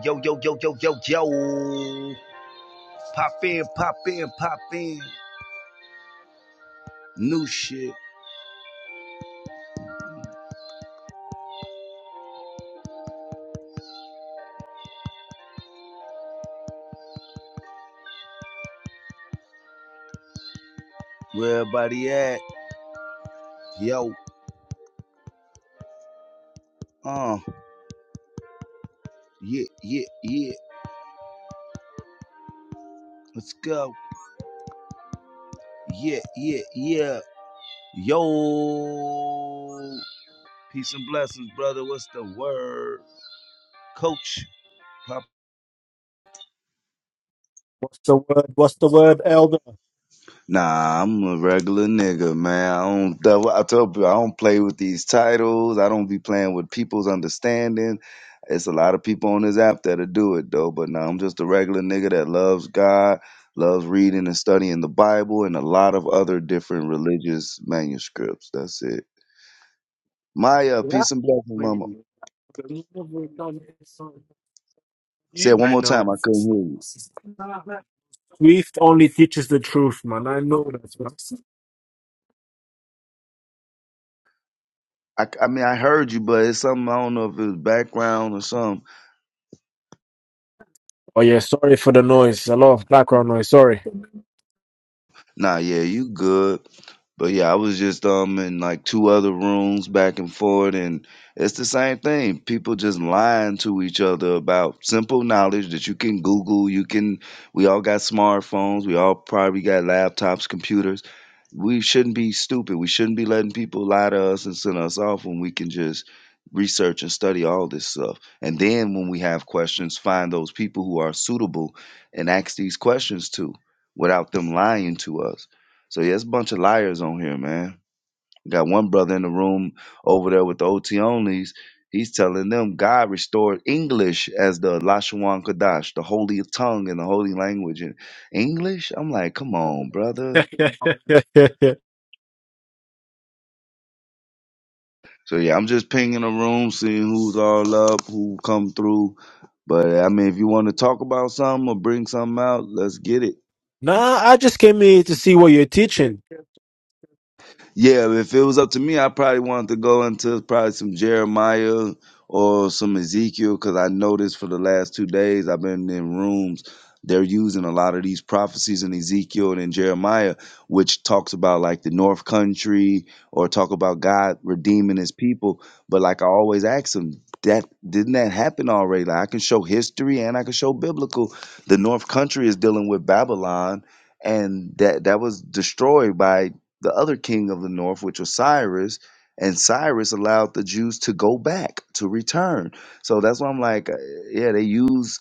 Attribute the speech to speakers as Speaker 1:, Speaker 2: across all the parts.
Speaker 1: Yo, yo, yo, yo, yo, yo. Pop in, pop in, pop in. New shit. Where everybody at? Yo, uh, yeah, yeah, yeah. Let's go. Yeah, yeah, yeah. Yo. Peace and blessings, brother. What's the word? Coach. Pop.
Speaker 2: What's the word? What's the word, elder?
Speaker 1: Nah, I'm a regular nigga, man. I don't. That's what I tell people. I don't play with these titles. I don't be playing with people's understanding. It's a lot of people on this app that'll do it though. But nah, I'm just a regular nigga that loves God, loves reading and studying the Bible and a lot of other different religious manuscripts. That's it. Maya,
Speaker 2: Yeah.
Speaker 1: peace and blessings, mama. Say it one
Speaker 2: I
Speaker 1: more time.
Speaker 2: know.
Speaker 1: I couldn't hear you.
Speaker 2: Swift only teaches the truth, man. I know that, man.
Speaker 1: I, I mean, I heard you, but it's something I don't know if it's background or something.
Speaker 2: Oh yeah, sorry for the noise. A lot of background noise. Sorry.
Speaker 1: Nah, yeah, you good. But yeah, I was just um in like two other rooms back and forth, and it's the same thing. People just lying to each other about simple knowledge that you can Google. You can. We all got smartphones. We all probably got laptops, computers. We shouldn't be stupid. We shouldn't be letting people lie to us and send us off when we can just research and study all this stuff. And then when we have questions, find those people who are suitable and ask these questions to without them lying to us so yeah, it's a bunch of liars on here, man. Got one brother in the room over there with the OT onlys. He's telling them God restored English as the Lashawan Kadash, the holy tongue and the holy language in English. I'm like, come on, brother. So yeah, I'm just pinging the room, seeing who's all up, who come through. But I mean, if you want to talk about something or bring something out, let's get it.
Speaker 2: nah, I just came here to see what you're teaching.
Speaker 1: Yeah, if it was up to me, I probably wanted to go into probably some Jeremiah or some Ezekiel because I noticed for the last two days I've been in rooms. They're using a lot of these prophecies in Ezekiel and in Jeremiah, which talks about like the North Country or talk about God redeeming his people. But like I always ask them, that didn't that happen already? Like I can show history and I can show biblical. The North Country is dealing with Babylon and that that was destroyed by the other king of the north, which was Cyrus, and Cyrus allowed the Jews to go back to return. So that's why I'm like, uh, yeah, they use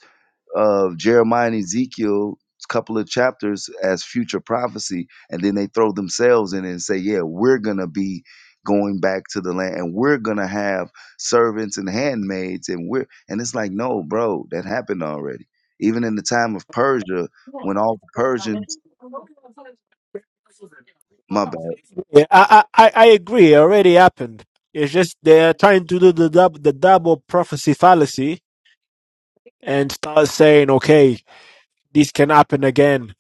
Speaker 1: uh, Jeremiah and Ezekiel a couple of chapters as future prophecy, and then they throw themselves in it and say, yeah, we're gonna be going back to the land and we're gonna have servants and handmaids and we're and it's like no bro that happened already even in the time of persia when all the persians my bad
Speaker 2: Yeah, I, I, I I agree. It already happened. It's just they're trying to do the dub, the double prophecy fallacy and start saying, okay, this can happen again.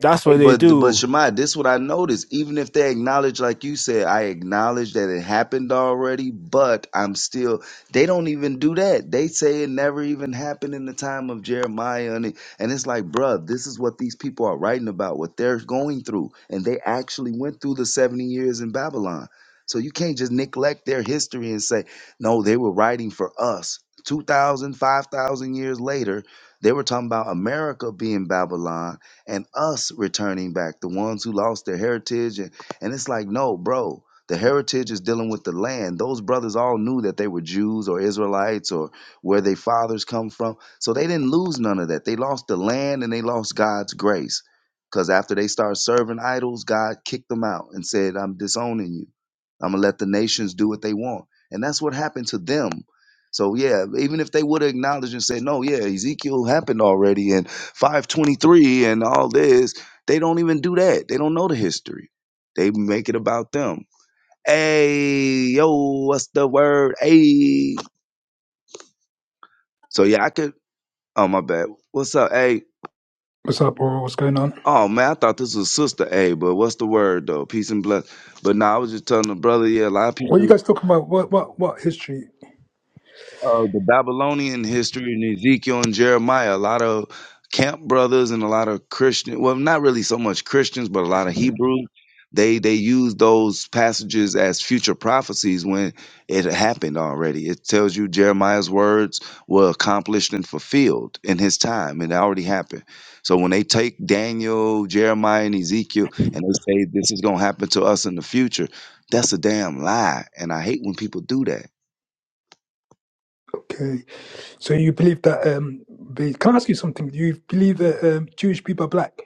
Speaker 2: That's
Speaker 1: Hey,
Speaker 2: what they
Speaker 1: but but
Speaker 2: do.
Speaker 1: Shemai, this what I noticed. Even if they acknowledge, like you said, I acknowledge that it happened already, but I'm still. They don't even do that. They say it never even happened in the time of Jeremiah, and it, and it's like, bruh, this is what these people are writing about, what they're going through, and they actually went through the seventy years in Babylon. So you can't just neglect their history and say, no, they were writing for us. 2,000, 5,000 years later, they were talking about America being Babylon and us returning back, the ones who lost their heritage. And, and it's like, no, bro, the heritage is dealing with the land. Those brothers all knew that they were Jews or Israelites or where their fathers come from. So they didn't lose none of that. They lost the land and they lost God's grace. Because after they started serving idols, God kicked them out and said, I'm disowning you. I'm going to let the nations do what they want. And that's what happened to them. So, yeah, even if they would have acknowledged and said, no, yeah, Ezekiel happened already and 523 and all this. They don't even do that. They don't know the history. They make it about them. Hey, yo, what's the word? Hey. So yeah, I could oh my bad. What's up? Hey.
Speaker 3: What's up, bro? What's going on?
Speaker 1: Oh man, I thought this was sister A, but what's the word though? Peace and bless. But now I was just telling the brother, yeah, a lot of
Speaker 3: What are
Speaker 1: people
Speaker 3: you guys talking about? What what what history?
Speaker 1: uh, the Babylonian history and Ezekiel and Jeremiah. A lot of camp brothers and a lot of Christian, well, not really so much Christians, but a lot of Hebrews. They they use those passages as future prophecies when it happened already. It tells you Jeremiah's words were accomplished and fulfilled in his time, and it already happened. So when they take Daniel, Jeremiah, and Ezekiel, and they say this is gonna happen to us in the future, that's a damn lie. And I hate when people do that
Speaker 3: Okay, so you believe that? Um, be, can I ask you something? Do you believe that um, Jewish people are black?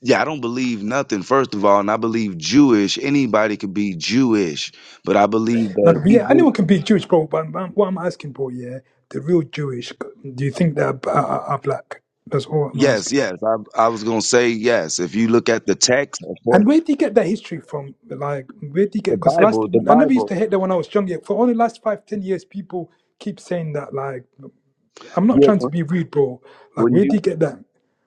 Speaker 1: Yeah, I don't believe nothing, first of all, and I believe Jewish. Anybody could be Jewish, but I believe
Speaker 3: Now,
Speaker 1: the
Speaker 3: yeah,
Speaker 1: Hebrew.
Speaker 3: anyone can be Jewish, bro. But, but what I'm asking, bro, yeah, the real Jewish. Do you think they are, are, are black? That's all I'm
Speaker 1: Yes,
Speaker 3: asking.
Speaker 1: yes. I, I was going to say yes. If you look at the text, of course,
Speaker 3: And where do you get that history from? Like, where do you get?
Speaker 1: the
Speaker 3: Because last,
Speaker 1: Bible, the
Speaker 3: I never used
Speaker 1: Bible.
Speaker 3: to hate that when I was younger. For only last five, ten years, people keep saying that. Like, I'm not
Speaker 1: Yeah,
Speaker 3: trying
Speaker 1: when
Speaker 3: to be rude, bro. Like,
Speaker 1: when
Speaker 3: where do
Speaker 1: you
Speaker 3: you get that?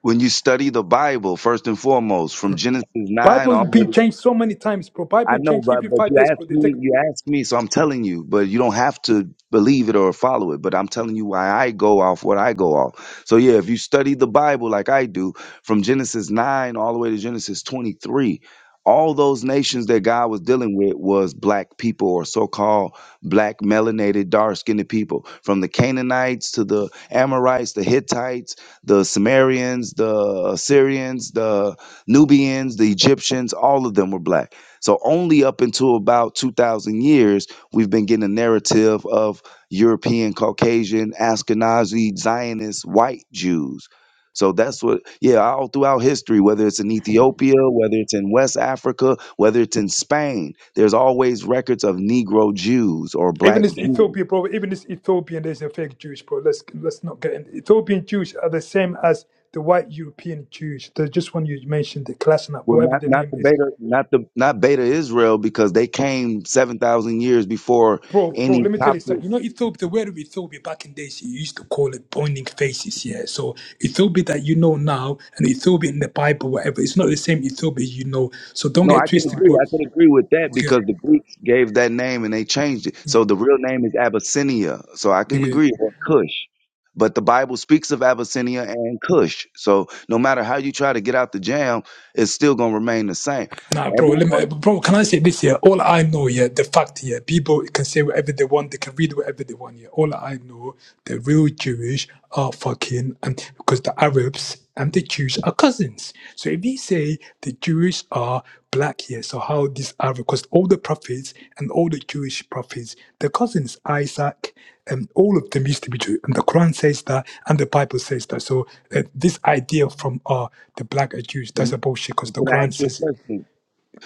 Speaker 1: when you study the Bible, first and foremost, from Genesis 9
Speaker 3: Bible
Speaker 1: all the way
Speaker 3: been changed so many times, bro.
Speaker 1: I
Speaker 3: Bible
Speaker 1: know,
Speaker 3: changed every
Speaker 1: but but
Speaker 3: five
Speaker 1: you
Speaker 3: years, bro.
Speaker 1: asked
Speaker 3: They take
Speaker 1: me, you asked me, so I'm telling you. But you don't have to believe it or follow it. But I'm telling you why I go off what I go off. So yeah, if you study the Bible like I do, from Genesis nine all the way to Genesis 23, all those nations that God was dealing with was black people or so-called black melanated, dark-skinned people, from the Canaanites to the Amorites, the Hittites, the Sumerians, the Assyrians, the Nubians, the Egyptians. All of them were black. So only up until about 2000 years, we've been getting a narrative of European, Caucasian, Ashkenazi, Zionist, white Jews. So that's what, yeah, all throughout history, whether it's in Ethiopia, whether it's in West Africa, whether it's in Spain, there's always records of Negro Jews or
Speaker 3: even
Speaker 1: Black
Speaker 3: this
Speaker 1: Jews.
Speaker 3: Ethiopia, bro. Even this Ethiopian, there's a fake Jewish, bro. Let's let's not get in. Ethiopian Jews are the same as the white European Jews. The just one you mentioned, the Klasna,
Speaker 1: Well,
Speaker 3: whatever
Speaker 1: not
Speaker 3: the
Speaker 1: not
Speaker 3: name
Speaker 1: the
Speaker 3: is,
Speaker 1: Beta, not the not Beta Israel, because they came seven thousand years before
Speaker 3: bro, bro.
Speaker 1: any
Speaker 3: Let me tell
Speaker 1: top.
Speaker 3: you something. You know Ethiopia, the word of Ethiopia back in days, you used to call it pointing faces. Yeah. So Ethiopia that you know now and Ethiopia in the Bible, whatever, it's not the same Ethiopia you know. So don't
Speaker 1: No,
Speaker 3: get
Speaker 1: I can
Speaker 3: twisted,
Speaker 1: agree.
Speaker 3: bro.
Speaker 1: I can agree with that
Speaker 3: Nigga,
Speaker 1: because the Greeks gave that name and they changed it. So the real name is Abyssinia. So I can
Speaker 3: nigga.
Speaker 1: agree or Cush. But the Bible speaks of Abyssinia and Cush. So no matter how you try to get out the jam, it's still going to remain the same.
Speaker 3: Nah, bro, let
Speaker 1: Everyone,
Speaker 3: me, bro, can I say this here? All I know, yeah, the fact here, people can say whatever they want, they can read whatever they want, yeah. All I know, the real Jewish are fucking, and because the Arabs and the Jews are cousins. So if they say the Jewish are black here, so how these Arab, because all the prophets and all the Jewish prophets, the cousins, Isaac, and all of them used to be Jew. And the Quran says that, and the Bible says that. So uh, this idea from uh, the black are Jews, that's a
Speaker 1: can,
Speaker 3: bullshit because the
Speaker 1: can I ask
Speaker 3: Quran
Speaker 1: you
Speaker 3: says it
Speaker 1: a question?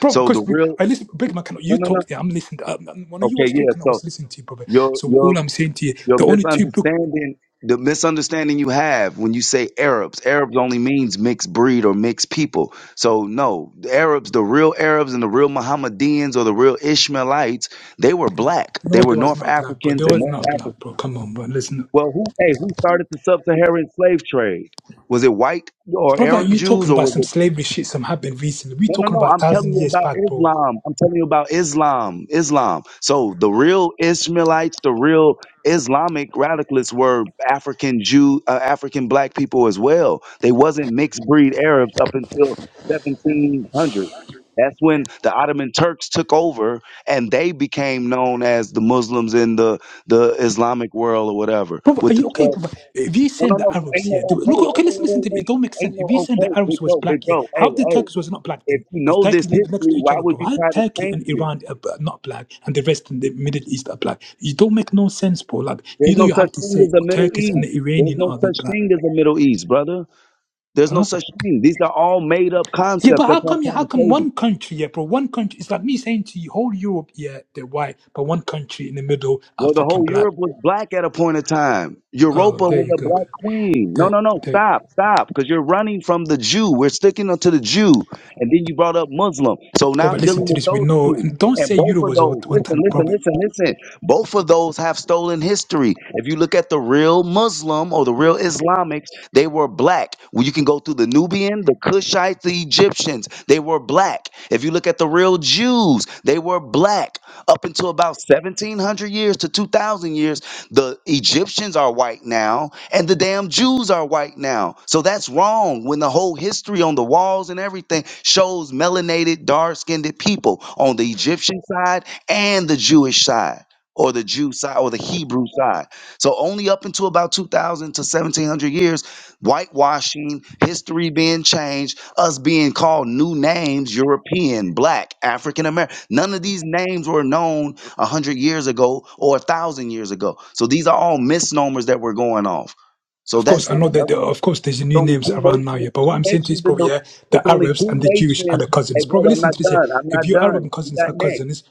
Speaker 3: Bro,
Speaker 1: So
Speaker 3: because
Speaker 1: the real,
Speaker 3: I listen, break my cannot.
Speaker 1: no,
Speaker 3: You
Speaker 1: no, no.
Speaker 3: talk there. I'm listening. Um, um, when you
Speaker 1: Okay,
Speaker 3: was
Speaker 1: yeah.
Speaker 3: talking, I
Speaker 1: So
Speaker 3: was listening to you, brother.
Speaker 1: your
Speaker 3: So
Speaker 1: your
Speaker 3: all I'm saying to you,
Speaker 1: Your
Speaker 3: the only two book.
Speaker 1: misunderstanding, the misunderstanding you have when you say Arabs, Arabs only means mixed breed or mixed people. So no, the Arabs, the real Arabs and the real Mohammedans or the real Ishmaelites, they were black.
Speaker 3: No,
Speaker 1: They were
Speaker 3: there was
Speaker 1: North
Speaker 3: not black, bro. There
Speaker 1: Africans and
Speaker 3: was
Speaker 1: West
Speaker 3: not black,
Speaker 1: Africans.
Speaker 3: bro. Come on, bro. Listen,
Speaker 1: Well, who hey, who started the sub-Saharan slave trade? Was it white or
Speaker 3: brother.
Speaker 1: Arab
Speaker 3: You
Speaker 1: Jews
Speaker 3: talking
Speaker 1: or
Speaker 3: about
Speaker 1: was
Speaker 3: some
Speaker 1: it
Speaker 3: slavery shit? Some happened recently. We
Speaker 1: no, no,
Speaker 3: talking
Speaker 1: no.
Speaker 3: about
Speaker 1: I'm telling
Speaker 3: thousand
Speaker 1: you
Speaker 3: years
Speaker 1: about
Speaker 3: back, bro.
Speaker 1: Islam. I'm telling you about Islam. Islam. So the real Ishmaelites, the real Islamic radicalists were African Jew, uh, African black people as well. They wasn't mixed breed Arabs up until 1700. That's when the Ottoman Turks took over and they became known as the Muslims in the, the Islamic world or whatever.
Speaker 3: Prof, are
Speaker 1: With the
Speaker 3: you okay,
Speaker 1: 12.
Speaker 3: Prof? If you
Speaker 1: No, no,
Speaker 3: send
Speaker 1: no.
Speaker 3: the
Speaker 1: So
Speaker 3: Arabs
Speaker 1: ain't no
Speaker 3: here,
Speaker 1: okay.
Speaker 3: do- look,
Speaker 1: Wait,
Speaker 3: okay, let's
Speaker 1: wait,
Speaker 3: listen
Speaker 1: wait,
Speaker 3: to it.
Speaker 1: wait.
Speaker 3: It don't make
Speaker 1: Ain't
Speaker 3: sense.
Speaker 1: no
Speaker 3: If you send the
Speaker 1: okay.
Speaker 3: Arabs
Speaker 1: Big
Speaker 3: was
Speaker 1: bro, big
Speaker 3: black here,
Speaker 1: bro.
Speaker 3: how
Speaker 1: Hey,
Speaker 3: the
Speaker 1: hey.
Speaker 3: Turks was not black
Speaker 1: If
Speaker 3: then?
Speaker 1: you
Speaker 3: Because
Speaker 1: know this
Speaker 3: Turkey live next
Speaker 1: history,
Speaker 3: to each
Speaker 1: why
Speaker 3: other,
Speaker 1: would
Speaker 3: Prof.
Speaker 1: you
Speaker 3: How
Speaker 1: try to
Speaker 3: Turkey
Speaker 1: change
Speaker 3: and
Speaker 1: it?
Speaker 3: Iran are b- not black, and the rest in the Middle East are black? You don't make no sense, Prof. Like
Speaker 1: There's
Speaker 3: either
Speaker 1: no
Speaker 3: you
Speaker 1: such
Speaker 3: have to
Speaker 1: thing
Speaker 3: say
Speaker 1: as a Middle
Speaker 3: Turkish and the
Speaker 1: East. There's
Speaker 3: Iranian
Speaker 1: no
Speaker 3: are the
Speaker 1: such
Speaker 3: black.
Speaker 1: thing as a Middle East, brother. There's no
Speaker 3: Huh?
Speaker 1: such thing. These are all made up
Speaker 3: Yeah,
Speaker 1: concepts.
Speaker 3: but
Speaker 1: That's
Speaker 3: how
Speaker 1: what
Speaker 3: come?
Speaker 1: I'm
Speaker 3: Yeah, how
Speaker 1: trying to
Speaker 3: come
Speaker 1: tell you.
Speaker 3: one country? Yeah, bro, one country. It's like me saying to you, whole Europe, yeah, they're white, but one country in the middle are
Speaker 1: Well, the
Speaker 3: fucking
Speaker 1: whole
Speaker 3: black.
Speaker 1: Europe was black at a point of time.
Speaker 3: Oh,
Speaker 1: Europa
Speaker 3: there
Speaker 1: was
Speaker 3: you
Speaker 1: a
Speaker 3: go.
Speaker 1: black queen. No,
Speaker 3: There,
Speaker 1: no, no.
Speaker 3: there.
Speaker 1: Stop, stop. Because you're running from the Jew. We're sticking to the Jew. And then you brought up Muslim. So now
Speaker 3: Brother,
Speaker 1: I'm
Speaker 3: listen
Speaker 1: dealing
Speaker 3: to
Speaker 1: with
Speaker 3: this. We
Speaker 1: those
Speaker 3: know.
Speaker 1: two.
Speaker 3: Don't
Speaker 1: And
Speaker 3: say
Speaker 1: both
Speaker 3: Euro
Speaker 1: of
Speaker 3: was a
Speaker 1: those,
Speaker 3: one
Speaker 1: listen,
Speaker 3: time
Speaker 1: listen,
Speaker 3: problem.
Speaker 1: listen, listen. Both of those have stolen history. If you look at the real Muslim or the real Islamics, they were black. Well, you can go through the Nubian, the Kushites, the Egyptians. They were black. If you look at the real Jews, they were black. Up until about 1700 years to 2000 years, the Egyptians are white now and the damn Jews are white now. So that's wrong when the whole history on the walls and everything shows melanated, dark skinned people on the Egyptian side and the Jewish side. Or the Jew side or the Hebrew side. So, only up until about 2000 to 1700 years, whitewashing, history being changed us being called new names European, black, African American. None of these names were known a 100 years ago or a 1,000 years ago. So these are all misnomers that we're going off. So
Speaker 3: Of
Speaker 1: that's
Speaker 3: course, I
Speaker 1: it,
Speaker 3: know that.
Speaker 1: brother.
Speaker 3: There, of course, there's
Speaker 1: It's
Speaker 3: new
Speaker 1: only
Speaker 3: names
Speaker 1: two
Speaker 3: around now.
Speaker 1: nations,
Speaker 3: Yeah, but what
Speaker 1: two
Speaker 3: I'm saying to you is,
Speaker 1: nations in
Speaker 3: probably
Speaker 1: the,
Speaker 3: yeah, the
Speaker 1: it's only
Speaker 3: Arabs and
Speaker 1: two
Speaker 3: the Jewish are
Speaker 1: nations.
Speaker 3: the
Speaker 1: Hey,
Speaker 3: cousins. Probably
Speaker 1: brother, I'm
Speaker 3: listen to
Speaker 1: not
Speaker 3: this. Yeah,
Speaker 1: done. I'm
Speaker 3: if
Speaker 1: not
Speaker 3: you Arab
Speaker 1: done.
Speaker 3: and
Speaker 1: You
Speaker 3: cousins
Speaker 1: got
Speaker 3: are
Speaker 1: next.
Speaker 3: cousins,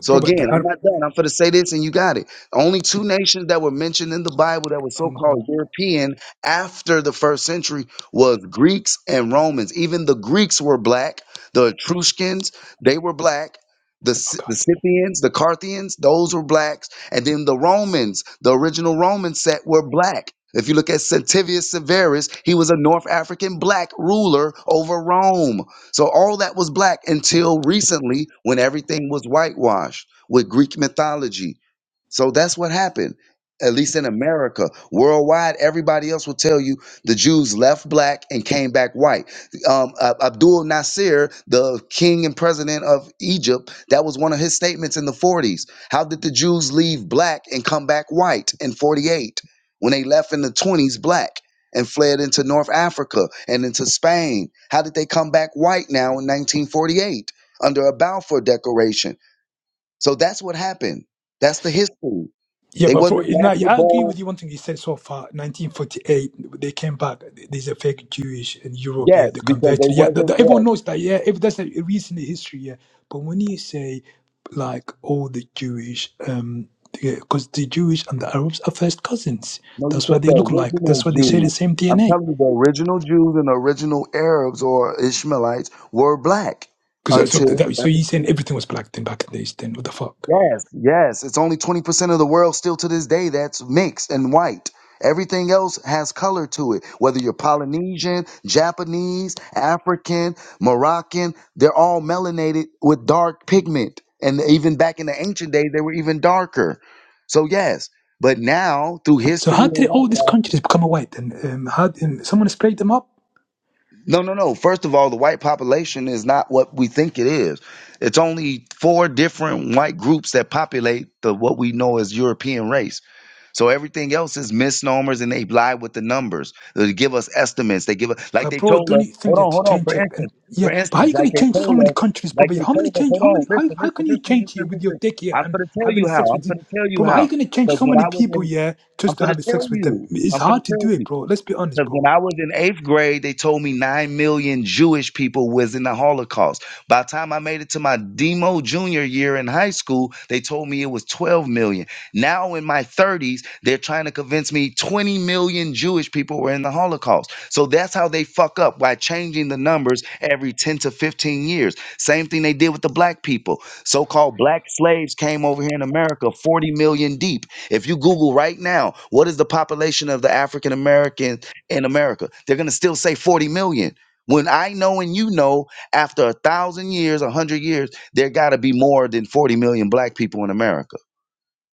Speaker 1: So
Speaker 3: brother,
Speaker 1: again,
Speaker 3: the
Speaker 1: I'm
Speaker 3: Arab.
Speaker 1: not done. I'm going to say this, and you got it. Only two nations that were mentioned in the Bible that were
Speaker 3: I'm
Speaker 1: so-called
Speaker 3: going.
Speaker 1: European after the first century was Greeks and Romans. Even the Greeks were black. The Etruscans, they were black. The, Sc-
Speaker 3: Okay.
Speaker 1: the Scythians, the Carthians, those were blacks. And then the Romans, the original Roman set were black. If you look at Sentivius Severus, he was a North African black ruler over Rome. So all that was black until recently when everything was whitewashed with Greek mythology. So that's what happened, at least in America. Worldwide, everybody else will tell you the Jews left black and came back white. Um, Ab- Abdul Nasser, the king and president of Egypt, that was one of his statements in the 40s. How did the Jews leave black and come back white in 48 when they left in the 20s black? and fled into North Africa and into Spain. How did they come back white now in 1948 under a Balfour Declaration? So that's what happened. That's the history.
Speaker 3: Yeah,
Speaker 1: They
Speaker 3: but for
Speaker 1: wasn't
Speaker 3: now,
Speaker 1: natural
Speaker 3: I agree
Speaker 1: born.
Speaker 3: with you. One thing he said so far, 1948, they came back. There's a fake Jewish in Europe. Yeah, they
Speaker 1: Yes, because they
Speaker 3: converted. Yeah, the,
Speaker 1: wasn't.
Speaker 3: the, everyone
Speaker 1: Yes.
Speaker 3: knows that. Yeah, if that's a recent history. Yeah, but when you say like all the Jewish, um, because the Jewish and the Arabs are first cousins.
Speaker 1: No, you
Speaker 3: That's why
Speaker 1: said
Speaker 3: they
Speaker 1: the
Speaker 3: look like.
Speaker 1: original
Speaker 3: That's why they share the
Speaker 1: Jews.
Speaker 3: same
Speaker 1: I'm
Speaker 3: DNA.
Speaker 1: telling you, the original Jews and the original Arabs or Ishmaelites were black
Speaker 3: Because so
Speaker 1: until
Speaker 3: that, so you saying
Speaker 1: 17.
Speaker 3: everything was black then back in the days? Then what the fuck?
Speaker 1: Yes, yes. It's only 20% of the world still to this day that's mixed and white. Everything else has color to it. Whether you're Polynesian, Japanese, African, Moroccan, they're all melanated with dark pigment. And even back in the ancient day, they were even darker. So, yes. But now, through
Speaker 3: So
Speaker 1: history,
Speaker 3: how did all these countries become white? And um, how um, someone sprayed them up?
Speaker 1: No, no, no. First of all, the white population is not what we think it is. It's only four different white groups that populate the what we know as European race. So everything else is misnomers, and they lie with the numbers. They give us estimates. They give us like
Speaker 3: But
Speaker 1: they
Speaker 3: bro,
Speaker 1: told
Speaker 3: don't
Speaker 1: us.
Speaker 3: you think
Speaker 1: Hold on,
Speaker 3: that to
Speaker 1: hold on. For
Speaker 3: change it? And
Speaker 1: instance,
Speaker 3: yeah,
Speaker 1: for
Speaker 3: but how are
Speaker 1: instance,
Speaker 3: you
Speaker 1: like
Speaker 3: gonna
Speaker 1: they
Speaker 3: change so
Speaker 1: told
Speaker 3: many
Speaker 1: us,
Speaker 3: countries, bro?
Speaker 1: like they
Speaker 3: How many
Speaker 1: told us.
Speaker 3: change?
Speaker 1: Hold
Speaker 3: How
Speaker 1: on.
Speaker 3: many? How,
Speaker 1: Listen,
Speaker 3: how
Speaker 1: listen,
Speaker 3: can you
Speaker 1: listen,
Speaker 3: change
Speaker 1: listen,
Speaker 3: here with your
Speaker 1: listen.
Speaker 3: dick here
Speaker 1: I'm
Speaker 3: and
Speaker 1: gonna tell
Speaker 3: having
Speaker 1: you how.
Speaker 3: sex
Speaker 1: I'm
Speaker 3: with you,
Speaker 1: gonna tell you
Speaker 3: bro? How are
Speaker 1: how.
Speaker 3: you gonna change
Speaker 1: Because
Speaker 3: so
Speaker 1: when
Speaker 3: many
Speaker 1: I was
Speaker 3: people,
Speaker 1: in,
Speaker 3: yeah,
Speaker 1: I'm
Speaker 3: just to
Speaker 1: gonna
Speaker 3: have
Speaker 1: tell
Speaker 3: sex with them?
Speaker 1: you.
Speaker 3: It's
Speaker 1: I'm gonna
Speaker 3: hard to
Speaker 1: tell
Speaker 3: do it,
Speaker 1: you.
Speaker 3: bro. Let's be honest,
Speaker 1: Because when
Speaker 3: bro.
Speaker 1: I was in eighth grade, they told me nine million Jewish people was in the Holocaust. By the time I made it to my demo junior year in high school, they told me it was 12 million. Now in my 30s, they're trying to convince me 20 million Jewish people were in the Holocaust. So that's how they fuck up by changing the numbers every 10 to 15 years. Same thing they did with the black people. So called black slaves came over here in America 40 million deep. If you Google right now, what is the population of the African American? in America. They're going to still say 40 million. When I know and you know, after a thousand years, a hundred years, there got to be more than 40 million black people in America.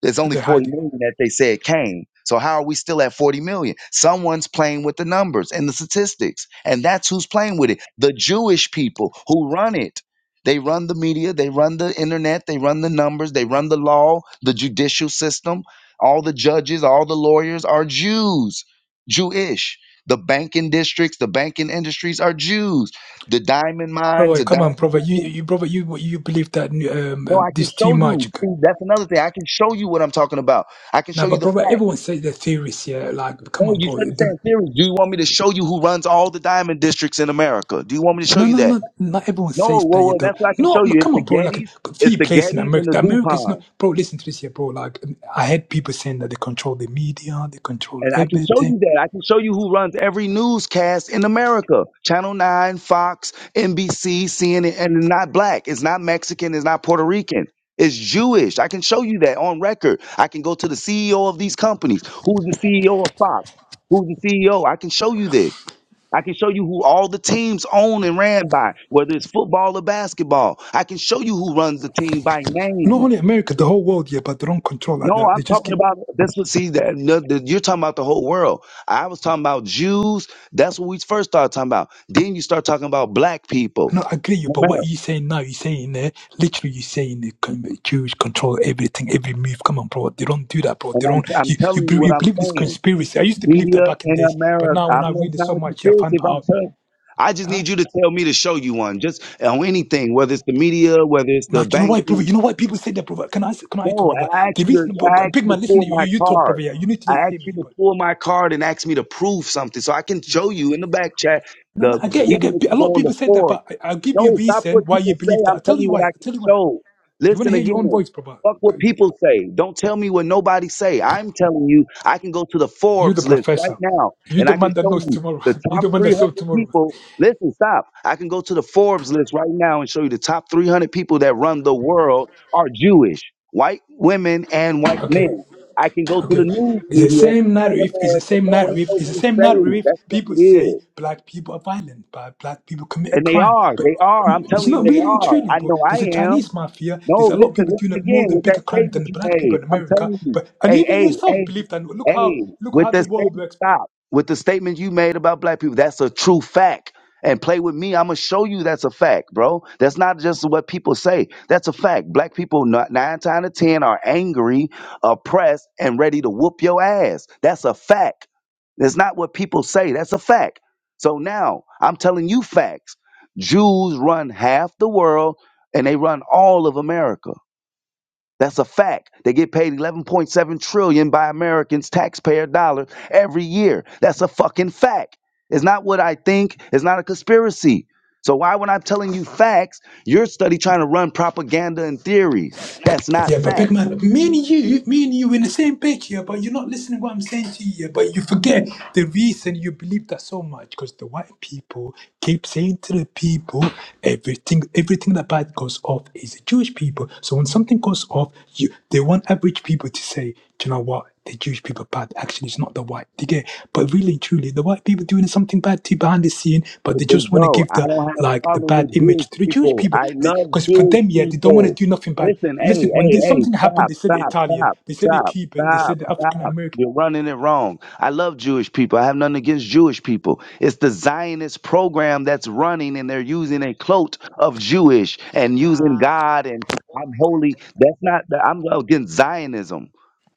Speaker 1: There's
Speaker 3: So
Speaker 1: only
Speaker 3: they hide
Speaker 1: 40
Speaker 3: it,
Speaker 1: million that they say it came. So how are we still at 40 million? Someone's playing with the numbers and the statistics. And that's who's playing with it. The Jewish people who run it. They run the media, they run the internet, they run the numbers, they run the law, the judicial system. All the judges, all the lawyers are Jews, Jewish. The banking districts, the banking industries are Jews. The diamond
Speaker 3: bro.
Speaker 1: mines, the
Speaker 3: Come on,
Speaker 1: diamond
Speaker 3: bro.
Speaker 1: districts.
Speaker 3: You, you, bro. You, you believe that um,
Speaker 1: No,
Speaker 3: um,
Speaker 1: I can
Speaker 3: this too
Speaker 1: show
Speaker 3: much?
Speaker 1: you. See, that's another thing. I can show you what I'm talking about. I can
Speaker 3: Nah,
Speaker 1: show you
Speaker 3: but
Speaker 1: the
Speaker 3: bro,
Speaker 1: fact.
Speaker 3: everyone says their theories, yeah. Like, come
Speaker 1: No,
Speaker 3: on,
Speaker 1: you
Speaker 3: bro.
Speaker 1: started saying theories. Do you want me to show you who runs all the diamond districts in America? Do you want me to show
Speaker 3: No,
Speaker 1: you
Speaker 3: no,
Speaker 1: that?
Speaker 3: no. Not everyone
Speaker 1: No,
Speaker 3: says
Speaker 1: well,
Speaker 3: that
Speaker 1: well
Speaker 3: yet, though.
Speaker 1: that's what I can
Speaker 3: No,
Speaker 1: show
Speaker 3: look,
Speaker 1: you. It's
Speaker 3: come
Speaker 1: the
Speaker 3: on, bro. Like,
Speaker 1: Gettys, it's
Speaker 3: few
Speaker 1: the
Speaker 3: places in
Speaker 1: Gettys
Speaker 3: America,
Speaker 1: and the
Speaker 3: America is
Speaker 1: Duponts.
Speaker 3: not, bro. Listen to this here, bro. Like, I had people saying that they control the media, they control
Speaker 1: And I can show
Speaker 3: everything.
Speaker 1: you that. I can show you who runs every newscast in America Channel 9, Fox, NBC, CNN, and it's not black. It's not Mexican. It's not Puerto Rican. It's Jewish. I can show you that on record. I can go to the CEO of these companies. Who's the CEO of Fox? Who's the CEO? I can show you this. I can show you who all the teams own and ran by, whether it's football or basketball. I can show you who runs the team by name.
Speaker 3: Not only America, the whole world, yeah, but they don't control like
Speaker 1: No,
Speaker 3: that. They
Speaker 1: I'm
Speaker 3: just
Speaker 1: talking
Speaker 3: keep.
Speaker 1: about this. Was, see, that no, that- you're talking about the whole world. I was talking about Jews. That's what we first started talking about. Then you start talking about black people.
Speaker 3: No, I agree you, but what
Speaker 1: America.
Speaker 3: you saying now? You saying there, literally, you saying the con- Jews control everything, every move. Come on, bro. They don't do that, bro.
Speaker 1: And
Speaker 3: They
Speaker 1: I'm
Speaker 3: don't.
Speaker 1: I'm
Speaker 3: You you,
Speaker 1: telling you
Speaker 3: be-
Speaker 1: what
Speaker 3: you
Speaker 1: I'm
Speaker 3: believe this
Speaker 1: saying.
Speaker 3: conspiracy? I used to believe that
Speaker 1: Media
Speaker 3: back in
Speaker 1: in
Speaker 3: days, but
Speaker 1: America.
Speaker 3: now when
Speaker 1: I'm
Speaker 3: I
Speaker 1: not,
Speaker 3: read
Speaker 1: it's
Speaker 3: it so
Speaker 1: not a
Speaker 3: much, I
Speaker 1: conspiracy
Speaker 3: find
Speaker 1: if I'm
Speaker 3: out.
Speaker 1: saying. I just
Speaker 3: Huh?
Speaker 1: need you to tell me to show you one. Just on anything, whether it's the media, whether it's
Speaker 3: Now,
Speaker 1: the
Speaker 3: do you know why,
Speaker 1: banking.
Speaker 3: brother? You know why people say that, brother? Can I can I talk,
Speaker 1: No,
Speaker 3: brother?
Speaker 1: I asked
Speaker 3: The
Speaker 1: you
Speaker 3: reason, bro,
Speaker 1: to I asked
Speaker 3: big
Speaker 1: you to
Speaker 3: man, listen,
Speaker 1: pull
Speaker 3: you
Speaker 1: my
Speaker 3: you you talk,
Speaker 1: card.
Speaker 3: brother. Yeah, you need to
Speaker 1: I
Speaker 3: hear
Speaker 1: asked
Speaker 3: me,
Speaker 1: you to
Speaker 3: but
Speaker 1: pull my card and ask me to prove something, so I can show you in the back chat.
Speaker 3: no,
Speaker 1: The
Speaker 3: no, I get, you, I
Speaker 1: even if
Speaker 3: get. A
Speaker 1: you go
Speaker 3: lot of
Speaker 1: on the
Speaker 3: people say that,
Speaker 1: forum.
Speaker 3: but I, I'll give you a
Speaker 1: No, stop
Speaker 3: reason
Speaker 1: what
Speaker 3: why
Speaker 1: people
Speaker 3: you
Speaker 1: say.
Speaker 3: believe that. I
Speaker 1: I'm
Speaker 3: tell
Speaker 1: telling
Speaker 3: you
Speaker 1: you
Speaker 3: why.
Speaker 1: what
Speaker 3: I
Speaker 1: I can
Speaker 3: tell you why.
Speaker 1: show.
Speaker 3: You want to
Speaker 1: Listen
Speaker 3: hear your own
Speaker 1: again.
Speaker 3: voice, brother?
Speaker 1: Fuck what people say. Don't tell me what nobody say. I'm telling you, I can go to the
Speaker 3: You're the
Speaker 1: Forbes list right
Speaker 3: professor.
Speaker 1: now
Speaker 3: You're
Speaker 1: and
Speaker 3: the
Speaker 1: I can
Speaker 3: man that
Speaker 1: show
Speaker 3: knows
Speaker 1: you
Speaker 3: tomorrow.
Speaker 1: the
Speaker 3: You're
Speaker 1: top
Speaker 3: the man that
Speaker 1: 300
Speaker 3: saw tomorrow.
Speaker 1: people. Listen, stop. I can go to the Forbes list right now and show you the top 300 people that run the world are Jewish, white women and white
Speaker 3: Okay.
Speaker 1: men. I can go to the
Speaker 3: Okay.
Speaker 1: news
Speaker 3: It's the
Speaker 1: media
Speaker 3: same
Speaker 1: in
Speaker 3: narrative, it's the
Speaker 1: America.
Speaker 3: same
Speaker 1: No, ain't
Speaker 3: narrative, it's the
Speaker 1: nobody
Speaker 3: same
Speaker 1: saved.
Speaker 3: narrative.
Speaker 1: That's what
Speaker 3: People
Speaker 1: it
Speaker 3: say
Speaker 1: is.
Speaker 3: black people are violent, but black people commit
Speaker 1: And they
Speaker 3: crime.
Speaker 1: are.
Speaker 3: But
Speaker 1: They are. I'm
Speaker 3: it's
Speaker 1: telling you,
Speaker 3: not
Speaker 1: they
Speaker 3: really and
Speaker 1: are.
Speaker 3: truly,
Speaker 1: I
Speaker 3: bro.
Speaker 1: know
Speaker 3: There's a
Speaker 1: I am.
Speaker 3: Chinese mafia, there's
Speaker 1: No,
Speaker 3: a lot of
Speaker 1: listen,
Speaker 3: people doing
Speaker 1: listen
Speaker 3: a more
Speaker 1: again
Speaker 3: than
Speaker 1: with that
Speaker 3: bigger crime than
Speaker 1: statement
Speaker 3: the
Speaker 1: you
Speaker 3: black people
Speaker 1: made.
Speaker 3: in
Speaker 1: I'm
Speaker 3: America.
Speaker 1: telling you.
Speaker 3: But and
Speaker 1: Hey,
Speaker 3: even
Speaker 1: hey, hey.
Speaker 3: yourself believe that look how
Speaker 1: Hey,
Speaker 3: look
Speaker 1: with
Speaker 3: how the
Speaker 1: that
Speaker 3: world
Speaker 1: statement,
Speaker 3: works.
Speaker 1: stop. With the statement you made about black people, that's a true fact. And play with me, I'm gonna show you that's a fact, bro. That's not just what people say. That's a fact. Black people, not nine times out of ten, are angry, oppressed, and ready to whoop your ass. That's a fact. That's not what people say. That's a fact. So now I'm telling you facts. Jews run half the world, and they run all of America. That's a fact. They get paid 11.7 trillion dollars by Americans taxpayer dollar every year. That's a fucking fact. It's not what I think. It's not a conspiracy. So why when I'm telling you facts, you're study trying to run propaganda and theories. That's not
Speaker 3: Yeah, but
Speaker 1: fact.
Speaker 3: big man, me and you, me and you in the same page here, but you're not listening what I'm saying to you here. But you forget the reason you believe that so much, because the white people keep saying to the people, everything everything that bad goes off is the Jewish people. So when something goes off, you they want average people to say, Do you know what? the Jewish people bad. Actually, it's not the white. They get, but really and truly, the white people doing something bad too behind the scene. But
Speaker 1: Hey,
Speaker 3: they
Speaker 1: big
Speaker 3: just want to
Speaker 1: bro,
Speaker 3: give
Speaker 1: I
Speaker 3: the
Speaker 1: don't have a
Speaker 3: like the
Speaker 1: problem
Speaker 3: bad
Speaker 1: with Jewish
Speaker 3: image to the Jewish
Speaker 1: people.
Speaker 3: people
Speaker 1: I love
Speaker 3: because for
Speaker 1: Jewish
Speaker 3: them, yeah, they don't want to
Speaker 1: people.
Speaker 3: do nothing bad.
Speaker 1: Listen, hey,
Speaker 3: Listen, when
Speaker 1: hey,
Speaker 3: there's
Speaker 1: hey,
Speaker 3: something happened,
Speaker 1: stop,
Speaker 3: they said the
Speaker 1: stop,
Speaker 3: Italian,
Speaker 1: stop,
Speaker 3: they said the
Speaker 1: stop,
Speaker 3: Cuban, they
Speaker 1: stop,
Speaker 3: said the African
Speaker 1: stop.
Speaker 3: American.
Speaker 1: You're running it wrong. I love Jewish people. I have nothing against Jewish people. It's the Zionist program that's running, and they're using a cloak of Jewish and using God and I'm holy. That's not. I'm against Zionism,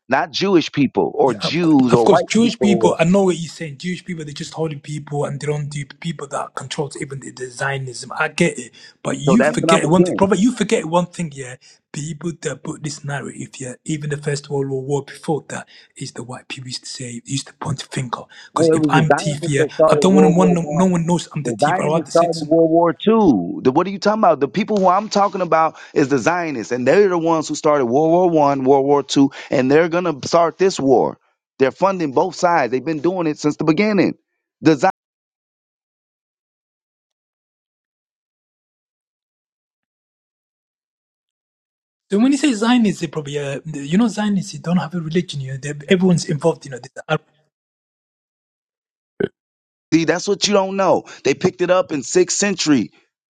Speaker 1: not Jewish people or
Speaker 3: Yeah, of cour-
Speaker 1: Jews
Speaker 3: of
Speaker 1: or
Speaker 3: course,
Speaker 1: white
Speaker 3: Jewish people.
Speaker 1: people.
Speaker 3: I know what you're saying. Jewish people, they're just holy people, and they don't do people that controls even the, the Zionism. I get it, but
Speaker 1: So
Speaker 3: you
Speaker 1: that's what I'm
Speaker 3: forget one thing,
Speaker 1: against.
Speaker 3: Prophet. You forget one thing. Yeah, people that put this narrative. Yeah, even the First World War war before that is the white people used to say, used to point finger. Because
Speaker 1: Well, it
Speaker 3: if
Speaker 1: was the
Speaker 3: I'm thief,
Speaker 1: Zionists
Speaker 3: yeah,
Speaker 1: that
Speaker 3: I
Speaker 1: started
Speaker 3: don't
Speaker 1: World
Speaker 3: want one.
Speaker 1: War
Speaker 3: No, no
Speaker 1: One.
Speaker 3: one knows I'm the
Speaker 1: The
Speaker 3: thief. I rather
Speaker 1: Zionists
Speaker 3: say to
Speaker 1: started
Speaker 3: some
Speaker 1: World War Two. The, what are you talking about? The people who I'm talking about is the Zionists, and they're the ones who started World War One, World War Two, and they're gonna start this war. They're funding both sides. They've been doing it since the beginning. The
Speaker 3: So when you say Zionists, they probably uh, you know Zionists they don't have a religion. You know, they, everyone's involved. You know, there's Arab,
Speaker 1: See, that's what you don't know. They picked it up in sixth century.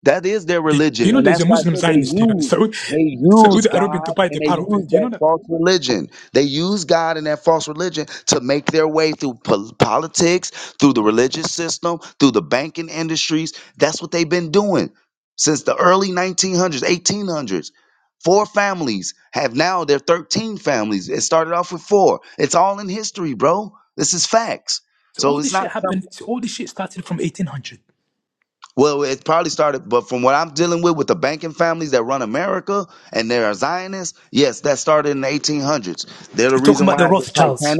Speaker 1: That is their
Speaker 3: they, you
Speaker 1: religion,
Speaker 3: know
Speaker 1: and
Speaker 3: there's a
Speaker 1: that's why I
Speaker 3: Muslim
Speaker 1: said they
Speaker 3: Zionist. You know,
Speaker 1: use
Speaker 3: Saudi,
Speaker 1: they use
Speaker 3: Saudi Arabian
Speaker 1: God
Speaker 3: Dubai, they're
Speaker 1: and they
Speaker 3: part of
Speaker 1: use
Speaker 3: it. You know
Speaker 1: that
Speaker 3: that.
Speaker 1: false religion. They use God and that false religion to make their way through po- politics, through the religious system, through the banking industries. That's what they've been doing since the early 1900s, 1800s. Four families have now they're 13 families. It started off with four. It's all in history, bro. This is facts.
Speaker 3: So
Speaker 1: So
Speaker 3: all
Speaker 1: it's
Speaker 3: this
Speaker 1: not
Speaker 3: shit
Speaker 1: something.
Speaker 3: happened. So all this shit started from 1800.
Speaker 1: Well, it probably started, but from what I'm dealing with with the banking families that run America and they are Zionists, yes, that started in the 1800s. They're the
Speaker 3: You're talking
Speaker 1: reason
Speaker 3: about
Speaker 1: why
Speaker 3: the
Speaker 1: the Titanic
Speaker 3: Rothschilds.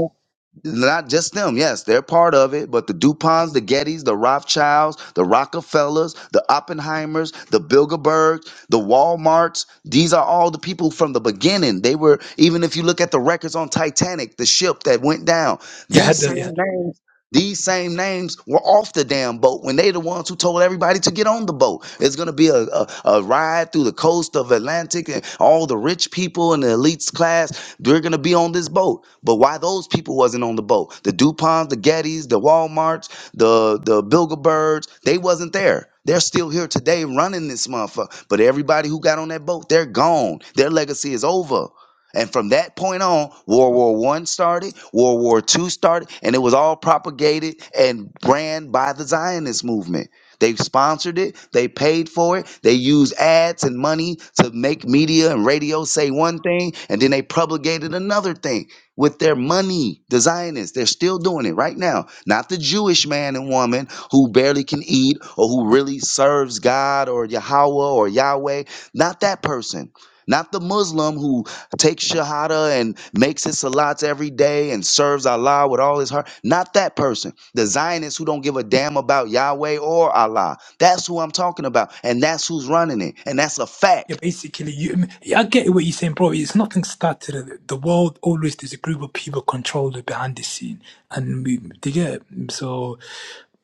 Speaker 1: not just them, yes, they're part of it, but the DuPonts, the Gettys, the Rothschilds, the Rockefellers, the Oppenheimers, the Bilderbergs, the Walmarts, these are all the people from the beginning. They were, even if you look at the records on Titanic, the ship that went down,
Speaker 3: Yeah, had
Speaker 1: these
Speaker 3: the
Speaker 1: same
Speaker 3: yeah.
Speaker 1: names. These same names were off the damn boat when they the ones who told everybody to get on the boat. It's gonna be a, a, a ride through the coast of Atlantic and all the rich people and the elites class they're gonna be on this boat. But why those people wasn't on the boat? The Duponts, the Gettys, the Walmarts, the the Bilderbergs, they wasn't there. They're still here today running this motherfucker. But everybody who got on that boat, they're gone. Their legacy is over. And from that point on, World War One started, World War Two started, and it was all propagated and ran by the Zionist movement. They sponsored it, they paid for it, they used ads and money to make media and radio say one thing, and then they propagated another thing with their money. The Zionists, they're still doing it right now. Not the Jewish man and woman who barely can eat or who really serves God or Yahweh or Yahweh. Not that person. Not the Muslim who takes shahada and makes his salats every day and serves Allah with all his heart. Not that person. The Zionists who don't give a damn about Yahweh or Allah. That's who I'm talking about. And that's who's running it. And that's a fact.
Speaker 3: Yeah, basically, you. Yeah, I get what you're saying, bro. It's nothing started. The world always there's a group of people controlled it behind the scene, and we they get it. so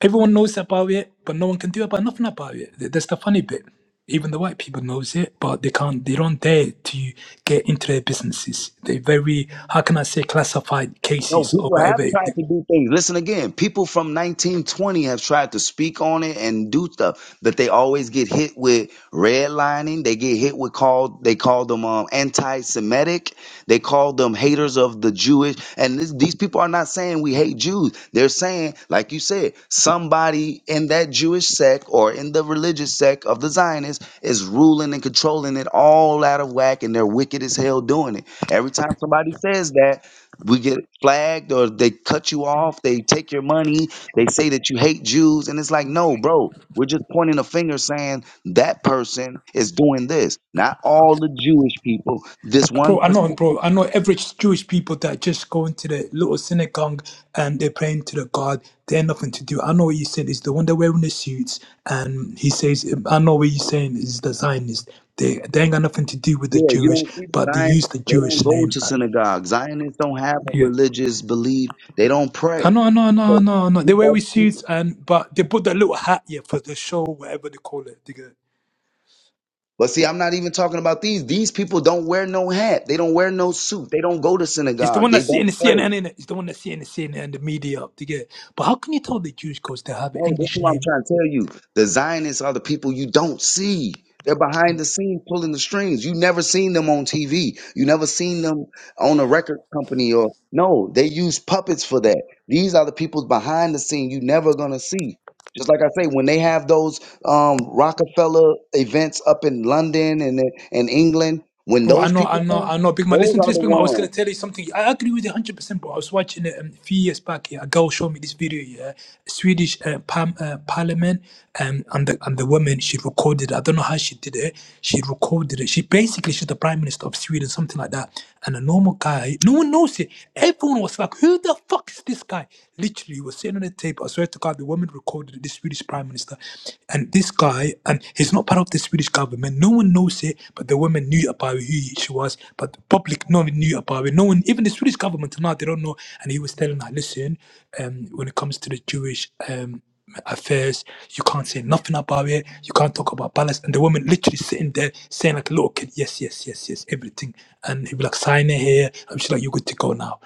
Speaker 3: everyone knows about it, but no one can do about nothing about it. Th- That's the funny bit. Even the white people knows it, but they can't. They don't dare to get into their businesses. They're very how can I say classified
Speaker 1: No,
Speaker 3: cases or
Speaker 1: people have
Speaker 3: whatever.
Speaker 1: tried to do things. Listen again, people from 1920 have tried to speak on it and do stuff, but they always get hit with redlining. They get hit with called they call them um, anti-Semitic. They call them haters of the Jewish. And this, these people are not saying we hate Jews. They're saying, like you said, somebody in that Jewish sect or in the religious sect of the Zionists is ruling and controlling it all out of whack, and they're wicked as hell doing it. Every time somebody says that we get flagged or they cut you off, they take your money, they say that you hate Jews. And it's like, no, bro, we're just pointing a finger saying that person is doing this. Not all the Jewish people, this one
Speaker 3: Bro, I know,
Speaker 1: percent. person.
Speaker 3: bro. I know average Jewish people that just go into the little synagogue and they're praying to the God. They have nothing to do. I know what you said. is the one that wearing the suits, and he says, "I know what you're saying." Is the Zionist? They they ain't got nothing to do with the
Speaker 1: Yeah, you
Speaker 3: Jewish,
Speaker 1: don't see the
Speaker 3: but they
Speaker 1: Zion.
Speaker 3: use the
Speaker 1: They
Speaker 3: Jewish
Speaker 1: don't go
Speaker 3: name.
Speaker 1: to
Speaker 3: Uh,
Speaker 1: synagogue. Zionists don't have a
Speaker 3: Yeah,
Speaker 1: religious belief. They don't pray.
Speaker 3: I know, I know, I know,
Speaker 1: So
Speaker 3: I know. I know.
Speaker 1: these
Speaker 3: They wear
Speaker 1: other people.
Speaker 3: suits, and but they put that little hat yeah for the show, whatever they call it. They get.
Speaker 1: But see, I'm not even talking about these. These people don't wear no hat. They don't wear no suit. They don't go to
Speaker 3: It's the
Speaker 1: synagogue.
Speaker 3: one
Speaker 1: They
Speaker 3: that's
Speaker 1: don't
Speaker 3: sitting in the
Speaker 1: pray.
Speaker 3: CNN, innit? It's the one that's sitting in the CNN and the media up to get. But how can you tell the Jews because they have an
Speaker 1: Oh, this is
Speaker 3: English
Speaker 1: what I'm
Speaker 3: name
Speaker 1: trying to tell you. The Zionists are the people you don't see. They're behind the scenes pulling the strings. You never seen them on TV. You never seen them on a record company or no, they use puppets for that. These are the people behind the scene you never gonna see. Just like I say, when they have those um, Rockefeller events up in London and in and England, when
Speaker 3: Bro, I
Speaker 1: those
Speaker 3: know, I
Speaker 1: people
Speaker 3: know,
Speaker 1: come,
Speaker 3: I know. Big man,
Speaker 1: those
Speaker 3: listen to
Speaker 1: are
Speaker 3: this,
Speaker 1: the
Speaker 3: big man. I was gonna
Speaker 1: ones.
Speaker 3: tell you something. I agree with you 100%, bro. I was watching it um, a few years back. Yeah, a girl showed me this video. Yeah, Swedish uh, par- uh, parliament, um, and the and the woman she recorded. I don't know how she did it. She recorded it. She basically she's the prime minister of Sweden, something like that. And a normal guy, no one knows it. Everyone was like, "Who the fuck is this guy?" Literally, was sitting on a table. I swear to God, the woman recorded the Swedish prime minister and this guy, and he's not part of the Swedish government. No one knows it, but the woman knew about who she was, but the public no one knew about it. No one, even the Swedish government till now, they don't know. And he was telling her, listen, um, when it comes to the Jewish um, affairs. You can't say nothing about it. You can't talk about Palestine. And the woman literally sitting there saying like a little kid, yes, yes, yes, yes, everything. And he'd be like, sign it here. I'm just like, you're good to go now.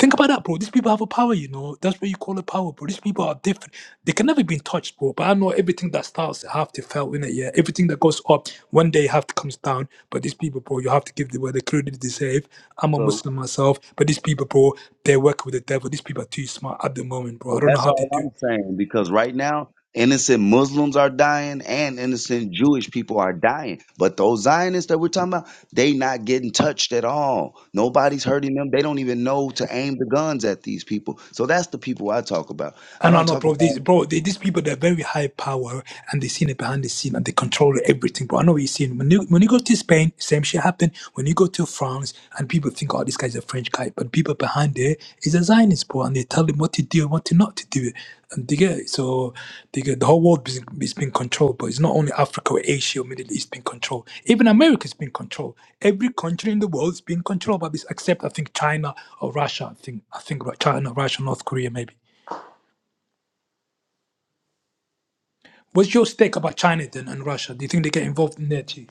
Speaker 3: Think about that, bro. These people have a power, you know. That's what you call a power, bro. These people are different. They can never be touched, bro. But I know everything that starts have to fail in it, yeah. Everything that goes up, one day have to comes down. But these people, bro, you have to give them where they clearly deserve. I'm a
Speaker 1: So.
Speaker 3: Muslim myself, but these people, bro, they work with the devil. These people are too smart at the moment, bro. I
Speaker 1: So
Speaker 3: don't know
Speaker 1: that's
Speaker 3: how they
Speaker 1: all
Speaker 3: do.
Speaker 1: I'm saying because right now innocent Muslims are dying and innocent Jewish people are dying. But those Zionists that we're talking about, they not getting touched at all. Nobody's hurting them. They don't even know to aim the guns at these people. So that's the people I talk about. I
Speaker 3: And I
Speaker 1: don't
Speaker 3: know,
Speaker 1: talk
Speaker 3: bro,
Speaker 1: about
Speaker 3: these, bro, they, these people, they're very high power and they seen it behind the scene and they control everything, bro. I know what you're seeing. When you, when you go to Spain, same shit happened. When you go to France and people think, oh, this guy's a French guy, but people behind there is a Zionist, bro, and they tell him what to do and what to not to do. And they get, so they get, the whole world is, is being controlled, but it's not only Africa or Asia or Middle East being controlled. Even America's being controlled. Every country in the world is being controlled by this, except I think China or Russia. I think, I think China, Russia, North Korea, maybe. What's your stake about China then and Russia? Do you think they get involved in there too?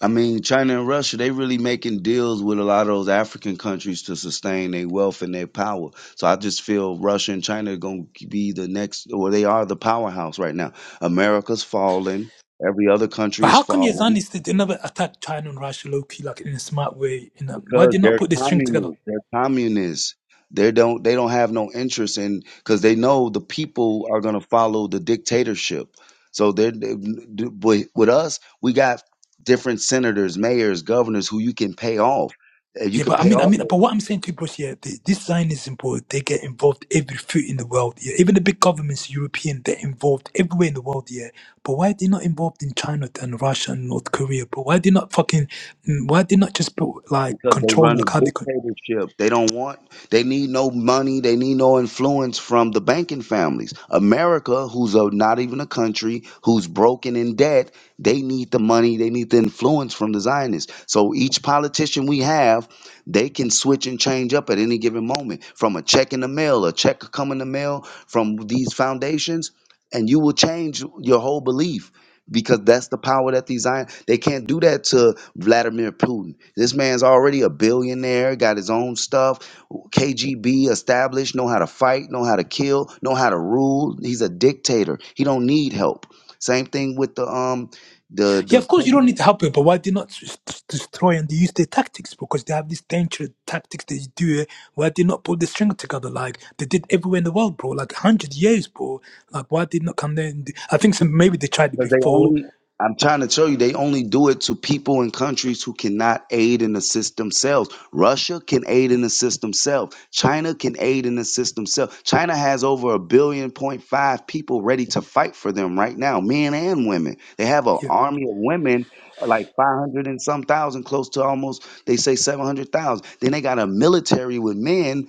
Speaker 1: I mean, China and Russia, they really making deals with a lot of those African countries to sustain their wealth and their power. So I just feel Russia and China are going to be the next, or they are the powerhouse right now. America's falling. Every other country
Speaker 3: But
Speaker 1: is
Speaker 3: how come your
Speaker 1: falling.
Speaker 3: Zionists they never attack China and Russia low key like in a smart way? You know, why
Speaker 1: because
Speaker 3: did not
Speaker 1: they're
Speaker 3: put this string together?
Speaker 1: communists. They're communists. They don't they don't have no interest in because they know the people are gonna follow the dictatorship. So they're they, do- but with us, we got different senators, mayors, governors who you can pay off. Uh, You
Speaker 3: Yeah,
Speaker 1: could
Speaker 3: but I
Speaker 1: pay
Speaker 3: mean, I mean,
Speaker 1: off.
Speaker 3: but what I'm saying to you, bros, yeah, the, this Zionist import, they get involved every foot in the world. Yeah, even the big governments, European, they're involved everywhere in the world. Yeah, but why are they not involved in China and Russia and North Korea? But why are they not fucking? mm, Why are they not just put like
Speaker 1: because they
Speaker 3: control
Speaker 1: run a
Speaker 3: like how they?
Speaker 1: dictatorship. They don't want, they need no money, they need no influence from the banking families. America, who's a, not even a country, who's broken in debt, they need the money, they need the influence from the Zionists. So each politician we have, they can switch and change up at any given moment from a check in the mail, a check come in the mail from these foundations, and you will change your whole belief because that's the power that these iron they can't do that to Vladimir Putin. This man's already a billionaire, got his own stuff, KGB established, know how to fight, know how to kill, know how to rule. He's a dictator. He don't need help. Same thing with the um the
Speaker 3: Yeah,
Speaker 1: the
Speaker 3: of course you don't need to help it, but Why they not s- s- destroy and they use their tactics? Because they have these dangerous tactics they do. eh? Why they not pull the string together like they did everywhere in the world, bro? Like hundred years, bro. Like why they not come there? And do, I think some, maybe they tried it
Speaker 1: Because they
Speaker 3: before.
Speaker 1: only, I'm trying to tell you, they only do it to people in countries who cannot aid and assist themselves. Russia can aid and assist themselves. China can aid and assist themselves. China has over a billion point five people ready to fight for them right now, men and women. They have an
Speaker 3: Yeah,
Speaker 1: army of women, uh, like 500 and some thousand, close to almost, they say 700,000. Then they got a military with men,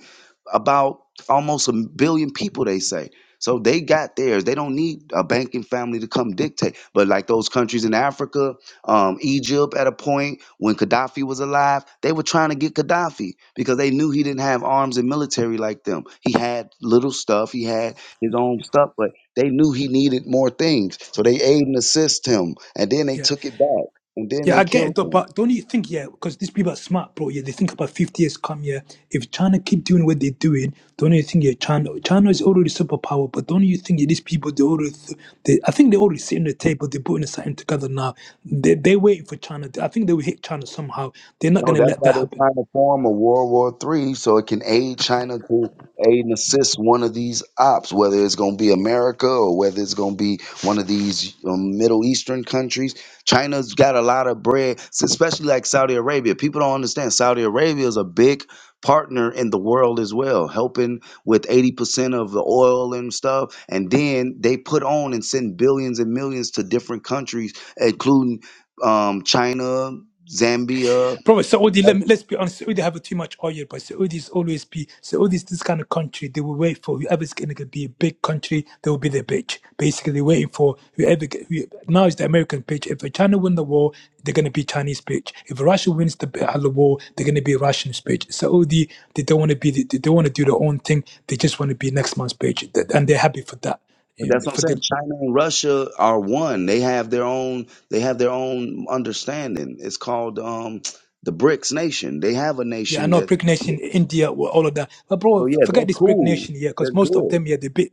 Speaker 1: about almost a billion people, they say. So they got theirs. They don't need a banking family to come dictate. But like those countries in Africa, um, Egypt at a point when Gaddafi was alive, they were trying to get Gaddafi because they knew he didn't have arms and military like them. He had little stuff. He had his own stuff, but they knew he needed more things. So they aid and assist him, and then they
Speaker 3: yeah.
Speaker 1: took it back, and then
Speaker 3: Yeah,
Speaker 1: they
Speaker 3: I get it,
Speaker 1: killed
Speaker 3: though,
Speaker 1: him.
Speaker 3: but don't you think, yeah, because these people are smart, bro. Yeah, they think about 50 years come, yeah. If China keep doing what they're doing, don't you think, yeah, China, China is already superpower, but don't you think, yeah, these people, they already, th- they, I think they already sitting at the table, they're putting something together now. They, they're waiting for China. I think they will hit China somehow. They're not
Speaker 1: No,
Speaker 3: going to
Speaker 1: that's
Speaker 3: let
Speaker 1: why
Speaker 3: that
Speaker 1: they're
Speaker 3: happen.
Speaker 1: trying to form a World War Three so it can aid China to aid and assist one of these ops, whether it's going to be America or whether it's going to be one of these um, Middle Eastern countries. China's got a lot of bread, especially like Saudi Arabia. People don't understand Saudi Arabia is a big partner in the world as well, helping with 80% of the oil and stuff. And then they put on and send billions and millions to different countries, including um, China, Zambia.
Speaker 3: Probably Saudi, let
Speaker 1: Right.
Speaker 3: me, let's be honest, Saudi have too much oil, but Saudis always be, Saudis, this kind of country, they will wait for whoever's going to be a big country, they will be the bitch. Basically, they're waiting for whoever, get- who, now is the American bitch. If China win the war, they're going to be Chinese bitch. If Russia wins the, b- uh, the war, they're going to be Russian bitch. Saudi, they don't want to be, the, they don't want to do their own thing. They just want to be next month's bitch. That- And they're happy for that.
Speaker 1: But that's what I'm saying. China and Russia are one. They have their own. They have their own understanding. It's called um, the BRICS nation. They have a
Speaker 3: Yeah, I
Speaker 1: nation
Speaker 3: know
Speaker 1: that.
Speaker 3: Brick Nation, India, well, all of that. But bro,
Speaker 1: So
Speaker 3: f-
Speaker 1: yeah,
Speaker 3: forget
Speaker 1: they're
Speaker 3: this Brick
Speaker 1: cool.
Speaker 3: Nation here,
Speaker 1: They're
Speaker 3: because most of
Speaker 1: good.
Speaker 3: them, yeah, they bit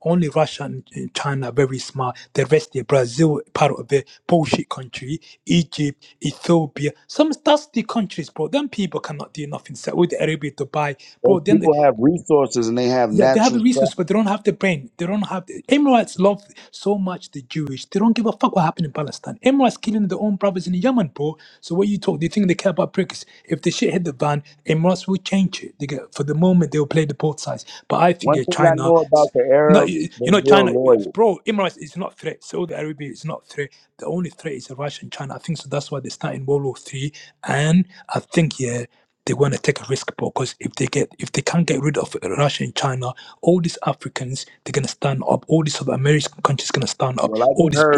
Speaker 3: only Russia and and China are very smart. The rest, yeah, Brazil, part of the bullshit country, Egypt, Ethiopia, some dusty countries, bro. Them people cannot do nothing. Saudi Arabia, Dubai,
Speaker 1: Those
Speaker 3: bro. Then
Speaker 1: people have resources and they have
Speaker 3: yeah, they have
Speaker 1: natural
Speaker 3: a
Speaker 1: stuff.
Speaker 3: resource, but they don't have the brain. They don't have the Emirates love so much the Jewish. They don't give a fuck what happened in Palestine. Emirates killing their own brothers in Yemen, bro. So what you talk? They think they care about bricks. If the shit hit the van, Emirates will change it. They get, for the moment they'll play the both sides. But I think
Speaker 1: One
Speaker 3: yeah,
Speaker 1: thing I
Speaker 3: China.
Speaker 1: know about the
Speaker 3: No,
Speaker 1: Arabs,
Speaker 3: you
Speaker 1: they're
Speaker 3: you know,
Speaker 1: real
Speaker 3: China,
Speaker 1: loyal.
Speaker 3: bro, Emirates is not threat. Saudi Arabia is not threat. The only threat is Russia and China. I think so. That's why they start in World War Three, and I think yeah, they want to take a risk, bro. Because if they get, if they can't get rid of Russia and China, all these Africans they're gonna stand up. All these other American countries gonna stand up.
Speaker 1: Well, I
Speaker 3: All
Speaker 1: just
Speaker 3: these
Speaker 1: heard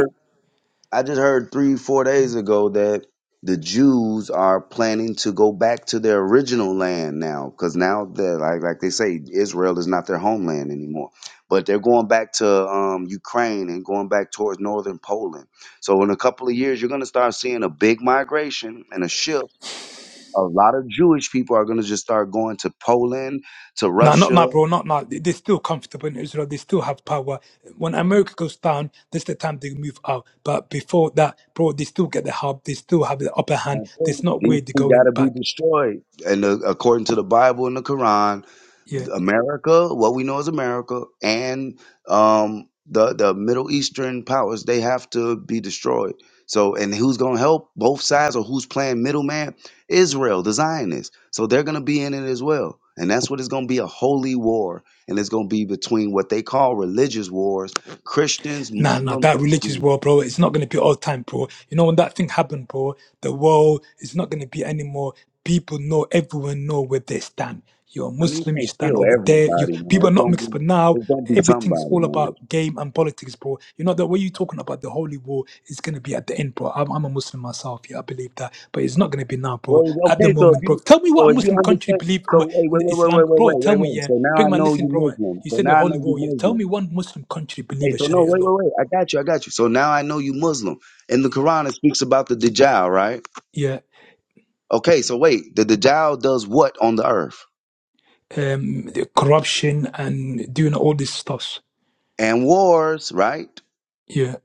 Speaker 1: I just heard three, four days ago that the Jews are planning to go back to their original land now, because now they're like like they say, Israel is not their homeland anymore. But they're going back to um, Ukraine and going back towards northern Poland. So in a couple of years, you're going to start seeing a big migration and a shift. A lot of Jewish people are going to just start going to Poland, to
Speaker 3: No, not
Speaker 1: Russia.
Speaker 3: now, bro. Not now. They- They're still comfortable in Israel. They still have power. When America goes down, that's the time they move out. But before that, bro, they still get the hub. They still have the upper hand. There's not
Speaker 1: These
Speaker 3: way they're
Speaker 1: two got
Speaker 3: going
Speaker 1: to be
Speaker 3: back.
Speaker 1: destroyed. And uh, according to the Bible and the Quran,
Speaker 3: Yeah.
Speaker 1: America, what we know as America, and um, the the Middle Eastern powers, they have to be destroyed. So, and who's going to help both sides, or who's playing middleman? Israel, the Zionists. So they're going to be in it as well, and that's what it's going to be a holy war, and it's going to be between what they call religious wars, Christians,
Speaker 3: Nah, nah,
Speaker 1: Muslims,
Speaker 3: that
Speaker 1: and
Speaker 3: religious
Speaker 1: Jews.
Speaker 3: world, bro, it's not gonna be all time, bro. You know when that thing happened, bro, the world is not gonna be anymore. People know, everyone know where they stand. You're a
Speaker 1: I mean, you
Speaker 3: Muslim, you
Speaker 1: can't
Speaker 3: stand
Speaker 1: kill
Speaker 3: over there. You
Speaker 1: everybody, man.
Speaker 3: people are
Speaker 1: It's
Speaker 3: not
Speaker 1: gonna
Speaker 3: mixed,
Speaker 1: be
Speaker 3: but now
Speaker 1: it's gonna be
Speaker 3: everything's
Speaker 1: somebody,
Speaker 3: all
Speaker 1: man.
Speaker 3: about game and politics, bro. You know that way you're talking about the holy war is gonna be at the end, bro. I'm, I'm a Muslim myself, yeah, I believe that, but it's not gonna be now, bro.
Speaker 1: Well,
Speaker 3: At the
Speaker 1: okay, so
Speaker 3: moment,
Speaker 1: if
Speaker 3: bro.
Speaker 1: you
Speaker 3: Tell me what a
Speaker 1: so if you
Speaker 3: Muslim country
Speaker 1: understand
Speaker 3: believe
Speaker 1: so
Speaker 3: in
Speaker 1: hey, wait, wait, wait,
Speaker 3: Islam,
Speaker 1: wait, wait,
Speaker 3: bro. Tell
Speaker 1: wait,
Speaker 3: me,
Speaker 1: wait, wait.
Speaker 3: yeah,
Speaker 1: So now
Speaker 3: big
Speaker 1: I
Speaker 3: man.
Speaker 1: know
Speaker 3: Listen,
Speaker 1: you
Speaker 3: bro.
Speaker 1: Muslim.
Speaker 3: You
Speaker 1: So
Speaker 3: said the
Speaker 1: now I
Speaker 3: holy
Speaker 1: know you
Speaker 3: war, yeah. Tell
Speaker 1: Muslim.
Speaker 3: me one Muslim country believe
Speaker 1: Hey,
Speaker 3: a
Speaker 1: so no,
Speaker 3: Sharia
Speaker 1: wait,
Speaker 3: law
Speaker 1: wait, wait. I got you, I got you. So now I know you Muslim. In the
Speaker 3: yeah,
Speaker 1: Quran it speaks about the Dajjal, right?
Speaker 3: yeah,
Speaker 1: Okay, so wait, the Dajjal does what on the earth?
Speaker 3: um, the corruption and doing all this stuff.
Speaker 1: And wars, right?
Speaker 3: Yeah,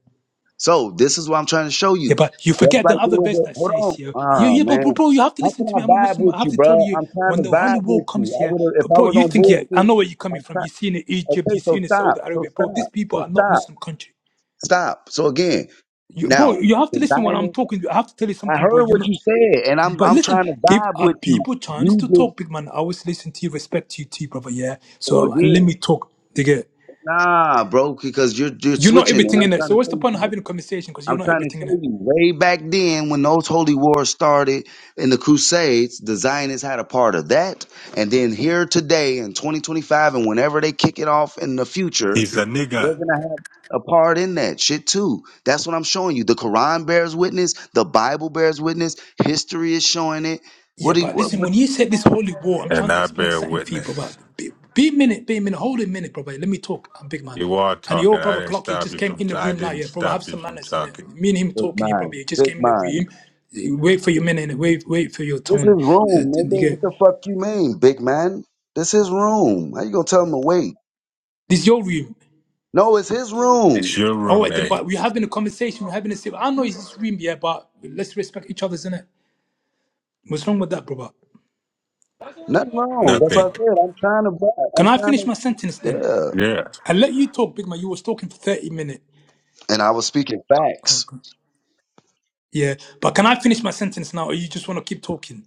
Speaker 1: So this is what I'm trying to show
Speaker 3: yeah,
Speaker 1: you.
Speaker 3: but you
Speaker 1: Just
Speaker 3: forget the
Speaker 1: like it
Speaker 3: other
Speaker 1: was
Speaker 3: verse that
Speaker 1: a
Speaker 3: says,
Speaker 1: hold
Speaker 3: yeah,
Speaker 1: on.
Speaker 3: yeah,
Speaker 1: Oh
Speaker 3: yeah, but bro,
Speaker 1: man.
Speaker 3: bro, you have to
Speaker 1: How
Speaker 3: listen
Speaker 1: can
Speaker 3: to
Speaker 1: I
Speaker 3: me. I'm a
Speaker 1: vibe
Speaker 3: Muslim.
Speaker 1: with
Speaker 3: I have
Speaker 1: you,
Speaker 3: to
Speaker 1: bro?
Speaker 3: tell you,
Speaker 1: I'm trying
Speaker 3: when
Speaker 1: to
Speaker 3: the Holy
Speaker 1: vibe
Speaker 3: War
Speaker 1: with you.
Speaker 3: comes
Speaker 1: I
Speaker 3: here,
Speaker 1: would have if
Speaker 3: but
Speaker 1: I
Speaker 3: bro,
Speaker 1: was
Speaker 3: you
Speaker 1: on
Speaker 3: think, yeah, I
Speaker 1: bullshit,
Speaker 3: know where you're
Speaker 1: I'm
Speaker 3: coming from.
Speaker 1: trying.
Speaker 3: You see in Egypt,
Speaker 1: Okay,
Speaker 3: you see
Speaker 1: so
Speaker 3: in
Speaker 1: stop.
Speaker 3: Saudi
Speaker 1: So
Speaker 3: Arabia, bro. These
Speaker 1: stop.
Speaker 3: people
Speaker 1: So
Speaker 3: are not
Speaker 1: stop.
Speaker 3: Muslim country.
Speaker 1: Stop. So again,
Speaker 3: You, bro,
Speaker 1: now
Speaker 3: you have to
Speaker 1: the
Speaker 3: listen when I'm
Speaker 1: Zionists.
Speaker 3: talking. I have to tell you
Speaker 1: I
Speaker 3: something, bro.
Speaker 1: heard
Speaker 3: You're
Speaker 1: what
Speaker 3: not.
Speaker 1: you said, and
Speaker 3: You,
Speaker 1: I'm
Speaker 3: but
Speaker 1: I'm
Speaker 3: listen,
Speaker 1: trying to
Speaker 3: give
Speaker 1: vibe
Speaker 3: our
Speaker 1: with you.
Speaker 3: people chance
Speaker 1: You
Speaker 3: to
Speaker 1: just
Speaker 3: talk, big man. I always listen to you, respect you too, brother. Yeah.
Speaker 1: so
Speaker 3: So uh, let
Speaker 1: again,
Speaker 3: me talk. Dig
Speaker 1: nah, bro, because you're you're
Speaker 3: You're not
Speaker 1: switching, and
Speaker 3: everything
Speaker 1: I'm
Speaker 3: in it. So
Speaker 1: trying to
Speaker 3: what's
Speaker 1: tell
Speaker 3: the
Speaker 1: you
Speaker 3: point of
Speaker 1: something.
Speaker 3: having a conversation? Because you're
Speaker 1: I'm
Speaker 3: not
Speaker 1: trying to
Speaker 3: everything in
Speaker 1: show
Speaker 3: it.
Speaker 1: you way back then when those holy wars started in the Crusades, the Zionists had a part of that. And then here today in 2025, and whenever they kick it off in the future,
Speaker 4: He's a
Speaker 1: they're
Speaker 4: nigga,
Speaker 1: going to have a part in that shit too. That's what I'm showing you. The Quran bears witness, the Bible bears witness, history is showing it.
Speaker 3: Yeah,
Speaker 1: What do you,
Speaker 3: but
Speaker 1: what,
Speaker 3: listen,
Speaker 1: what?
Speaker 3: when you said this holy war, I'm
Speaker 4: and
Speaker 3: trying to
Speaker 4: I
Speaker 3: explain
Speaker 4: bear
Speaker 3: something to you, brother.
Speaker 4: witness.
Speaker 3: Be, be a minute, be a minute, hold a minute, brother. Let me talk. I'm big man.
Speaker 4: You are
Speaker 3: And
Speaker 4: talking.
Speaker 3: your
Speaker 4: I
Speaker 3: brother
Speaker 4: didn't
Speaker 3: Clock, he
Speaker 4: stop
Speaker 3: just
Speaker 4: you
Speaker 3: came
Speaker 4: from.
Speaker 3: in the
Speaker 4: I
Speaker 3: room now,
Speaker 4: didn't
Speaker 3: yeah, brother. Have
Speaker 4: stop you
Speaker 3: some
Speaker 4: from
Speaker 3: manners in it.
Speaker 4: talking.
Speaker 3: Me and him
Speaker 1: Big
Speaker 3: talking, yeah, brother.
Speaker 1: man,
Speaker 3: He just
Speaker 1: big
Speaker 3: came in
Speaker 1: man.
Speaker 3: the room. Wait for your minute, innit? wait, wait for your
Speaker 1: This is
Speaker 3: tone. Uh,
Speaker 1: room,
Speaker 3: and you
Speaker 1: nigga. What
Speaker 3: get-
Speaker 1: the fuck you mean, big man? This is room. How you gonna tell him to wait?
Speaker 3: this is your room.
Speaker 1: No, it's his
Speaker 4: It's
Speaker 1: room.
Speaker 4: your
Speaker 3: All right, then,
Speaker 4: roommate.
Speaker 3: but we're having a conversation, we're having a sit. I know it's this room, yeah, but let's respect each other's in it. What's wrong with that, brother?
Speaker 1: Nothing wrong. That's what
Speaker 4: Nothing.
Speaker 1: I said. I'm trying to buy.
Speaker 3: Can
Speaker 1: I'm
Speaker 3: I finish
Speaker 1: trying
Speaker 3: my sentence then?
Speaker 1: to.
Speaker 4: Yeah.
Speaker 3: I let you talk, Big Man. You was talking for 30 minutes.
Speaker 1: Yeah. And I was speaking
Speaker 3: Oh,
Speaker 1: facts.
Speaker 3: God. Yeah. But can I finish my sentence now, or you just want to keep talking?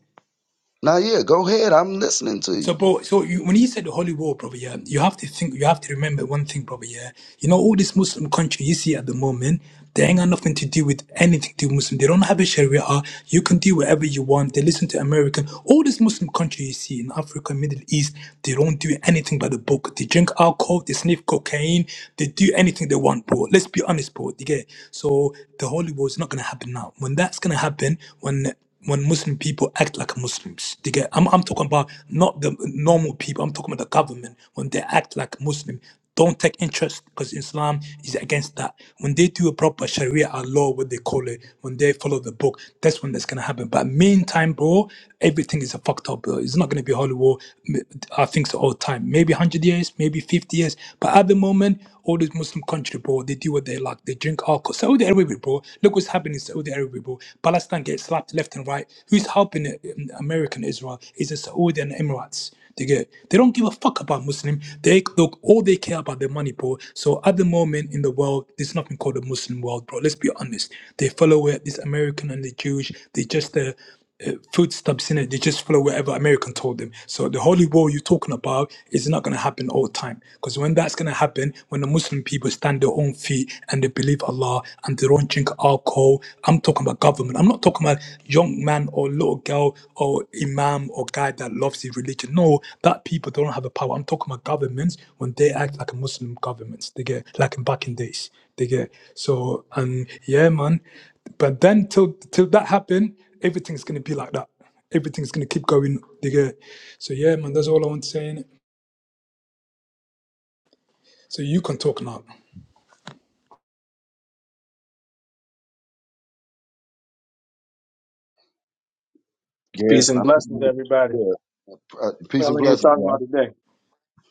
Speaker 1: Now, yeah, go ahead. I'm listening to you.
Speaker 3: So, bro, so you, when you said the holy war, brother, yeah, you have to think, you have to remember one thing, brother, yeah. You know, all these Muslim countries you see at the moment, they ain't got nothing to do with anything to do with Muslim. They don't have a Sharia. You can do whatever you want. They listen to American. All these Muslim countries you see in Africa, Middle East, they don't do anything by the book. They drink alcohol, they sniff cocaine, they do anything they want, bro. Let's be honest, bro. You get it? So the holy war is not gonna happen now. When that's gonna happen, when when Muslim people act like Muslims. They get, I'm, I'm talking about not the normal people. I'm talking about the government when they act like Muslim. Don't take interest because Islam is against that. When they do a proper Sharia or law, what they call it, when they follow the book, that's when that's gonna happen. But meantime, bro, everything is a fucked up. Bro. It's not gonna be holy war. m- I think so all the time. Maybe one hundred years, maybe fifty years. But at the moment, all these Muslim country, bro, they do what they like. They drink alcohol. Saudi Arabia Arabic, bro. Look what's happening in Saudi Arabia, bro. Palestine gets slapped left and right. Who's helping uh, um, America Israel? Is the Saudi and Emirates. They get. They don't give a fuck about Muslim. They look all they care about their money, bro. So at the moment in the world, there's nothing called a Muslim world, bro. Let's be honest. They follow it. This American and the Jewish. They just uh, uh, food stamps in it. They just follow whatever American told them. So the holy war you're talking about is not going to happen all the time. Because when that's going to happen, when the Muslim people stand their own feet and they believe Allah and they don't drink alcohol, I'm talking about government. I'm not talking about young man or little girl or imam or guy that loves his religion. No, that people don't have the power. I'm talking about governments when they act like a Muslim governments. They get like in back in days. They get so and yeah, man. But then till till that happened everything's gonna be like that. Everything's gonna keep going. They go, so yeah, man, that's all I want to say. Innit? So you can talk now.
Speaker 1: Yeah.
Speaker 5: Peace
Speaker 1: I
Speaker 5: and
Speaker 1: pretty
Speaker 5: blessings,
Speaker 1: much,
Speaker 5: everybody.
Speaker 1: yeah. Uh,
Speaker 5: What
Speaker 1: Peace
Speaker 5: Y'all
Speaker 1: and
Speaker 5: in here
Speaker 1: blessings.
Speaker 5: talking
Speaker 1: bro.
Speaker 5: about today.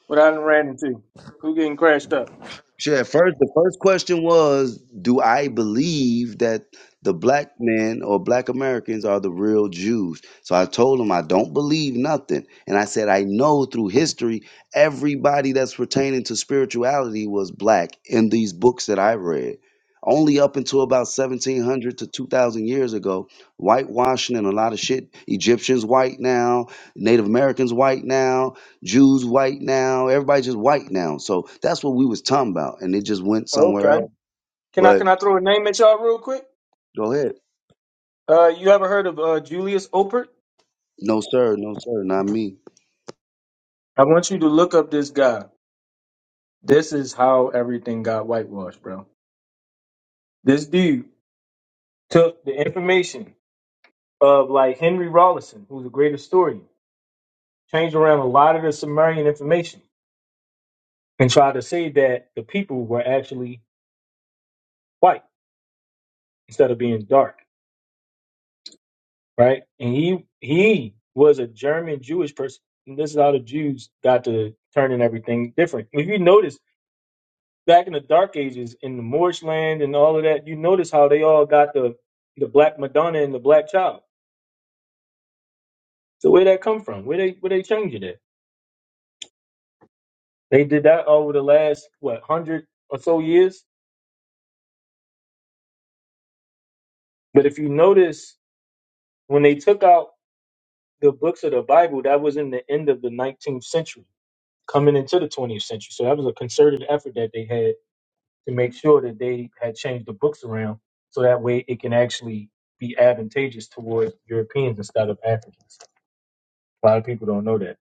Speaker 5: What I done ran into? Who getting crashed up?
Speaker 1: Sure. at First, the first question was, do I believe that the black men or black Americans are the real Jews? So I told him I don't believe nothing, and I said I know through history everybody that's pertaining to spirituality was black in these books that I read. Only up until about 1700 to 2000 years ago, whitewashing and a lot of shit. Egyptians white now, Native Americans white now, Jews white now. Everybody just white now. So that's what we was talking about, and it just went somewhere
Speaker 5: Okay.
Speaker 1: else.
Speaker 5: Can I
Speaker 1: But
Speaker 5: can I throw a name at y'all real quick?
Speaker 1: go ahead.
Speaker 5: Uh, you ever heard of uh, Julius Oppert?
Speaker 1: No sir, no sir, not me.
Speaker 5: I want you to look up this guy. This is how everything got whitewashed, bro. This dude took the information of like Henry Rawlinson, who's a great historian, changed around a lot of the Sumerian information and tried to say that the people were actually white instead of being dark. right? And he he was a German Jewish person. And this is how the Jews got to turning everything different. If you notice back in the Dark Ages in the Moorish land and all of that, you notice how they all got the the black Madonna and the black child. So where that come from? Where they where they changed it at? They did that over the last what hundred or so years. But if you notice when they took out the books of the Bible, that was in the end of the 19th century, coming into the 20th century. So that was a concerted effort that they had to make sure that they had changed the books around so that way it can actually be advantageous towards Europeans instead of Africans. A lot of people don't know that.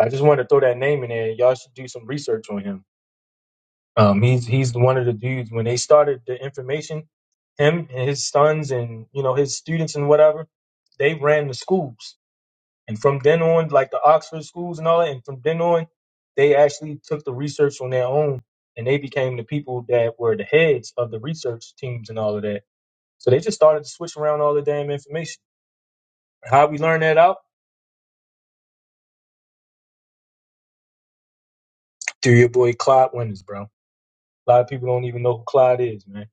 Speaker 5: I just wanted to throw that name in there. Y'all should do some research on him. Um, he's he's one of the dudes when they started the information, him and his sons and you know his students and whatever, they ran the schools and from then on, like the Oxford schools and all that, and from then on, they actually took the research on their own and they became the people that were the heads of the research teams and all of that. So they just started to switch around all the damn information. How we learn that out? Through your boy Clyde Winters, bro. A lot of people don't even know who Clyde is, man.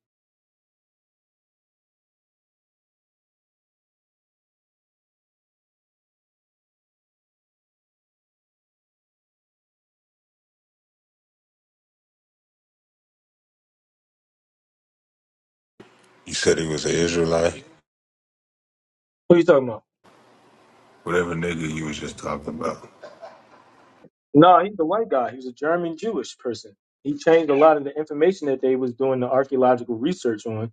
Speaker 4: You said he was an Israelite.
Speaker 5: Who you talking about?
Speaker 4: Whatever nigga you was just talking about.
Speaker 5: No, he's a white guy. He was a German Jewish person. He changed a lot of the information that they was doing the archaeological research on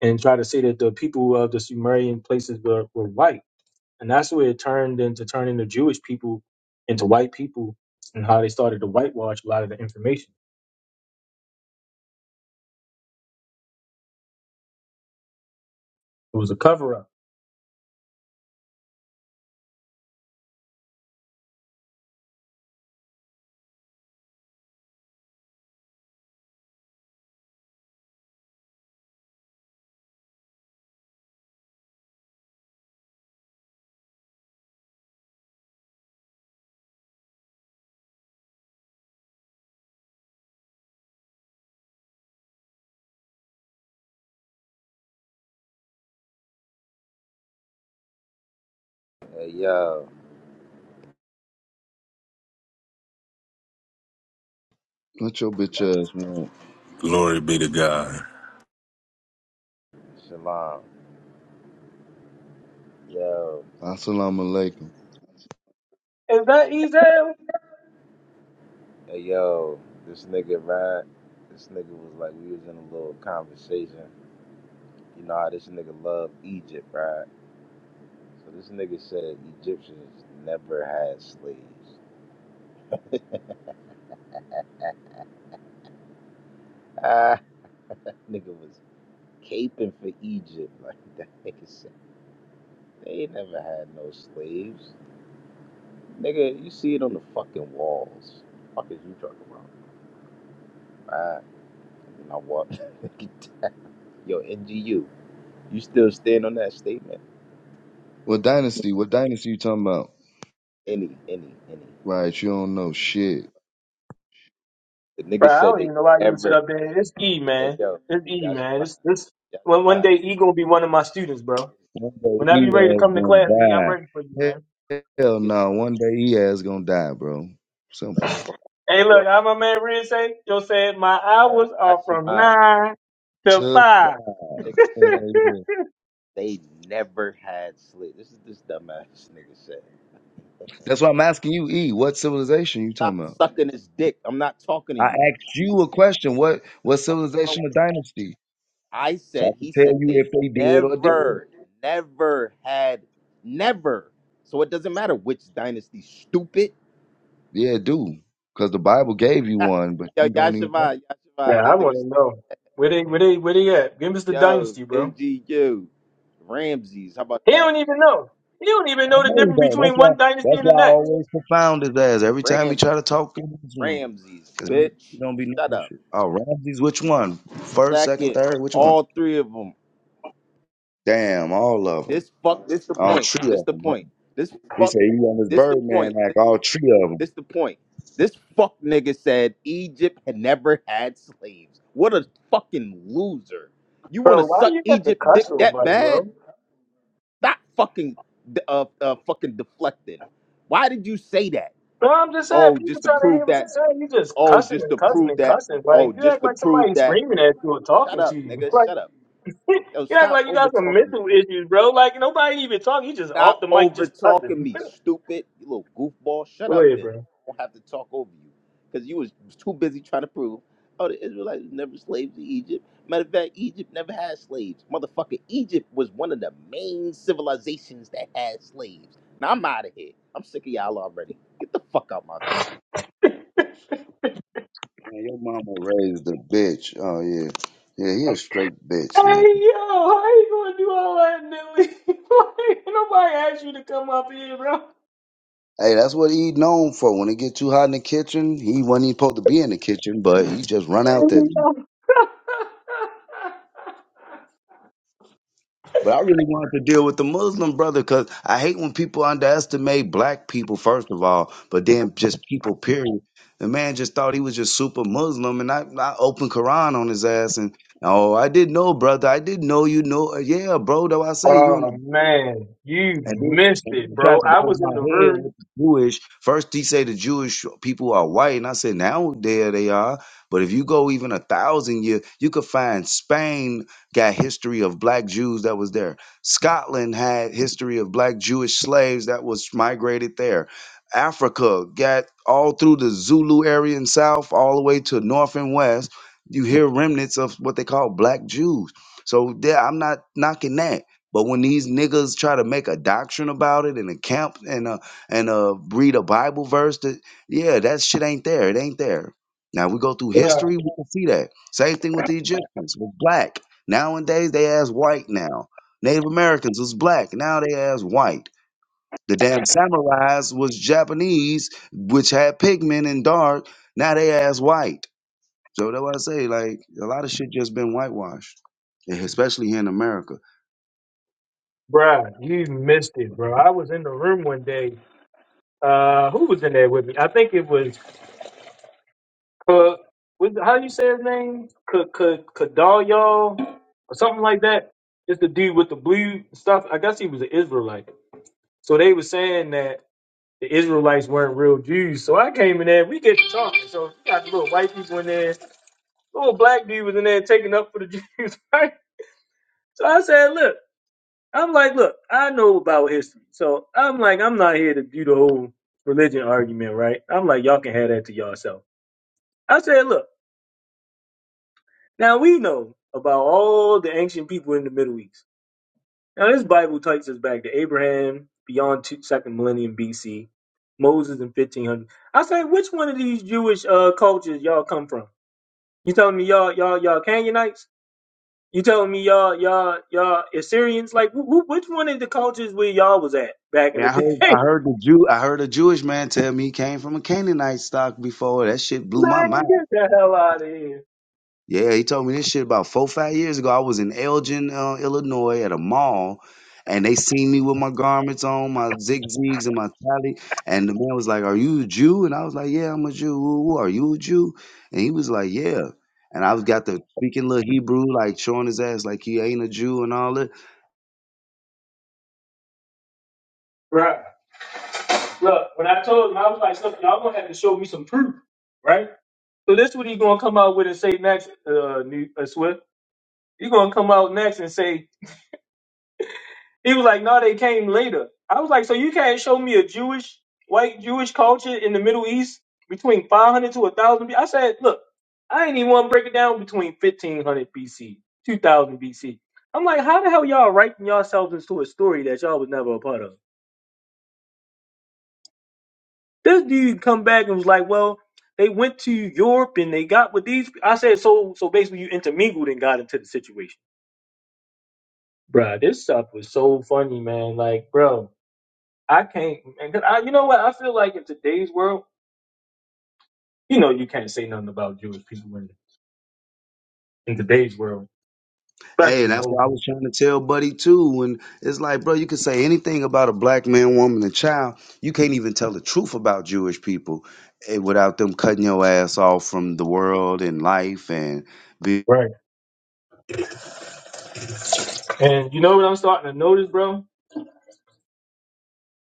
Speaker 5: and tried to say that the people of the Sumerian places were, were white And that's where it turned into turning the Jewish people into white people and how they started to whitewash a lot of the information. It was a cover up.
Speaker 6: Hey yo,
Speaker 1: What your bitch ass want?
Speaker 4: Glory be to God.
Speaker 6: Shalom. Yo,
Speaker 1: Assalamu alaikum.
Speaker 5: Is that E
Speaker 6: hey yo, this nigga right. This nigga was like we was in a little conversation. You know how this nigga love Egypt, right? So this nigga said Egyptians never had slaves. Ah, nigga was caping for Egypt like that nigga said. They never had no slaves. Nigga, you see it on the fucking walls. Fuck is you talking about? Right? And I walked. Yo, NGU, you still stand on that statement?
Speaker 1: What dynasty? What dynasty you talking about?
Speaker 6: Any, any, any.
Speaker 1: Right, you don't know shit.
Speaker 6: The niggas
Speaker 5: Bro, I
Speaker 6: said
Speaker 5: don't
Speaker 6: they
Speaker 5: even know why you would sit
Speaker 6: never.
Speaker 5: up there. It's E,
Speaker 6: Hey
Speaker 5: man.
Speaker 6: yo,
Speaker 5: It's E,
Speaker 6: y'all should
Speaker 5: man.
Speaker 6: mind.
Speaker 5: It's this
Speaker 6: Y'all
Speaker 5: one
Speaker 6: should
Speaker 5: one
Speaker 6: mind.
Speaker 5: day E gonna be one of my students, bro.
Speaker 6: Niggas
Speaker 1: One
Speaker 6: said
Speaker 1: day
Speaker 5: Whenever
Speaker 6: he.
Speaker 1: he
Speaker 5: you ready to
Speaker 1: ass
Speaker 5: come to class, E, I'm
Speaker 1: gonna
Speaker 5: ready for you, man.
Speaker 1: die. Hell
Speaker 6: Niggas said
Speaker 1: no, one day he ass gonna die, bro.
Speaker 6: uh,
Speaker 1: Simple.
Speaker 6: fuck
Speaker 5: Hey
Speaker 6: your
Speaker 5: look, I'm a man Red say, yo said my
Speaker 6: uh,
Speaker 5: hours
Speaker 6: y'all
Speaker 5: are
Speaker 6: should
Speaker 5: from
Speaker 6: mind.
Speaker 5: nine
Speaker 1: To
Speaker 5: to five.
Speaker 1: die.
Speaker 6: Niggas
Speaker 1: Hell
Speaker 6: said
Speaker 1: yeah.
Speaker 6: they never had slit. This is this dumbass nigga said.
Speaker 1: That's why I'm asking you, E, what civilization you
Speaker 6: Stop
Speaker 1: talking about?
Speaker 6: sucking his dick. I'm not talking to
Speaker 1: I
Speaker 6: you.
Speaker 1: asked you a question. What what
Speaker 6: What is wrong with
Speaker 1: civilization or
Speaker 6: you?
Speaker 1: dynasty?
Speaker 6: I
Speaker 1: So I
Speaker 6: said.
Speaker 1: can
Speaker 6: He said
Speaker 1: tell you
Speaker 6: they
Speaker 1: if they did or didn't.
Speaker 6: never, never had, never. So it doesn't matter which dynasty. Stupid.
Speaker 1: Yeah, do. Because the Bible gave you one, but
Speaker 6: Yo,
Speaker 1: you don't even know.
Speaker 6: Yashavai,
Speaker 5: Yeah,
Speaker 6: Yashavai, this
Speaker 5: I
Speaker 6: nigga
Speaker 5: wanna know. Where they where they where they at? Give us the
Speaker 6: Yo,
Speaker 5: dynasty, bro.
Speaker 6: NGU. Ramses. How about
Speaker 5: He
Speaker 6: that?
Speaker 5: don't even know. He don't even
Speaker 1: I
Speaker 5: know the
Speaker 1: know you
Speaker 5: difference
Speaker 1: don't. That's
Speaker 5: between
Speaker 1: why
Speaker 5: one dynasty
Speaker 1: that's
Speaker 5: and the
Speaker 1: why I
Speaker 5: next.
Speaker 1: always confound his ass every time he
Speaker 6: Ramses.
Speaker 1: try to talk in this room.
Speaker 6: Ramses,
Speaker 1: Because he he
Speaker 6: bitch.
Speaker 1: don't be
Speaker 6: Shut
Speaker 1: knowing
Speaker 6: up.
Speaker 1: shit. Oh, Ramses, which one? First, second,
Speaker 6: Second,
Speaker 1: third, which one?
Speaker 6: all three of them.
Speaker 1: Damn, all of them.
Speaker 6: This fuck. This the
Speaker 1: All
Speaker 6: point.
Speaker 1: three
Speaker 6: This
Speaker 1: of
Speaker 6: the
Speaker 1: them. Huh?
Speaker 6: point. This
Speaker 1: He
Speaker 6: fuck.
Speaker 1: said he on his
Speaker 6: This the
Speaker 1: Birdman
Speaker 6: point.
Speaker 1: act,
Speaker 6: This the
Speaker 1: all
Speaker 6: point.
Speaker 1: three of them.
Speaker 6: This the point. This fuck nigga said Egypt had never had slaves. What a fucking loser. You want to
Speaker 5: Bro, why
Speaker 6: suck
Speaker 5: you got to
Speaker 6: Egypt dick
Speaker 5: cuss so
Speaker 6: that
Speaker 5: much,
Speaker 6: bad?
Speaker 5: bro?
Speaker 6: Stop fucking uh, uh fucking deflecting. Why did you say that?
Speaker 5: No, I'm just saying,
Speaker 6: Oh,
Speaker 5: people
Speaker 6: just to
Speaker 5: trying to
Speaker 6: prove
Speaker 5: hear what
Speaker 6: that.
Speaker 5: you're saying. You just
Speaker 6: Oh,
Speaker 5: cussing
Speaker 6: just
Speaker 5: and
Speaker 6: to
Speaker 5: cussing
Speaker 6: prove
Speaker 5: and
Speaker 6: that.
Speaker 5: cussing. Like
Speaker 6: Oh,
Speaker 5: you
Speaker 6: just
Speaker 5: act
Speaker 6: to
Speaker 5: like
Speaker 6: prove
Speaker 5: somebody's
Speaker 6: that.
Speaker 5: screaming at you or
Speaker 6: Shut
Speaker 5: talking
Speaker 6: up,
Speaker 5: to you.
Speaker 6: nigga.
Speaker 5: Like
Speaker 6: Shut up. Yo,
Speaker 5: you act
Speaker 6: stop
Speaker 5: like you
Speaker 6: over
Speaker 5: got some
Speaker 6: talking me.
Speaker 5: mental issues, bro. Like nobody even talking. You just off
Speaker 6: Stop
Speaker 5: the mic
Speaker 6: over
Speaker 5: just
Speaker 6: talking
Speaker 5: cussing.
Speaker 6: me, stupid. You little goofball. Shut
Speaker 5: Go
Speaker 6: up
Speaker 5: ahead,
Speaker 6: then.
Speaker 5: bro.
Speaker 6: I don't have to talk over you. Because you was too busy trying to prove, oh, the Israelites was never slaves in Egypt. Matter of fact, Egypt never had slaves. Motherfucker, Egypt was one of the main civilizations that had slaves. Now I'm out of here. I'm sick of y'all already. Get the fuck out my face.
Speaker 1: Man, your mama raised a bitch. Oh, yeah. Yeah, he a straight bitch, man.
Speaker 5: Hey yo, how you gonna do all that, Nilly? Like, nobody asked you to come up here, bro.
Speaker 1: Hey, that's what he known for. When it get too hot in the kitchen, he wasn't even supposed to be in the kitchen, but he just run out
Speaker 5: Hey,
Speaker 1: there.
Speaker 5: yo.
Speaker 1: But I really wanted to deal with the Muslim brother because I hate when people underestimate black people, first of all, but then just people, period. The man just thought he was just super Muslim, and I, I opened Quran on his ass, and oh, I didn't know, brother. I didn't know you know. Yeah, bro, though I say you in the
Speaker 5: Oh man, you
Speaker 1: And then,
Speaker 5: missed
Speaker 1: and then
Speaker 5: it,
Speaker 1: he tried
Speaker 5: bro.
Speaker 1: to
Speaker 5: I
Speaker 1: go over
Speaker 5: was in
Speaker 1: my
Speaker 5: the
Speaker 1: head
Speaker 5: room,
Speaker 1: with the Jewish. First, he say the Jewish people are white, and I said, now there they are. But if you go even a thousand years, you could find Spain got history of black Jews that was there. Scotland had history of black Jewish slaves that was migrated there. Africa got all through the Zulu area and south, all the way to north and west. You hear remnants of what they call black Jews. So there, I'm not knocking that but when these niggas try to make a doctrine about it and a camp and uh and uh read a Bible verse that yeah, that shit ain't there. It ain't there. Now we go through
Speaker 5: bruh,
Speaker 1: history, we can see that. Same thing with the Egyptians, with black. Nowadays they ass white now. Native Americans was black. Now they ass white. The damn samurais was Japanese, which had pigment and dark. Now they ass white. So that's why I say, like, a lot of shit just been whitewashed, especially here in America.
Speaker 5: bruh. You missed it, bro. I was in the room one day. Uh, who was in there with me? I think it was Cook. What? how you say his name? Cook, Cook, Kadalyo, or something like that. It's the dude with the blue stuff. I guess he was an Israelite. So they were saying that the Israelites weren't real Jews. So I came in there. We get to talking. So we got the little white people in there. Little black dude was in there taking up for the Jews, right? So I said, look. I'm like, look, I know about history. So I'm like, I'm not here to do the whole religion argument, right? I'm like, y'all can have that to yourself. I said, look, now we know about all the ancient people in the Middle East. Now this Bible takes us back to Abraham, beyond two, second millennium BC, Moses in 1500. I said, which one of these Jewish uh, cultures y'all come from? You telling me y'all, y'all, y'all Canaanites? You telling me y'all, y'all, y'all Assyrians? Like, wh- wh- which one of the cultures where y'all was at back in
Speaker 1: And
Speaker 5: the
Speaker 1: I
Speaker 5: day?
Speaker 1: heard I heard the Jew I heard a Jewish man tell me he came from a Canaanite stock before. That shit blew my mind.
Speaker 5: Man, get the hell out of here.
Speaker 1: Yeah, he told me this shit about four five years ago. I was in Elgin, uh, Illinois, at a mall, and they seen me with my garments on, my zigzags and my tally. And the man was like, "Are you a Jew?" And I was like, "Yeah, I'm a Jew." Ooh, ooh, Are you a Jew? And he was like, "Yeah." And I was got the speaking little Hebrew, like showing his ass like he ain't a Jew and all that.
Speaker 5: Right. Look, when I told him, I was like, look, y'all gonna have to show me some proof, right? So this what he gonna come out with and say next, uh, Ne- uh Swift. He gonna come out next and say he was like, no, they came later. I was like, so you can't show me a Jewish, white Jewish culture in the Middle East between 500 to 1,000 BC. I said, look, I ain't even want to break it down between 1500 BC, 2000 BC. I'm like, how the hell y'all writing yourselves into a story that y'all was never a part of? This dude come back and was like, "Well, they went to Europe and they got with these." I said, "So, so basically, you intermingled and got into the situation, Bruh, This stuff was so funny, man. Like, bro, I can't. And 'cause I, you know what? I feel like in today's world, you know, you can't say nothing about Jewish people in, in today's world,
Speaker 1: Hey,
Speaker 5: especially in the
Speaker 1: that's
Speaker 5: old
Speaker 1: what I was trying to tell Buddy too. And it's like, bro, you can say anything about a black man, woman, and child. You can't even tell the truth about Jewish people eh, without them cutting your ass off from the world and life and
Speaker 5: right? And you know what I'm starting to notice, bro?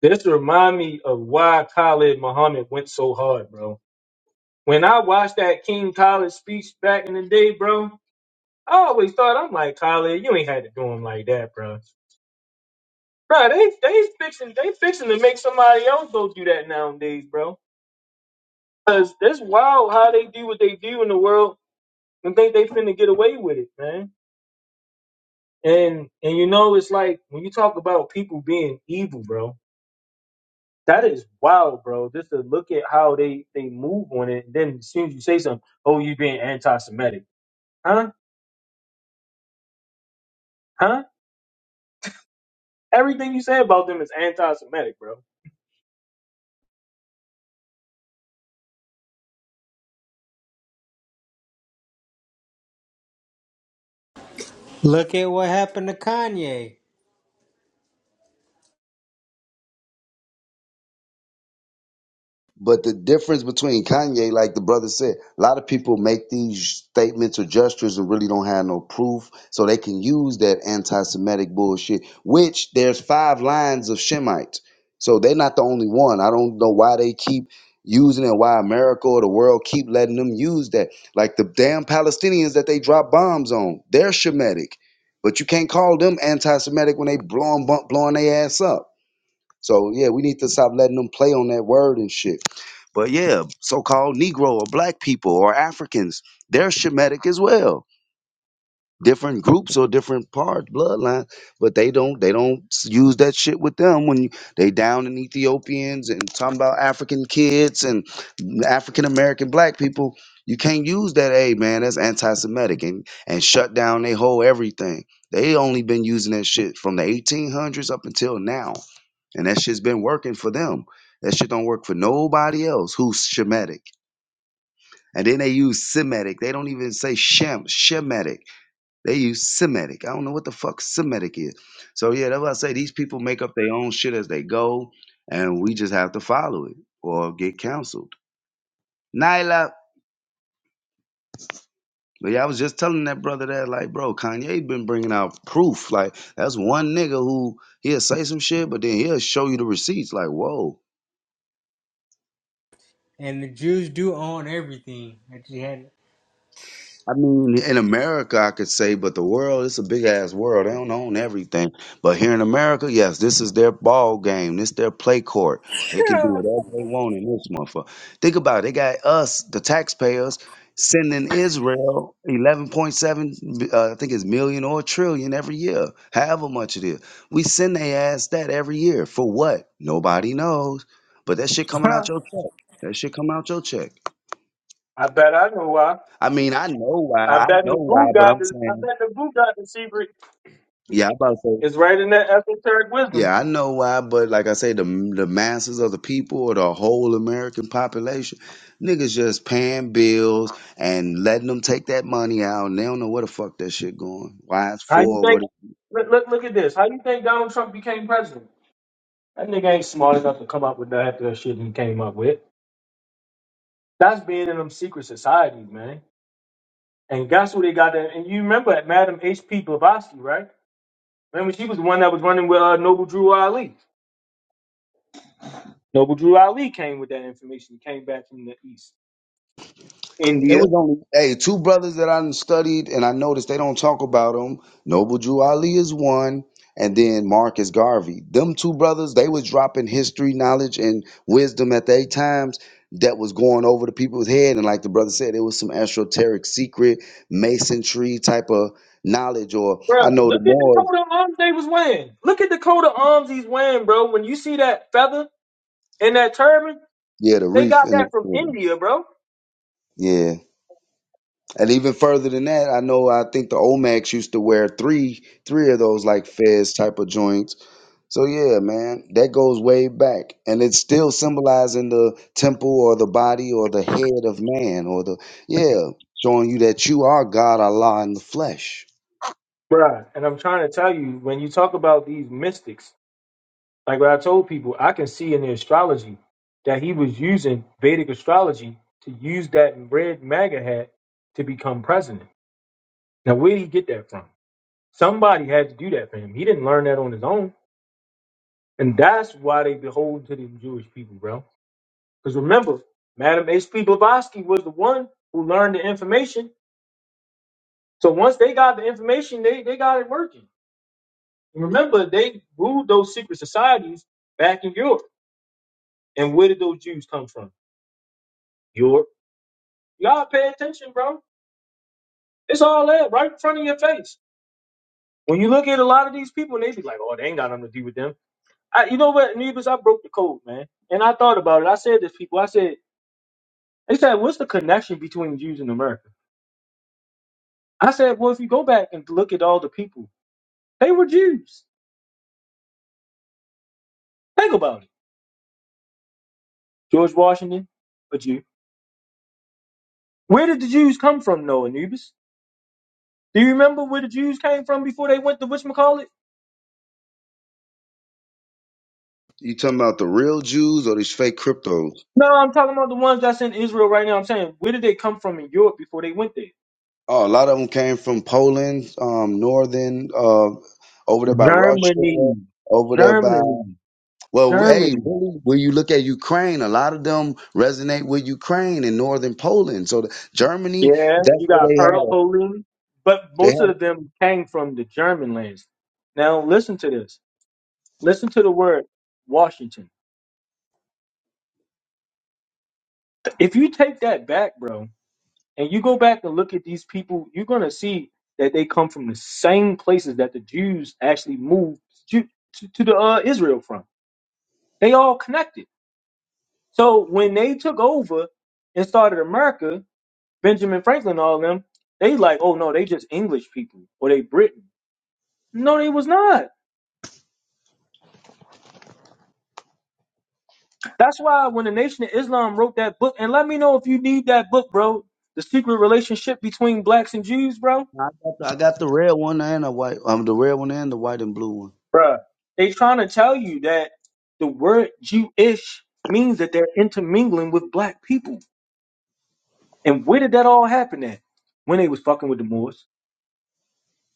Speaker 5: This remind me of why Khalid Muhammad went so hard, bro. When I watched that King Khalid speech back in the day, bro. I always thought I'm like Khaled, you ain't had to do them like that, bro. Bro, they they fixing they fixing to make somebody else go do that nowadays, bro. Cause that's wild how they do what they do in the world and think they finna get away with it, man. And and you know it's like when you talk about people being evil, bro. That is wild, bro. Just to look at how they they move on it. And then as soon as you say something, oh, you being anti-Semitic, huh? Huh? Everything you say about them is anti-Semitic, bro.
Speaker 7: Look at what happened to Kanye.
Speaker 1: But the difference between Kanye, like the brother said, a lot of people make these statements or gestures and really don't have no proof, so they can use that anti-Semitic bullshit. Which there's five lines of Shemites, so they're not the only one. I don't know why they keep using it, why America or the world keep letting them use that. Like the damn Palestinians that they drop bombs on, they're Shemitic, but you can't call them anti-Semitic when they blowing blowing their ass up. So yeah, we need to stop letting them play on that word and shit. But yeah, so-called Negro or black people or Africans, they're Shemitic as well. Different groups or different parts, bloodline, but they don't they don't s- use that shit with them when you, they down in Ethiopians and talking about African kids and African American black people. You can't use that, hey man, that's anti-Semitic and and shut down they whole everything. They only been using that shit from the 1800s up until now and that shit's been working for them. That shit don't work for nobody else who's Shemitic. And then they use Semitic. They don't even say Shem, Shemitic. They use Semitic. I don't know what the fuck Semitic is. So yeah, that's what I say. These people make up their own shit as they go, and we just have to follow it or get counseled. Nyla. But yeah, I was just telling that brother that, like, bro, Kanye been bringing out proof. Like, that's one nigga who he'll say some shit, but then he'll show you the receipts. Like, whoa.
Speaker 7: And the Jews do own everything that you had.
Speaker 1: I mean, in America, I could say, but the world, it's a big ass world. They don't own everything. But here in America, yes, this is their ball game. This their play court. They can do whatever they want in this motherfucker. Think about it. They got us, the taxpayers, sending Israel 11.7, uh, I think it's million or trillion every year, however much it is. We send they ass that every year. For what? Nobody knows. But that shit coming out your check. That shit coming out your check.
Speaker 5: I bet I know why.
Speaker 1: I mean, I know why.
Speaker 5: I
Speaker 1: I
Speaker 5: bet
Speaker 1: know why,
Speaker 5: Nagu
Speaker 1: but
Speaker 5: got
Speaker 1: I'm
Speaker 5: the goo god, I
Speaker 1: saying
Speaker 5: bet the Nagu got the secret
Speaker 1: Yeah, I about to say.
Speaker 5: is right in that esoteric wisdom.
Speaker 1: Yeah, I know why, but like I say, the the masses of the people or the whole American population, niggas just paying bills and letting them take that money out, and they don't know where the fuck that shit going. Why it's
Speaker 5: How you
Speaker 1: for? what?
Speaker 5: think? Look, look, look at this. How you think Donald Trump became president? That nigga ain't smart enough to come up with that, that shit he came up with. That's being in them secret societies, man. And guess who they got that? And you remember at Madam H.P. Blavatsky, right? Remember she was the one that was running with uh, Noble Drew Ali. Noble Drew Ali came with that information. He came back from the East.
Speaker 1: It
Speaker 5: India.
Speaker 1: was only hey two brothers that I done studied, and I noticed they don't talk about them. Noble Drew Ali is one, and then Marcus Garvey. Them two brothers, they was dropping history knowledge and wisdom at their times that was going over the people's head. And like the brother said, it was some esoteric secret masonry type of knowledge. Or I
Speaker 5: Bruh,
Speaker 1: know the
Speaker 5: look at the
Speaker 1: Moors,
Speaker 5: coat of arms they was wearing. Look at the coat of arms he's wearing, bro. When you see that feather and that turban,
Speaker 1: yeah, the
Speaker 5: they
Speaker 1: reef
Speaker 5: got
Speaker 1: and
Speaker 5: that from
Speaker 1: the,
Speaker 5: India, bro.
Speaker 1: yeah, and even further than that, I know I think the Olmecs used to wear three three of those like fez type of joints. So yeah, man, that goes way back, and it's still symbolizing the temple or the body or the head of man or the yeah, showing you that you are God Allah in the flesh.
Speaker 5: Bruh, and I'm trying to tell you, when you talk about these mystics, like what I told people, I can see in the astrology that he was using Vedic astrology to use that red MAGA hat to become president. Now, where did he get that from? Somebody had to do that for him. He didn't learn that on his own. And that's why they behold to the Jewish people, bro Because remember, Madam H.P. Blavatsky was the one who learned the information. So once they got the information, they, they got it working. And remember, they ruled those secret societies back in Europe. And where did those Jews come from? Europe. You gotta pay attention, bro. It's all that right in front of your face. When you look at a lot of these people, and they be like, "Oh, they ain't got nothing to do with them." I, you know what, Neebus? I broke the code, man. And I thought about it. I said to people, I said, they said, "What's the connection between Jews and America?" I said, "Well, if you go back and look at all the people." They were Jews. Think about it. George Washington, a Jew. Where did the Jews come from, Noah Anubis? Do you remember where the Jews came from before they went to whatchamacallit?
Speaker 1: You talking about the real Jews or these fake cryptos?
Speaker 5: No, I'm talking about the ones that's in Israel right now. I'm saying, where did they come from in Europe before they went there?
Speaker 1: Oh, a lot of them came from Poland, um, northern, uh, over there by Russia,
Speaker 5: Germany.
Speaker 1: over there by
Speaker 5: Germany.
Speaker 1: well, hey,
Speaker 5: Germany.
Speaker 1: really, when you look at Ukraine, a lot of them resonate with Ukraine and northern Poland. So the, Germany,
Speaker 5: Yeah,
Speaker 1: that's
Speaker 5: you
Speaker 1: where
Speaker 5: got
Speaker 1: they
Speaker 5: Pearl
Speaker 1: had
Speaker 5: Poland. But
Speaker 1: it.
Speaker 5: most of them came from the German lands. Now, listen to this. Listen to the word Washington. If you take that back, bro, and you go back and look at these people, you're going to see that they come from the same places that the Jews actually moved to, to, to the uh, Israel from. They all connected. So when they took over and started America, Benjamin Franklin, and all of them, they like, oh no, they just English people or they Britain. No, they was not. That's why when the Nation of Islam wrote that book, and let me know if you need that book, bro. The secret relationship between blacks and Jews, bro
Speaker 1: I got the, I got the red one and the white. Um, the red one and the white and blue one.
Speaker 5: Bruh, they trying to tell you that the word Jewish means that they're intermingling with black people. And where did that all happen at? When they was fucking with the Moors.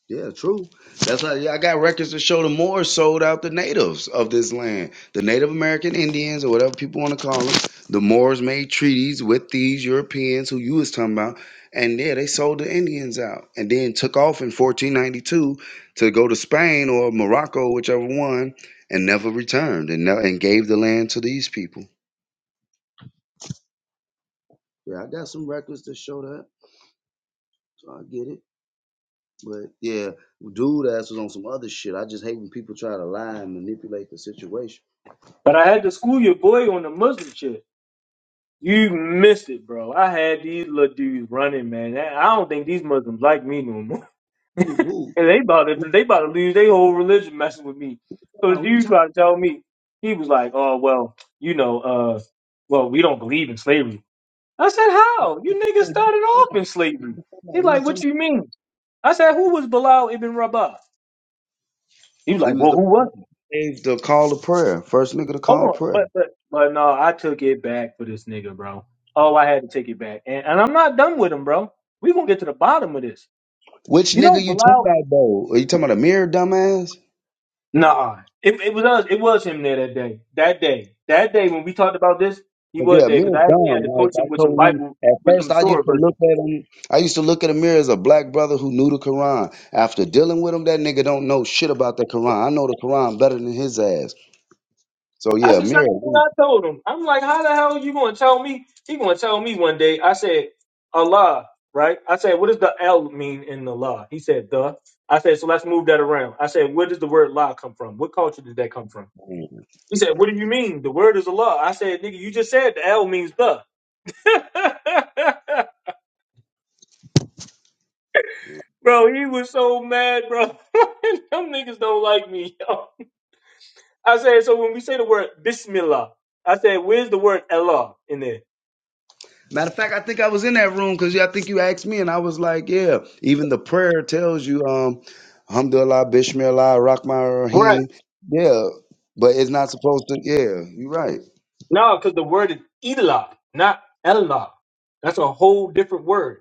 Speaker 1: Yeah, true. That's how. Yeah, I got records to show the Moors sold out the natives of this land, the Native American Indians or whatever people want to call them. The Moors made treaties with these Europeans who you was talking about, and yeah, they sold the Indians out, and then took off in 1492 to go to Spain or Morocco, whichever one, and never returned, and ne- and gave the land to these people. Yeah, I got some records to show that. So I get it. But yeah, dude ass was on some other shit. I just hate when people try to lie and manipulate the situation.
Speaker 5: But I had to school your boy on the Muslim shit. You missed it, bro. I had these little dudes running, man. I I don't think these Muslims like me no more.
Speaker 1: Who
Speaker 5: And they about
Speaker 1: who? Who you
Speaker 5: to they about to lose their whole religion messing with me.
Speaker 1: talking
Speaker 5: So
Speaker 1: about?
Speaker 5: the
Speaker 1: Who you
Speaker 5: dude
Speaker 1: talking
Speaker 5: tried to tell me, he was like, Oh well, you know, uh well, we don't believe in slavery. I said, How? You niggas started
Speaker 1: about?
Speaker 5: off in
Speaker 1: Who you
Speaker 5: slavery.
Speaker 1: talking about?
Speaker 5: He's
Speaker 1: Who you
Speaker 5: like, What
Speaker 1: talking
Speaker 5: you
Speaker 1: about?
Speaker 5: mean? I said, Who was Bilal ibn Rabah? He was
Speaker 1: He
Speaker 5: like,
Speaker 1: was
Speaker 5: Well,
Speaker 1: the
Speaker 5: who was he?
Speaker 1: gave the call to prayer. First nigga to
Speaker 5: Hold
Speaker 1: call
Speaker 5: on.
Speaker 1: prayer.
Speaker 5: But, but, but no, I took it back for this nigga, bro. Oh, I had to take it back. And, and I'm not done with him, bro. we going to get to the bottom of this.
Speaker 1: Which
Speaker 5: You know,
Speaker 1: nigga you talking
Speaker 5: Bilal.
Speaker 1: about though? Are you talking about a mirror dumbass?
Speaker 5: Nah. It, it was us. It was him there that day. That day. That day when we talked about this, he
Speaker 1: Cause
Speaker 5: was
Speaker 1: yeah,
Speaker 5: there because
Speaker 1: mirror
Speaker 5: I actually
Speaker 1: dumb.
Speaker 5: had to
Speaker 1: Like
Speaker 5: coach
Speaker 1: I
Speaker 5: him with some
Speaker 1: told him
Speaker 5: Bible,
Speaker 1: at
Speaker 5: with
Speaker 1: first
Speaker 5: some
Speaker 1: I
Speaker 5: story
Speaker 1: used to
Speaker 5: verses.
Speaker 1: look at him I used to look at a mirror as a black brother who knew the Quran. After dealing with him, that nigga don't know shit about the Quran. I know the Quran better than his ass. So
Speaker 5: That's
Speaker 1: yeah,
Speaker 5: the same
Speaker 1: mirror.
Speaker 5: thing
Speaker 1: we-
Speaker 5: I told him. I'm like, how the hell you gonna tell me? He gonna tell me one day. I said, Allah, right? I said, what does the L mean in the law? He said, the. I said, so let's move that around. I said, where does the word law come from? What culture did that come from? He said, what do you mean? The word is Allah. I said, nigga, you just said the L means the. bro, he was so mad, bro. Them niggas don't like me, yo. I said, so when we say the word Bismillah, I said, where's the word Allah in there?
Speaker 1: Matter of fact, I think I was in that room because I think you asked me, and I was like, yeah. Even the prayer tells you, um, Alhamdulillah, Bishmillah, Rahman
Speaker 5: Right.
Speaker 1: Rahim. Yeah, but it's not supposed to. Yeah, you're right.
Speaker 5: No, because the word is Elah, not Elah. That's a whole different word.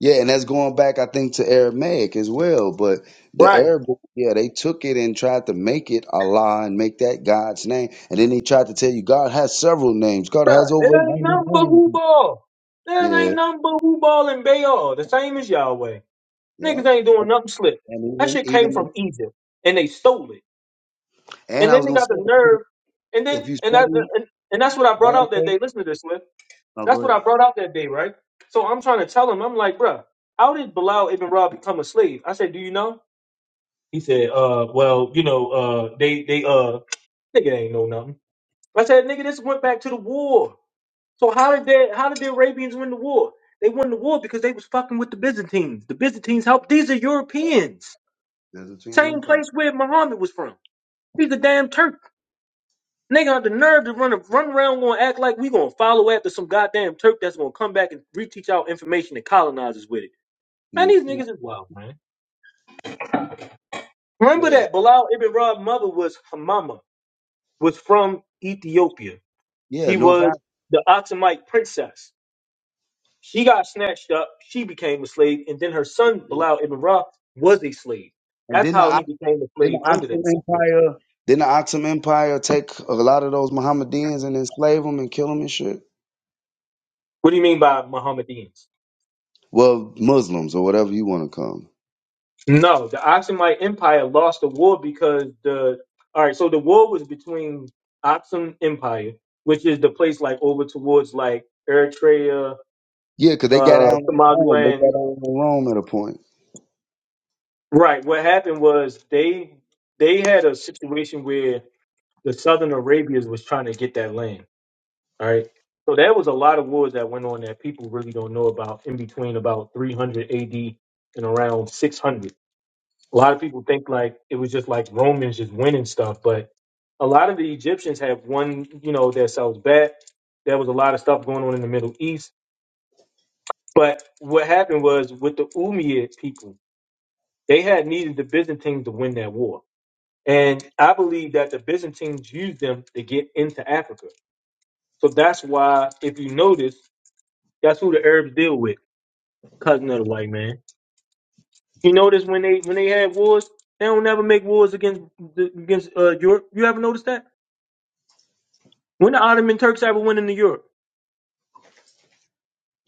Speaker 1: Yeah, and that's going back, I think, to Aramaic as well. But the
Speaker 5: Right.
Speaker 1: Arabic, yeah, they took it and tried to make it Allah and make that God's name, and then they tried to tell you God has several names. God
Speaker 5: Bruh,
Speaker 1: has over
Speaker 5: it ain't
Speaker 1: ninety
Speaker 5: nothing but
Speaker 1: names.
Speaker 5: who ball. That
Speaker 1: Yeah,
Speaker 5: ain't nothing but who ball and Baal, the same as Yahweh.
Speaker 1: yeah,
Speaker 5: Niggas ain't doing nothing slick.
Speaker 1: and
Speaker 5: That
Speaker 1: even
Speaker 5: shit came from
Speaker 1: even
Speaker 5: Egypt, and they stole it.
Speaker 1: and
Speaker 5: And
Speaker 1: I
Speaker 5: then
Speaker 1: was
Speaker 5: they
Speaker 1: gonna
Speaker 5: got the
Speaker 1: say.
Speaker 5: nerve, and then
Speaker 1: If you
Speaker 5: and that
Speaker 1: study
Speaker 5: and, and that's what I brought out that
Speaker 1: Yahweh,
Speaker 5: day. Listen to this, Swift.
Speaker 1: no,
Speaker 5: That's
Speaker 1: go
Speaker 5: what I
Speaker 1: ahead.
Speaker 5: brought out that day, right? So I'm trying to tell him, I'm like, bruh, how did Bilal ibn Ra become a slave? I said, do you know? He said, uh, well, you know, uh, they they uh Nigga ain't know nothing. I said, nigga, this went back to the war. So how did they, how did the Arabians win the war? They won the war because they was fucking with the Byzantines. The Byzantines helped. These are Europeans.
Speaker 1: Byzantine
Speaker 5: Same
Speaker 1: Empire.
Speaker 5: place where Muhammad was from. He's a damn Turk. Nigga had the nerve to run run around gonna act like we gonna follow after some goddamn Turk that's gonna come back and reteach our information and colonize us with it. Man, these
Speaker 1: Mm-hmm.
Speaker 5: niggas is wild, man. Remember
Speaker 1: Yeah,
Speaker 5: that Bilal Ibn Rab's mother was Hamama, was from Ethiopia.
Speaker 1: yeah,
Speaker 5: She
Speaker 1: North
Speaker 5: was
Speaker 1: Africa,
Speaker 5: the Ottoman princess. She got snatched up. She became a slave, and then her son Bilal ibn Ra was a slave.
Speaker 1: and
Speaker 5: That's
Speaker 1: then the
Speaker 5: how he
Speaker 1: O-
Speaker 5: became a
Speaker 1: then the
Speaker 5: slave under that
Speaker 1: Ottoman
Speaker 5: situation.
Speaker 1: Empire. Then the Ottoman Empire take a lot of those Mohammedans and enslave them and kill them and shit.
Speaker 5: What do you mean by Mohammedans?
Speaker 1: Well, Muslims or whatever you want to call them.
Speaker 5: No, the Aksumite Empire lost the war because the all right. So the war was between Aksum Empire, which is the place like over towards like Eritrea,
Speaker 1: Yeah, 'cause they got
Speaker 5: uh,
Speaker 1: down on Rome. They
Speaker 5: Somaliland.
Speaker 1: got down on Rome at a point.
Speaker 5: Right. What happened was they they had a situation where the Southern Arabians was trying to get that land. All right. So there was a lot of wars that went on that people really don't know about in between about 300 AD and around 600. A lot of people think like it was just like Romans just winning stuff, but a lot of the Egyptians have won, you know, themselves back. There was a lot of stuff going on in the Middle East. But what happened was with the Umayyad people, they had needed the Byzantines to win that war. And I believe that the Byzantines used them to get into Africa. So that's why, if you notice, That's who the Arabs deal with. Cousin of the white man. You notice when they when they had wars, they don't never make wars against the- against uh, Europe. You ever notice that? When the Ottoman Turks ever went into Europe,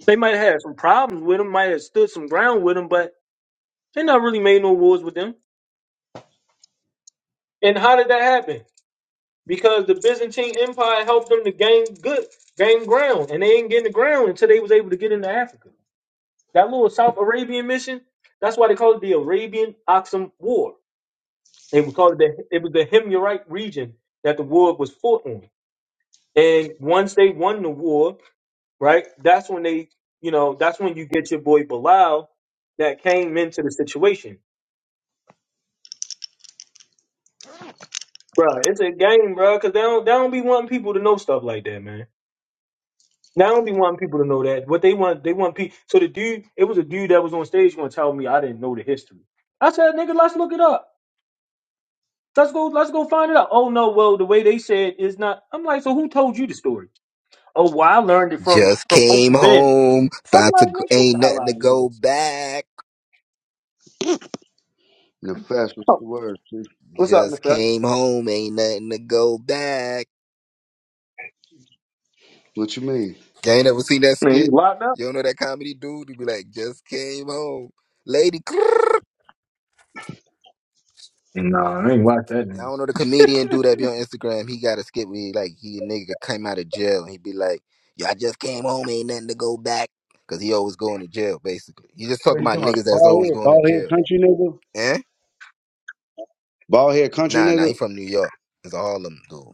Speaker 5: they might have had some problems with them, might have stood some ground with them, but they not really made no wars with them. And how did that happen? Because the Byzantine Empire helped them to gain good, gain ground, and they ain't getting the ground until they was able to get into Africa. That little South Arabian mission, that's why they call it the Arabian Oxum War They would call it the it was the Himyarite region that the war was fought on. And once they won the war, right, that's when they, you know, that's when you get your boy Bilal that came into the situation. Bruh, it's a game, bruh, because they don't they don't be wanting people to know stuff like that, man. They don't be wanting people to know that. What they want, they want people. So the dude, it was a dude that was on stage going to tell me I didn't know the history. I said, nigga, let's look it up. Let's go, let's go find it out. Oh no, well, the way they said is not. I'm like, so who told you the story? Oh, well, I learned it from
Speaker 8: Just
Speaker 5: from
Speaker 8: came
Speaker 5: Uncle Ben.
Speaker 8: home,
Speaker 5: I'm
Speaker 8: about to
Speaker 5: like, nigga,
Speaker 8: go,
Speaker 5: get the
Speaker 8: ain't
Speaker 5: hell
Speaker 8: nothing
Speaker 5: out
Speaker 8: to
Speaker 5: of here.
Speaker 8: go back.
Speaker 1: Nefesh, what's
Speaker 5: Oh,
Speaker 1: the word? chief?
Speaker 5: what's up,
Speaker 8: Just
Speaker 5: Nefesh?
Speaker 8: came home, ain't nothing to go back.
Speaker 1: What you mean?
Speaker 8: You ain't never seen that
Speaker 5: Man, you
Speaker 8: skit.
Speaker 5: locked up?
Speaker 8: You don't know that comedy dude who be like, just came home, lady. Y'all
Speaker 5: Nah, I ain't watch that nigga.
Speaker 8: don't know the comedian dude that be on Instagram. He got a skit where he like he a nigga came out of jail and he be like, "Y'all just came home, ain't nothing to go back," cause he always going to jail. Basically, he just
Speaker 1: What
Speaker 8: talking
Speaker 1: you
Speaker 8: about
Speaker 1: talking about?
Speaker 8: niggas that's
Speaker 1: Bald
Speaker 8: always
Speaker 1: head,
Speaker 8: going to
Speaker 1: bald head
Speaker 8: jail.
Speaker 1: country nigga?
Speaker 8: Eh?
Speaker 1: Bald head country
Speaker 8: Nah, nah. He
Speaker 1: nigga?
Speaker 8: from New York. It's a Harlem dude.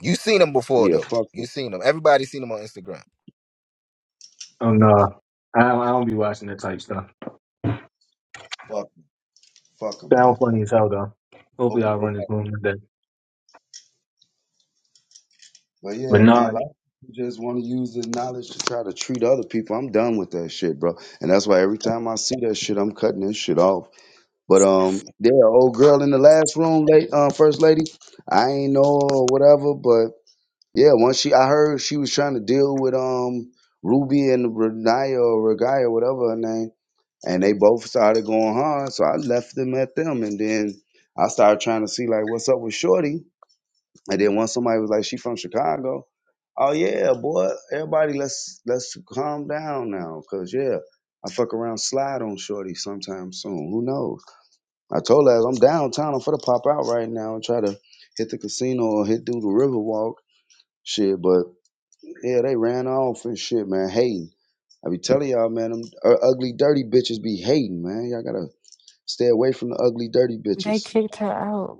Speaker 8: You seen him before
Speaker 1: Yeah,
Speaker 8: though.
Speaker 1: fuck
Speaker 8: You
Speaker 1: them.
Speaker 8: seen him. Everybody seen him on Instagram.
Speaker 5: Oh nah, I don't, I don't be watching that type stuff.
Speaker 1: Fuck, fuck 'em, man.
Speaker 5: Sound funny as hell though. Hopefully
Speaker 1: Hope you
Speaker 5: I'll
Speaker 1: go
Speaker 5: run this room today.
Speaker 1: But
Speaker 5: But
Speaker 1: yeah,
Speaker 5: nah,
Speaker 1: man, Like, lot just want to use this knowledge to try to treat other people. I'm done with that shit, bro. And that's why every time I see that shit, I'm cutting this shit off. But um, yeah, old girl in the last room, late uh, first lady, I ain't know her or whatever. But yeah, once she, I heard she was trying to deal with um Ruby and Renaya or Regaya, whatever her name, and they both started going hard. So I left them at them, and then I started trying to see like what's up with Shorty. And then once somebody was like, "She from Chicago," oh yeah, boy, everybody, let's let's calm down now, cause yeah, I fuck around slide on shorty sometime soon. Who knows? I told her I'm downtown. I'm for to pop out right now and try to hit the casino or hit through the Riverwalk Shit, but yeah, they ran off and shit, man. Hating. I be telling y'all, man, them u- ugly, dirty bitches be hating, man. Y'all gotta stay away from the ugly, dirty
Speaker 9: They
Speaker 1: bitches.
Speaker 9: kicked her out.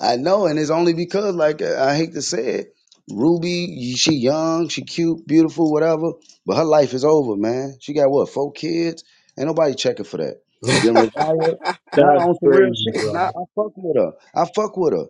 Speaker 1: I know, and it's only because, like I hate to say it, Ruby, she young, she cute, beautiful, whatever, but her life is over, man. She got what, four kids? Ain't nobody checking for that. Then Resiah, nah,
Speaker 5: that's
Speaker 1: on some real
Speaker 5: crazy,
Speaker 1: shit. And I,
Speaker 5: bro.
Speaker 1: I fuck with her. I fuck with her.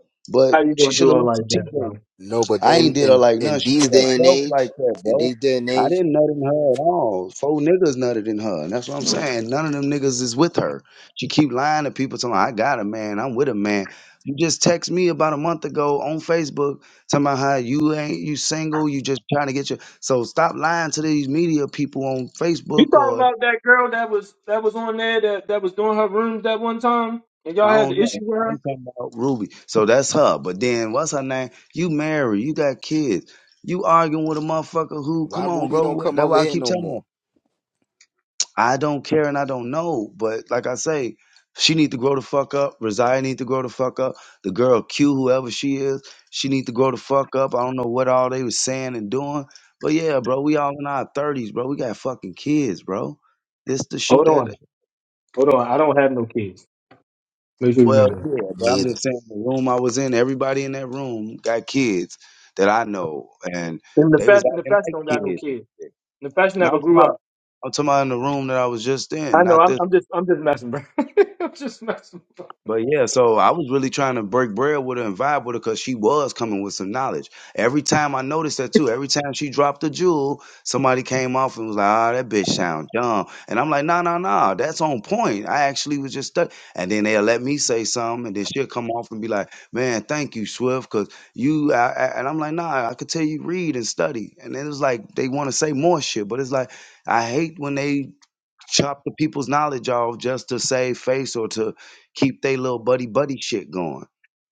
Speaker 5: How
Speaker 1: But
Speaker 5: you
Speaker 1: she
Speaker 5: gonna
Speaker 1: should
Speaker 5: do
Speaker 1: have
Speaker 5: it
Speaker 1: left some
Speaker 5: like
Speaker 1: teeth
Speaker 5: that,
Speaker 1: on.
Speaker 5: bro?
Speaker 8: no, but
Speaker 1: I
Speaker 8: in
Speaker 1: ain't did her
Speaker 8: in
Speaker 1: like nothing.
Speaker 8: in
Speaker 1: She
Speaker 8: these
Speaker 1: did
Speaker 8: day and
Speaker 1: herself
Speaker 8: age,
Speaker 1: like that,
Speaker 8: in
Speaker 1: bro.
Speaker 8: these day and
Speaker 1: I
Speaker 8: age,
Speaker 1: didn't nut in her at all. Four niggas nutted in her. And that's what I'm saying. None of them niggas is with her. She keep lying to people telling me, I got a man, I'm with a man. You just text me about a month ago on Facebook talking about how you ain't you single, you just trying to get your so stop lying to these media people on
Speaker 5: You
Speaker 1: Facebook
Speaker 5: talking
Speaker 1: or
Speaker 5: about that girl that was that was on there that, that was doing her rooms that one time, and y'all
Speaker 1: I
Speaker 5: had
Speaker 1: don't
Speaker 5: the
Speaker 1: know.
Speaker 5: issue with her?
Speaker 1: I'm talking about Ruby. So that's her. But then what's her name? You married. You got kids. You arguing with a motherfucker who? Come
Speaker 8: why
Speaker 1: on,
Speaker 8: Ruby
Speaker 1: bro.
Speaker 8: don't
Speaker 1: What-
Speaker 8: come
Speaker 1: That's
Speaker 8: over
Speaker 1: why I
Speaker 8: here
Speaker 1: keep
Speaker 8: no
Speaker 1: telling her.
Speaker 8: more?
Speaker 1: I don't care and I don't know. But like I say, she need to grow the fuck up. Resiah need to grow the fuck up. The girl Q, whoever she is, she need to grow the fuck up. I don't know what all they was saying and doing. But yeah, bro, we all in our thirties, bro. We got fucking kids, bro. This the shit
Speaker 5: Hold on,
Speaker 1: that
Speaker 5: hold on. I don't have no kids. Make sure you
Speaker 1: Well,
Speaker 5: remember that.
Speaker 1: yeah, but I'm
Speaker 8: Neither.
Speaker 1: just saying the room I was in, everybody in that room got kids that I know, and
Speaker 5: And the
Speaker 1: they was
Speaker 5: fest the
Speaker 1: acting
Speaker 5: Nefesh
Speaker 1: like
Speaker 5: don't got no
Speaker 1: kids.
Speaker 5: kids. The fashion
Speaker 1: Now I'm
Speaker 5: never
Speaker 1: talking
Speaker 5: grew
Speaker 1: about,
Speaker 5: up.
Speaker 1: I'm talking about in the room that I was just in,
Speaker 5: I know.
Speaker 1: not
Speaker 5: I'm,
Speaker 1: this.
Speaker 5: I'm just I'm just messing, bro. I'm just messing, bro.
Speaker 1: But yeah, so I was really trying to break bread with her and vibe with her because she was coming with some knowledge. Every time I noticed that too, every time she dropped a jewel, somebody came off and was like, ah, that bitch sound dumb. And I'm like, nah, nah, nah, that's on point. I actually was just stuck. And then they'll let me say something and then she'll come off and be like, man, thank you, Swift, because you, I, I- and I'm like, nah, I could tell you read and study. And then it was like, they want to say more shit, but it's like, I hate when they chop the people's knowledge off just to save face or to keep they little buddy buddy shit going.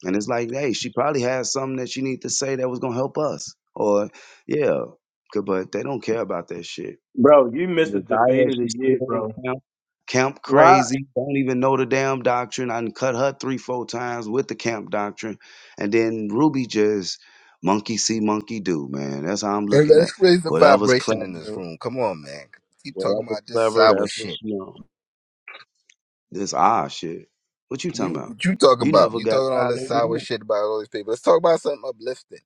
Speaker 1: And it's like, hey, she probably has something that she need to say that was gonna help us. Or yeah, 'cause- but they don't care about that shit.
Speaker 5: Bro, you missed the debate
Speaker 1: Desire,
Speaker 5: of the
Speaker 1: she
Speaker 5: year,
Speaker 1: still
Speaker 5: bro.
Speaker 1: camp, camp
Speaker 5: Why?
Speaker 1: crazy. Don't even know the damn doctrine. I done cut her three, four times with the camp doctrine, and then Ruby just monkey see, monkey do. Man, that's how I'm
Speaker 8: And
Speaker 1: looking
Speaker 8: let's
Speaker 1: at.
Speaker 8: raise the
Speaker 1: Whatever's
Speaker 8: vibration in this
Speaker 1: clever,
Speaker 8: room. Come on, man. Keep talking
Speaker 1: whatever's
Speaker 8: about this
Speaker 1: clever,
Speaker 8: sour
Speaker 1: that's what
Speaker 8: shit.
Speaker 1: she on. This ah shit. What you talking
Speaker 8: You
Speaker 1: about?
Speaker 8: what you talking
Speaker 1: You
Speaker 8: about?
Speaker 1: never
Speaker 8: You
Speaker 1: got
Speaker 8: talking all this sour
Speaker 1: violated.
Speaker 8: shit about all these people. Let's talk about something uplifting.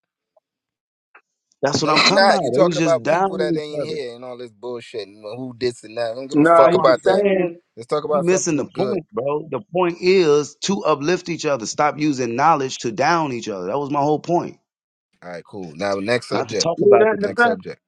Speaker 1: That's
Speaker 8: No,
Speaker 1: what I'm
Speaker 8: you
Speaker 1: talking about.
Speaker 8: not. You
Speaker 1: They
Speaker 8: talking
Speaker 1: was just
Speaker 8: about people that
Speaker 1: downing each
Speaker 8: ain't
Speaker 1: other.
Speaker 8: here and all this bullshit and who did and that. I don't give a
Speaker 5: Nah,
Speaker 8: fuck
Speaker 1: No,
Speaker 5: he
Speaker 1: I'm
Speaker 5: was
Speaker 8: about that.
Speaker 1: saying
Speaker 5: saying
Speaker 8: Let's talk
Speaker 1: you
Speaker 8: about
Speaker 1: missing the
Speaker 8: something good.
Speaker 1: point, bro. The point is to uplift each other. Stop using knowledge to down each other. That was my whole point.
Speaker 8: All right, cool. Now next
Speaker 1: Not to
Speaker 8: subject.
Speaker 1: talk
Speaker 5: you hear
Speaker 1: about
Speaker 5: that
Speaker 1: the,
Speaker 5: in the
Speaker 8: Next
Speaker 5: past.
Speaker 8: subject.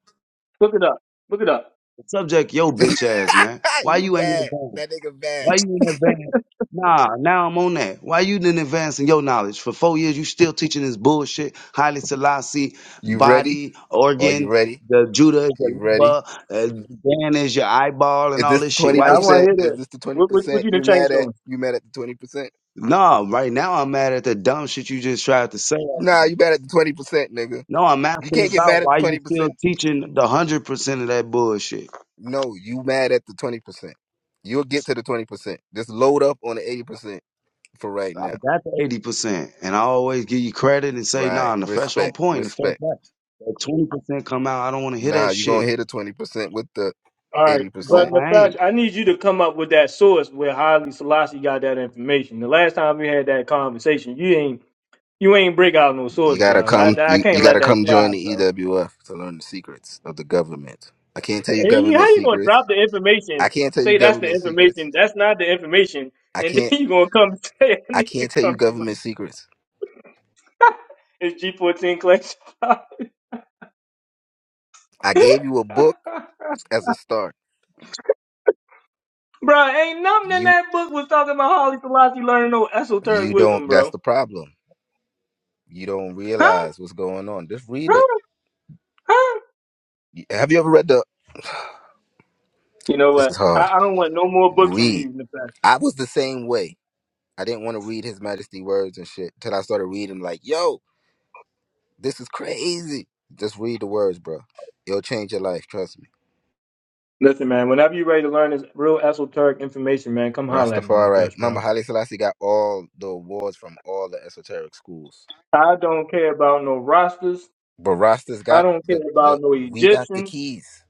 Speaker 5: Look it up. Look it up.
Speaker 1: the subject, yo, bitch ass, man. Why
Speaker 8: you
Speaker 1: you ain't
Speaker 8: bad.
Speaker 1: advanced?
Speaker 8: That nigga bad.
Speaker 1: Why you in advance? Nah, now I'm on that. Why you didn't advance in your knowledge? For four years, you still teaching this bullshit. Haile Selassie,
Speaker 8: You ready?
Speaker 1: body,
Speaker 8: Are you
Speaker 1: organ,
Speaker 8: ready?
Speaker 1: the Judah is your
Speaker 8: You ready?
Speaker 1: liver, uh, Dan is your eyeball, and
Speaker 8: Is
Speaker 1: all
Speaker 8: this the
Speaker 1: this shit.
Speaker 8: twenty
Speaker 5: Yeah,
Speaker 1: Why
Speaker 5: I
Speaker 1: you?
Speaker 5: want to
Speaker 8: percent?
Speaker 5: hear
Speaker 8: Is
Speaker 5: this.
Speaker 8: this the twenty
Speaker 5: What what, what
Speaker 8: percent
Speaker 5: you the
Speaker 8: you mad
Speaker 5: change
Speaker 8: at?
Speaker 5: doing?
Speaker 8: You mad at the twenty percent?
Speaker 1: No, right now I'm mad at the dumb shit you just tried to say.
Speaker 8: Nah, you mad at the twenty percent, nigga.
Speaker 1: No, I'm
Speaker 8: You
Speaker 1: asking
Speaker 8: can't get
Speaker 1: about
Speaker 8: mad at
Speaker 1: why
Speaker 8: the
Speaker 1: you
Speaker 8: twenty
Speaker 1: still
Speaker 8: percent.
Speaker 1: teaching the hundred percent of that bullshit.
Speaker 8: No, you mad at the twenty percent. You'll get to the twenty percent. Just load up on the eighty percent for right
Speaker 1: I
Speaker 8: now.
Speaker 1: got the eighty percent, and I always give you credit and say,
Speaker 8: Right.
Speaker 1: nah, the on
Speaker 8: Respect.
Speaker 1: point, the fact
Speaker 8: Respect.
Speaker 1: that twenty percent come out, I don't want to hear
Speaker 8: Nah,
Speaker 1: that
Speaker 8: you gonna
Speaker 1: shit.
Speaker 8: hit the twenty percent with the
Speaker 5: All right,
Speaker 8: 80%.
Speaker 5: but
Speaker 1: No, I
Speaker 5: Nefesh,
Speaker 1: ain't.
Speaker 5: I need you to come up with that source where Haile Selassie got that information. The last time we had that conversation, you ain't you ain't break out no
Speaker 8: You
Speaker 5: source,
Speaker 8: gotta
Speaker 5: bro.
Speaker 8: come.
Speaker 5: I, I
Speaker 8: You, you
Speaker 5: can't let
Speaker 8: gotta
Speaker 5: that
Speaker 8: come join
Speaker 5: slide,
Speaker 8: the
Speaker 5: bro.
Speaker 8: EWF to learn the secrets of the government. I can't tell you
Speaker 5: You-
Speaker 8: government
Speaker 5: How you gonna
Speaker 8: secrets.
Speaker 5: drop the
Speaker 8: I
Speaker 5: information?
Speaker 8: can't tell you
Speaker 5: Say that's the
Speaker 8: government secrets.
Speaker 5: information. That's not the information.
Speaker 8: I
Speaker 5: And then
Speaker 8: can't.
Speaker 5: you gonna come and say I
Speaker 8: I
Speaker 5: need to
Speaker 8: can't tell you
Speaker 5: come. to my-
Speaker 8: government secrets.
Speaker 5: It's G fourteen class. bro,
Speaker 8: I gave you a book as a start.
Speaker 5: ain't nothing in
Speaker 8: You
Speaker 5: that book was talking about Holly Selassie learning no esoteric
Speaker 8: you
Speaker 5: wisdom,
Speaker 8: don't. That's
Speaker 5: bro.
Speaker 8: the problem. You don't
Speaker 5: Huh?
Speaker 8: realize what's going on. Just read it.
Speaker 5: Huh? Huh?
Speaker 8: Have you ever read the?
Speaker 5: You know
Speaker 8: This
Speaker 5: what?
Speaker 8: is
Speaker 5: I,
Speaker 8: hard.
Speaker 5: I don't want no more books from
Speaker 8: Read.
Speaker 5: you, Nefesh.
Speaker 8: I was the same way. I didn't want to read His Majesty words and shit until I started reading. Like yo. This is crazy. Just read the words, bro. It'll change your life, trust me.
Speaker 5: Listen, man. Whenever you're ready to learn this real esoteric information, man, come holler at me,
Speaker 8: Rastafari.
Speaker 5: Nefesh,
Speaker 8: Remember,
Speaker 5: bro.
Speaker 8: Haile Selassie got all the awards from all the esoteric schools.
Speaker 5: I don't care about no rosters.
Speaker 8: But Rasta's
Speaker 5: I
Speaker 8: got
Speaker 5: don't care
Speaker 8: the, the
Speaker 5: about no
Speaker 8: we got the
Speaker 5: Egyptians.
Speaker 8: keys.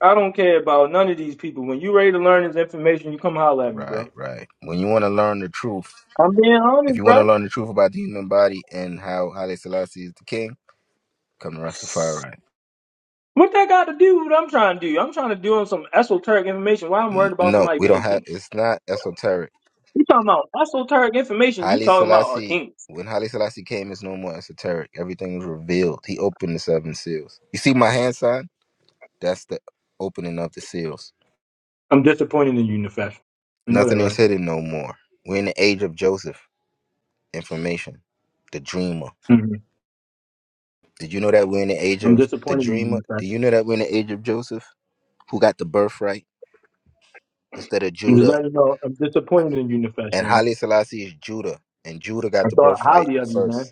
Speaker 5: I don't care about none of these people. When you ready to learn this information, you come holler at me,
Speaker 8: Right,
Speaker 5: bro.
Speaker 8: right. When you want to learn the truth,
Speaker 5: I'm being
Speaker 8: if
Speaker 5: honest,
Speaker 8: you want to
Speaker 5: bro.
Speaker 8: learn the truth about the human body and how Haile Selassie is the king, come to Rastafari.
Speaker 5: What that got to do with what I'm trying to do? I'm trying to do on some esoteric information. Why I'm
Speaker 8: N-
Speaker 5: worried about
Speaker 8: no,
Speaker 5: somebody
Speaker 8: we don't
Speaker 5: being
Speaker 8: have.
Speaker 5: king?
Speaker 8: It's not esoteric.
Speaker 5: You talking about esoteric information? You
Speaker 8: Haile
Speaker 5: talking about a
Speaker 8: Selassie,
Speaker 5: king?
Speaker 8: when Haile Selassie came, it's no more esoteric. Everything was revealed. He opened the seven seals. You see my hand sign? That's the opening of the seals.
Speaker 5: I'm disappointed in you, Nefesh. You know that,
Speaker 8: Nothing is
Speaker 5: right?
Speaker 8: hidden no more. We're in the age of Joseph. Information. The dreamer.
Speaker 5: hmm
Speaker 8: Did you know that we're in the age
Speaker 5: I'm
Speaker 8: of the
Speaker 5: disappointed in
Speaker 8: dreamer?
Speaker 5: you, Nefesh.
Speaker 8: Do you know that we're in the age of Joseph? Who got the birthright instead of
Speaker 5: I'm just
Speaker 8: Judah?
Speaker 5: letting you know. I'm disappointed in you, Nefesh,
Speaker 8: And
Speaker 5: man.
Speaker 8: Haile Selassie is Judah. And Judah got
Speaker 5: I
Speaker 8: the
Speaker 5: thought
Speaker 8: birthright
Speaker 5: highly of you,
Speaker 8: first.
Speaker 5: man.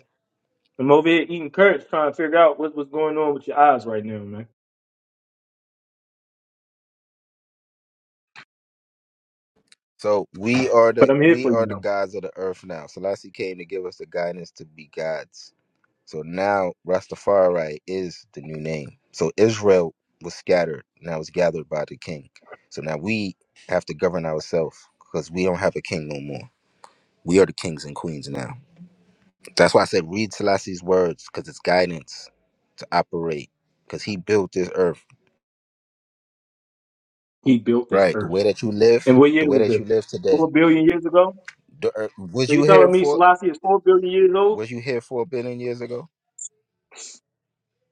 Speaker 5: I'm over here eating curds, trying to figure out what's what's going on with your eyes right now, man.
Speaker 8: So we are
Speaker 5: But
Speaker 8: the
Speaker 5: I'm here
Speaker 8: we
Speaker 5: for you,
Speaker 8: are the
Speaker 5: though.
Speaker 8: gods of the earth now. Selassie came to give us the guidance to be gods. So now Rastafari is the new name. So Israel was scattered, now it's gathered by the king. So now we have to govern ourselves because we don't have a king no more. We are the kings and queens now. That's why I said read Selassie's words because it's guidance to operate because he built this earth.
Speaker 5: He built this
Speaker 8: Right. The
Speaker 5: earth.
Speaker 8: way that you live,
Speaker 5: And what
Speaker 8: the
Speaker 5: year
Speaker 8: way
Speaker 5: was
Speaker 8: that
Speaker 5: this?
Speaker 8: you live today.
Speaker 5: Four billion years ago?
Speaker 8: The earth, was
Speaker 5: So
Speaker 8: you
Speaker 5: you
Speaker 8: here
Speaker 5: telling me
Speaker 8: for?
Speaker 5: Selassie is four billion years old?
Speaker 8: Was you here four billion years ago?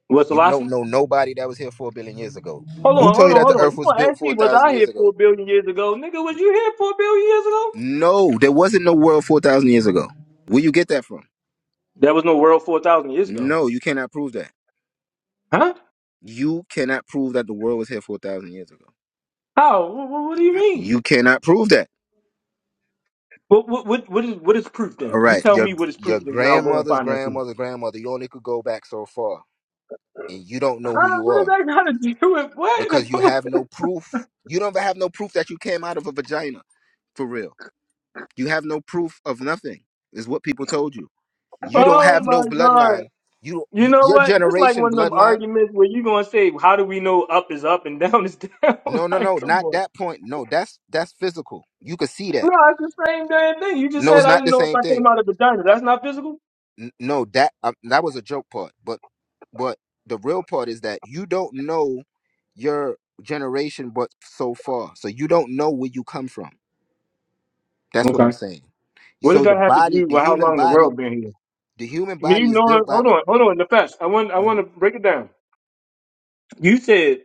Speaker 5: Was
Speaker 8: You don't
Speaker 5: Selassie?
Speaker 8: know nobody that was here four billion years ago.
Speaker 5: Hold
Speaker 8: Who
Speaker 5: on,
Speaker 8: told
Speaker 5: hold
Speaker 8: you
Speaker 5: on,
Speaker 8: that the
Speaker 5: hold on.
Speaker 8: earth
Speaker 5: You
Speaker 8: was
Speaker 5: want to
Speaker 8: built
Speaker 5: ask
Speaker 8: four
Speaker 5: me was
Speaker 8: thousand
Speaker 5: I
Speaker 8: years
Speaker 5: here
Speaker 8: ago?
Speaker 5: four billion years ago? Nigga, was you here four billion years ago?
Speaker 8: No, there wasn't no world four thousand years ago. Where you get that from?
Speaker 5: There was no world four thousand years ago.
Speaker 8: No, you cannot prove that.
Speaker 5: Huh?
Speaker 8: You cannot prove that the world was here four thousand years ago.
Speaker 5: How? What, what do you mean?
Speaker 8: You cannot prove that.
Speaker 5: What, what what what is what is proof
Speaker 8: All
Speaker 5: then? You
Speaker 8: right,
Speaker 5: tell
Speaker 8: your
Speaker 5: me what is proof
Speaker 8: your
Speaker 5: then now go and
Speaker 8: grandmother's
Speaker 5: find that proof.
Speaker 8: grandmother's grandmother. You only could go back so far, and you don't know who
Speaker 5: Huh?
Speaker 8: you
Speaker 5: What is
Speaker 8: are
Speaker 5: that gotta do with
Speaker 8: because you
Speaker 5: what?
Speaker 8: have no proof. You don't have no proof that you came out of a vagina, for real. You have no proof of nothing, is what people told you. You don't
Speaker 5: oh
Speaker 8: have no
Speaker 5: my god.
Speaker 8: bloodline. You,
Speaker 5: You
Speaker 8: you
Speaker 5: know
Speaker 8: your
Speaker 5: what? This like
Speaker 8: generation
Speaker 5: one of them
Speaker 8: bloodline.
Speaker 5: arguments where you gonna say, "How do we know up is up and down is down?"
Speaker 8: No, no,
Speaker 5: like,
Speaker 8: no,
Speaker 5: come
Speaker 8: not
Speaker 5: on.
Speaker 8: that point. No, that's that's physical. You could see
Speaker 5: No,
Speaker 8: that.
Speaker 5: it's the same damn thing. You just
Speaker 8: No,
Speaker 5: said
Speaker 8: it's
Speaker 5: I
Speaker 8: not
Speaker 5: didn't
Speaker 8: the
Speaker 5: know if
Speaker 8: same
Speaker 5: I
Speaker 8: thing.
Speaker 5: came out of vagina. That's not physical.
Speaker 8: N- no, that um, that was a joke part, but but the real part is that you don't know your generation, but so far, so you don't know where you come from. That's what I'm
Speaker 5: Okay.
Speaker 8: saying.
Speaker 5: What does
Speaker 8: So the
Speaker 5: that have to
Speaker 8: body,
Speaker 5: do
Speaker 8: the
Speaker 5: with how
Speaker 8: human
Speaker 5: long the
Speaker 8: body,
Speaker 5: world been here?
Speaker 8: the human
Speaker 5: Me
Speaker 8: body is
Speaker 5: knowing.
Speaker 8: built by
Speaker 5: Hold
Speaker 8: the.
Speaker 5: on, hold on. The past. I want. I want
Speaker 8: Mhm.
Speaker 5: to break it down. You said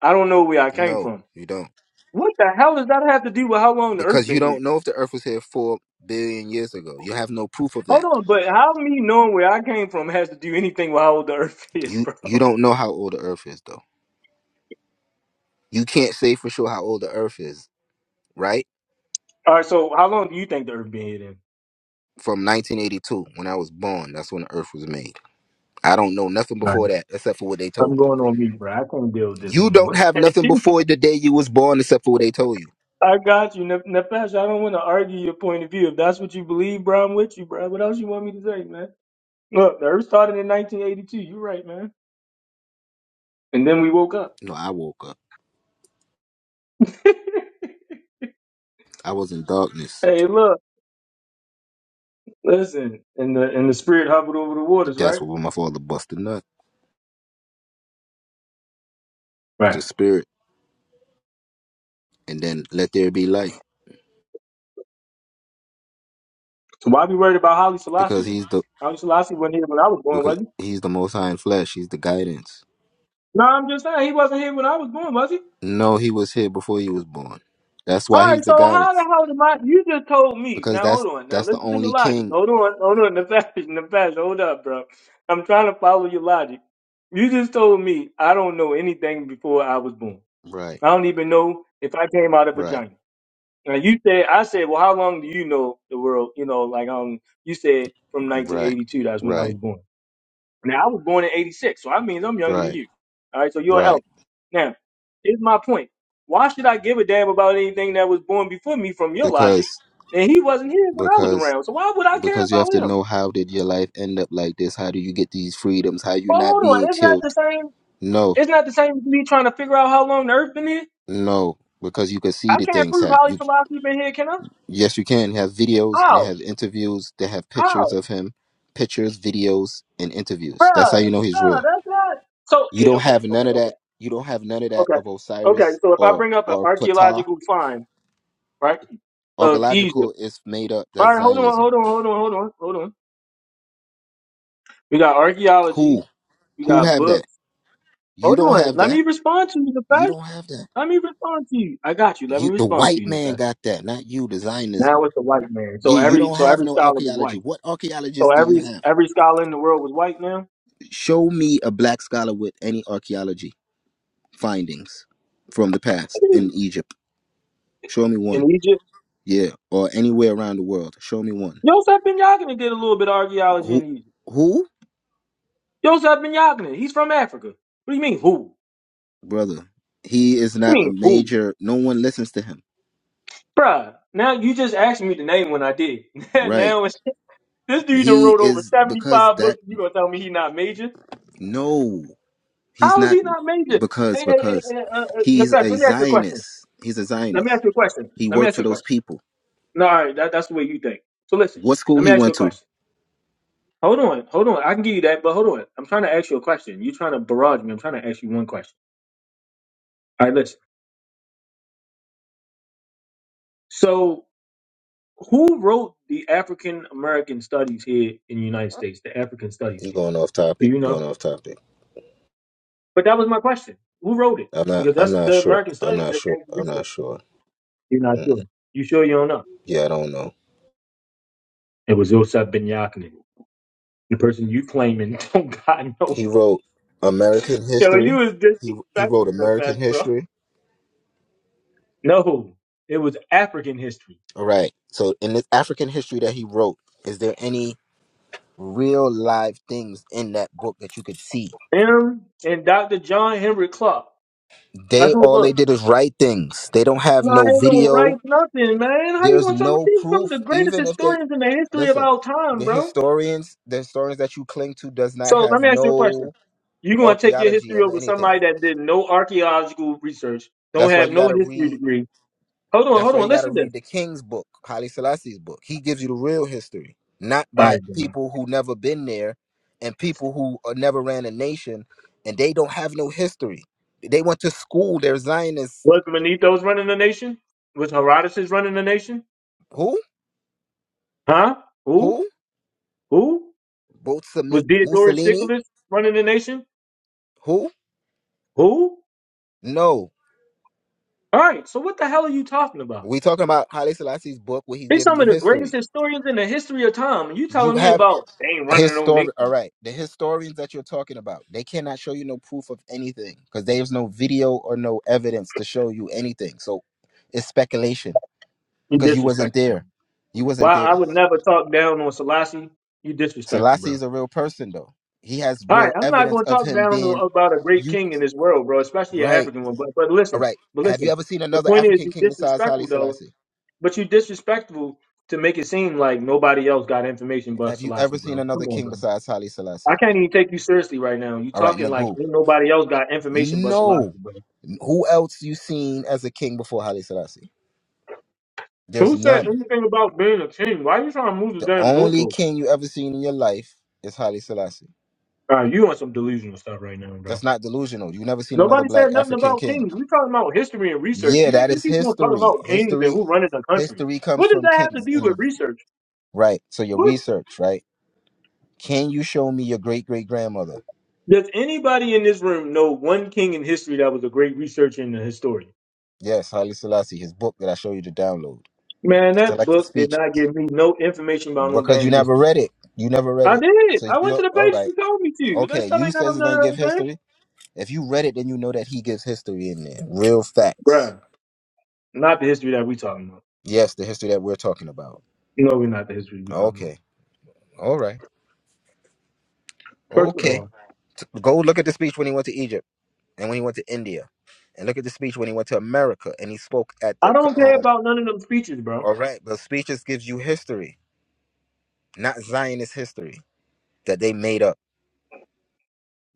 Speaker 5: I don't know where I came
Speaker 8: No,
Speaker 5: from.
Speaker 8: you don't.
Speaker 5: What the hell does that have to do with how long the Earth
Speaker 8: because you
Speaker 5: been here?
Speaker 8: don't know if the earth was here four billion years ago you have no proof of
Speaker 5: Hold
Speaker 8: that
Speaker 5: on, but how me knowing where I came from has to do anything with how old the Earth is,
Speaker 8: you
Speaker 5: bro?
Speaker 8: you
Speaker 5: All
Speaker 8: don't know how old the earth is though you can't say for sure how old the earth is right
Speaker 5: right. So how long do you think the Earth been here then?
Speaker 8: from 1982 when i was born that's when the earth was made i don't know nothing before that except for what they told
Speaker 5: I'm
Speaker 8: me
Speaker 5: going on mute, bro. I can't deal with this no
Speaker 8: you don't
Speaker 5: more.
Speaker 8: have nothing
Speaker 5: I
Speaker 8: before the day you was born except for what they told you
Speaker 5: got you, Nef- Nefesh. I don't want to argue your point of view. If that's what you believe, bro, I'm with you, bro. What else you want me to say, man? Look, the Earth started in 1982. You're right, man. And then we woke up.
Speaker 8: no i woke up i was in darkness
Speaker 5: hey, look, listen. And the and the spirit hovered over the waters,
Speaker 8: that's
Speaker 5: right?
Speaker 8: what my father busted nut the
Speaker 5: Right.
Speaker 8: spirit and then let there be light
Speaker 5: So why be worried about Holly Selassie
Speaker 8: because
Speaker 5: then?
Speaker 8: he's the
Speaker 5: Holly Selassie wasn't here when I was born,
Speaker 8: because
Speaker 5: was he?
Speaker 8: he's the most high in flesh he's the guidance
Speaker 5: No, I'm just saying he wasn't here when I was born, was he?
Speaker 8: No, he was here before he was born. That's
Speaker 5: All
Speaker 8: why he's
Speaker 5: right,
Speaker 8: the
Speaker 5: so how the
Speaker 8: goddess.
Speaker 5: hell am I? You just told me.
Speaker 8: Because
Speaker 5: Now
Speaker 8: that's
Speaker 5: hold on. Now
Speaker 8: that's the
Speaker 5: listen to your
Speaker 8: only
Speaker 5: logic.
Speaker 8: king.
Speaker 5: Hold on. Hold on. The fashion. The fashion. Hold up, bro. I'm trying to follow your logic. You just told me I don't know anything before I was born.
Speaker 8: Right,
Speaker 5: I don't even know if I came out of a
Speaker 8: right,
Speaker 5: vagina. Now you said I said, well, how long do you know the world? You know, like um, you said from
Speaker 8: right,
Speaker 5: 1982. That's when I was
Speaker 8: right,
Speaker 5: born. Now I was born in '86, so that means I'm younger than
Speaker 8: right,
Speaker 5: you. All right, so you're an
Speaker 8: right.
Speaker 5: elder. Now, here's my point: Why should I give a damn about anything that was born before me? From your logic,
Speaker 8: Because
Speaker 5: and he wasn't here when I was
Speaker 8: because
Speaker 5: around, so why would I care
Speaker 8: because you
Speaker 5: about
Speaker 8: have to
Speaker 5: him?
Speaker 8: know how did your life end up like this? How do you get these freedoms? How you
Speaker 5: Well,
Speaker 8: not
Speaker 5: hold on,
Speaker 8: being
Speaker 5: it's not the
Speaker 8: killed?
Speaker 5: same.
Speaker 8: No,
Speaker 5: It's not the same as me trying to figure out how long the Earth been here.
Speaker 8: no. Because you can see
Speaker 5: I
Speaker 8: the
Speaker 5: can't
Speaker 8: things
Speaker 5: prove
Speaker 8: happen.
Speaker 5: how long
Speaker 8: You
Speaker 5: has been here, can I?
Speaker 8: yes, you can have videos and they
Speaker 5: How?
Speaker 8: have interviews. They have pictures
Speaker 5: How,
Speaker 8: of him, pictures, videos, and
Speaker 5: bruh?
Speaker 8: interviews. That's how you know he's
Speaker 5: Bruh,
Speaker 8: real.
Speaker 5: that's not. So
Speaker 8: You
Speaker 5: eh,
Speaker 8: don't
Speaker 5: okay,
Speaker 8: have
Speaker 5: okay,
Speaker 8: none of
Speaker 5: okay,
Speaker 8: that. You don't have none of that
Speaker 5: okay,
Speaker 8: of
Speaker 5: okay.
Speaker 8: Osiris
Speaker 5: So if I
Speaker 8: or
Speaker 5: bring up an
Speaker 8: or Ptah.
Speaker 5: archaeological find, right? of Egypt.
Speaker 8: Archaeological is made up.
Speaker 5: All
Speaker 8: That's
Speaker 5: right, hold on,
Speaker 8: Zionism.
Speaker 5: hold on, hold on, hold on, hold on. We got archaeology.
Speaker 8: Who
Speaker 5: We
Speaker 8: who
Speaker 5: got
Speaker 8: have that?
Speaker 5: books.
Speaker 8: You
Speaker 5: Hold
Speaker 8: don't
Speaker 5: on.
Speaker 8: have
Speaker 5: Let
Speaker 8: that.
Speaker 5: me respond to you,
Speaker 8: You
Speaker 5: Nefesh.
Speaker 8: don't have that.
Speaker 5: Let me respond to you. I got you. Let me
Speaker 8: You the
Speaker 5: respond to
Speaker 8: white
Speaker 5: you,
Speaker 8: man
Speaker 5: Nefesh.
Speaker 8: got that, not you. The Zionism.
Speaker 5: Now it's the white man. So
Speaker 8: Yeah, you
Speaker 5: every
Speaker 8: don't
Speaker 5: so
Speaker 8: have
Speaker 5: every
Speaker 8: no
Speaker 5: scholar was
Speaker 8: archaeology.
Speaker 5: white.
Speaker 8: What
Speaker 5: So
Speaker 8: archaeologists do you
Speaker 5: every
Speaker 8: have?
Speaker 5: every scholar in the world was white now.
Speaker 8: Show me a black scholar with any archaeology findings from the past
Speaker 5: Hey,
Speaker 8: in Egypt. Show me one.
Speaker 5: In Egypt,
Speaker 8: Yeah, or anywhere around the world. Show me one.
Speaker 5: Joseph Ben Yagna did a little bit of archaeology
Speaker 8: Who
Speaker 5: in Egypt.
Speaker 8: who?
Speaker 5: Joseph Ben Yagna, he's from Africa. What do you mean who?
Speaker 8: brother. He is
Speaker 5: What do
Speaker 8: not
Speaker 5: you
Speaker 8: a
Speaker 5: mean who?
Speaker 8: major. No one listens to him.
Speaker 5: Bruh, now you just asked me to name one I did.
Speaker 8: Right.
Speaker 5: now This dude done
Speaker 8: He
Speaker 5: wrote over
Speaker 8: is because
Speaker 5: 75
Speaker 8: that.
Speaker 5: books. You gonna tell me he not major?
Speaker 8: No, he's
Speaker 5: How is
Speaker 8: not
Speaker 5: he not major? Hey,
Speaker 8: because
Speaker 5: hey, hey,
Speaker 8: because
Speaker 5: hey, uh, uh,
Speaker 8: he's
Speaker 5: Nefesh,
Speaker 8: a
Speaker 5: let me ask you a question.
Speaker 8: Zionist. He's a
Speaker 5: Let me
Speaker 8: Zionist.
Speaker 5: ask you a question.
Speaker 8: He
Speaker 5: Let me
Speaker 8: worked
Speaker 5: ask
Speaker 8: for
Speaker 5: you a
Speaker 8: those
Speaker 5: question.
Speaker 8: people.
Speaker 5: No, all right, that, that's the way you think. So listen,
Speaker 8: What school
Speaker 5: let me
Speaker 8: he
Speaker 5: ask you
Speaker 8: went
Speaker 5: a
Speaker 8: to?
Speaker 5: question. Hold on, hold on. I can give you that, but hold on. I'm trying to ask you a question. You're trying to barrage me. I'm trying to ask you one question. All right, listen. So who wrote the African American studies here in the United States? The African studies
Speaker 8: You're
Speaker 5: here.
Speaker 8: going off
Speaker 5: Do
Speaker 8: topic.
Speaker 5: you
Speaker 8: You're
Speaker 5: know?
Speaker 8: going off topic.
Speaker 5: But that was my question. Who wrote it?
Speaker 8: I'm not.
Speaker 5: Because
Speaker 8: I'm
Speaker 5: that's
Speaker 8: not
Speaker 5: the
Speaker 8: sure.
Speaker 5: American
Speaker 8: I'm
Speaker 5: studies
Speaker 8: not
Speaker 5: that
Speaker 8: sure.
Speaker 5: came to
Speaker 8: I'm
Speaker 5: research.
Speaker 8: not sure.
Speaker 5: You're not sure.
Speaker 8: Mm-mm.
Speaker 5: You sure you don't know?
Speaker 8: Yeah, I don't know.
Speaker 5: It was Yosef Ben Yakni. The person you claiming don't God know.
Speaker 8: He wrote American
Speaker 5: Yo, you
Speaker 8: history.
Speaker 5: was
Speaker 8: He he
Speaker 5: disrespectful
Speaker 8: wrote
Speaker 5: to the
Speaker 8: American
Speaker 5: fact, bro.
Speaker 8: history.
Speaker 5: No, it was African history.
Speaker 8: All right. So in this African history that he wrote, is there any? real live things in that book that you could see.
Speaker 5: Him and Dr. John Henry Clark. That's
Speaker 8: They
Speaker 5: who it
Speaker 8: all they
Speaker 5: was.
Speaker 8: did is write things. They don't have
Speaker 5: No, I
Speaker 8: no
Speaker 5: ain't gonna write
Speaker 8: video.
Speaker 5: nothing, man. How you
Speaker 8: There's
Speaker 5: gonna tell me
Speaker 8: no
Speaker 5: these some
Speaker 8: proof.
Speaker 5: of the greatest
Speaker 8: Even if they
Speaker 5: historians in the history of
Speaker 8: listen,
Speaker 5: our time,
Speaker 8: the
Speaker 5: bro?
Speaker 8: historians, the historians that you cling to does
Speaker 5: So
Speaker 8: not
Speaker 5: let
Speaker 8: have
Speaker 5: me ask you a question.
Speaker 8: no
Speaker 5: You gonna take your
Speaker 8: archaeology
Speaker 5: history
Speaker 8: of
Speaker 5: over
Speaker 8: anything.
Speaker 5: somebody that did no archaeological research, don't
Speaker 8: That's why
Speaker 5: have
Speaker 8: you
Speaker 5: no
Speaker 8: gotta
Speaker 5: history
Speaker 8: read
Speaker 5: degree. Hold on,
Speaker 8: That's
Speaker 5: hold
Speaker 8: why
Speaker 5: on,
Speaker 8: you got to
Speaker 5: listen to this.
Speaker 8: read the king's book, Haile Selassie's book. He gives you the real history, not
Speaker 5: All
Speaker 8: by
Speaker 5: right,
Speaker 8: people who never been there and people who uh, never ran a nation and they don't have no history. They went to school. They're Zionists.
Speaker 5: Was Manito's running the nation? Was Herodotus running the nation?
Speaker 8: Who?
Speaker 5: Huh? Who?
Speaker 8: Who?
Speaker 5: Who? Was
Speaker 8: Botsami-
Speaker 5: Diodorus
Speaker 8: Mussolini?
Speaker 5: Siculus running the nation?
Speaker 8: Who?
Speaker 5: Who?
Speaker 8: No.
Speaker 5: All right, so what the hell are you talking about?
Speaker 8: We talking about Haile Selassie's book where he's
Speaker 5: They
Speaker 8: giving
Speaker 5: some
Speaker 8: you
Speaker 5: of the
Speaker 8: history.
Speaker 5: greatest historians in the history of time. and You
Speaker 8: You
Speaker 5: telling me
Speaker 8: have
Speaker 5: about they ain't running no
Speaker 8: Historic. All
Speaker 5: nation.
Speaker 8: right. The historians that you're talking about, they cannot show you no proof of anything because there's no video or no evidence to show you anything. So it's speculation
Speaker 5: You
Speaker 8: because you wasn't
Speaker 5: disrespectful.
Speaker 8: there. You wasn't
Speaker 5: Well, I
Speaker 8: there.
Speaker 5: would never talk down on Selassie. You disrespectful,
Speaker 8: Selassie
Speaker 5: bro.
Speaker 8: is a real person though. He has
Speaker 5: All right,
Speaker 8: real
Speaker 5: I'm not
Speaker 8: evidence
Speaker 5: going to
Speaker 8: of
Speaker 5: talk
Speaker 8: him
Speaker 5: down
Speaker 8: being
Speaker 5: on- about a great
Speaker 8: you.
Speaker 5: king in this world, bro, especially an
Speaker 8: Right.
Speaker 5: African one. But but
Speaker 8: All
Speaker 5: listen,
Speaker 8: right.
Speaker 5: but
Speaker 8: Have you
Speaker 5: listen.
Speaker 8: ever seen
Speaker 5: The
Speaker 8: another
Speaker 5: point is,
Speaker 8: African
Speaker 5: you
Speaker 8: king besides Haile
Speaker 5: disrespectful though
Speaker 8: Selassie?
Speaker 5: But you disrespectful to make it seem like nobody else got information but
Speaker 8: Have you
Speaker 5: Selassie,
Speaker 8: ever seen
Speaker 5: bro. Come
Speaker 8: another
Speaker 5: on,
Speaker 8: king
Speaker 5: bro.
Speaker 8: besides Haile
Speaker 5: I
Speaker 8: Selassie?
Speaker 5: can't even take you seriously right now. You
Speaker 8: All right,
Speaker 5: talking like
Speaker 8: Nagu.
Speaker 5: ain't nobody else got information but Selassie,
Speaker 8: No.
Speaker 5: bro.
Speaker 8: Who else you seen as a king before Haile Selassie? There's
Speaker 5: Who said
Speaker 8: none.
Speaker 5: anything about being a king? Why you trying to move the
Speaker 8: The
Speaker 5: damn
Speaker 8: only
Speaker 5: goalpost?
Speaker 8: king you ever seen in your life is Haile Selassie.
Speaker 5: Uh, you on some delusional stuff right now, bro.
Speaker 8: That's not delusional. You never seen another
Speaker 5: Nobody said
Speaker 8: black
Speaker 5: nothing
Speaker 8: African
Speaker 5: about
Speaker 8: king.
Speaker 5: kings. We talking about history and research.
Speaker 8: Yeah,
Speaker 5: You
Speaker 8: that
Speaker 5: niggas you
Speaker 8: is
Speaker 5: keep on talking
Speaker 8: history.
Speaker 5: about kings and
Speaker 8: History
Speaker 5: who running the country.
Speaker 8: history comes
Speaker 5: What does
Speaker 8: from
Speaker 5: that have
Speaker 8: kings
Speaker 5: to do
Speaker 8: In
Speaker 5: with
Speaker 8: the
Speaker 5: research?
Speaker 8: right. So your
Speaker 5: What
Speaker 8: research, right? Can you show me your great great grandmother?
Speaker 5: does anybody in this room know one king in history that was a great researcher and a historian?
Speaker 8: Yes, Haile Selassie, his book that I show you to download.
Speaker 5: Man, that
Speaker 8: Selected
Speaker 5: book did
Speaker 8: speeches.
Speaker 5: not give me no information about no
Speaker 8: Because you
Speaker 5: damn
Speaker 8: never
Speaker 5: history.
Speaker 8: read it. You never read
Speaker 5: I
Speaker 8: it.
Speaker 5: did.
Speaker 8: So you
Speaker 5: I went to
Speaker 8: don't-
Speaker 5: the
Speaker 8: all
Speaker 5: page
Speaker 8: right.
Speaker 5: you told me to. That
Speaker 8: Okay,
Speaker 5: stuff
Speaker 8: you
Speaker 5: ain't got no
Speaker 8: says it doesn't give
Speaker 5: no, no, no.
Speaker 8: history. If you read it, then you know that he gives history in there. Real facts.
Speaker 5: Bruh, not the history that we talking about.
Speaker 8: Yes, the history that we're talking about.
Speaker 5: No, we're not the history we talking about.
Speaker 8: Okay. All right.
Speaker 5: First of
Speaker 8: Okay.
Speaker 5: all,
Speaker 8: T- Go look at the speech when he went to Egypt and when he went to India, and look at the speech when he went to America and he spoke at
Speaker 5: I
Speaker 8: the.
Speaker 5: don't
Speaker 8: co-
Speaker 5: care
Speaker 8: Um,
Speaker 5: about none of them speeches, bro.
Speaker 8: all right, but speeches gives you history, not Zionist history that they made up.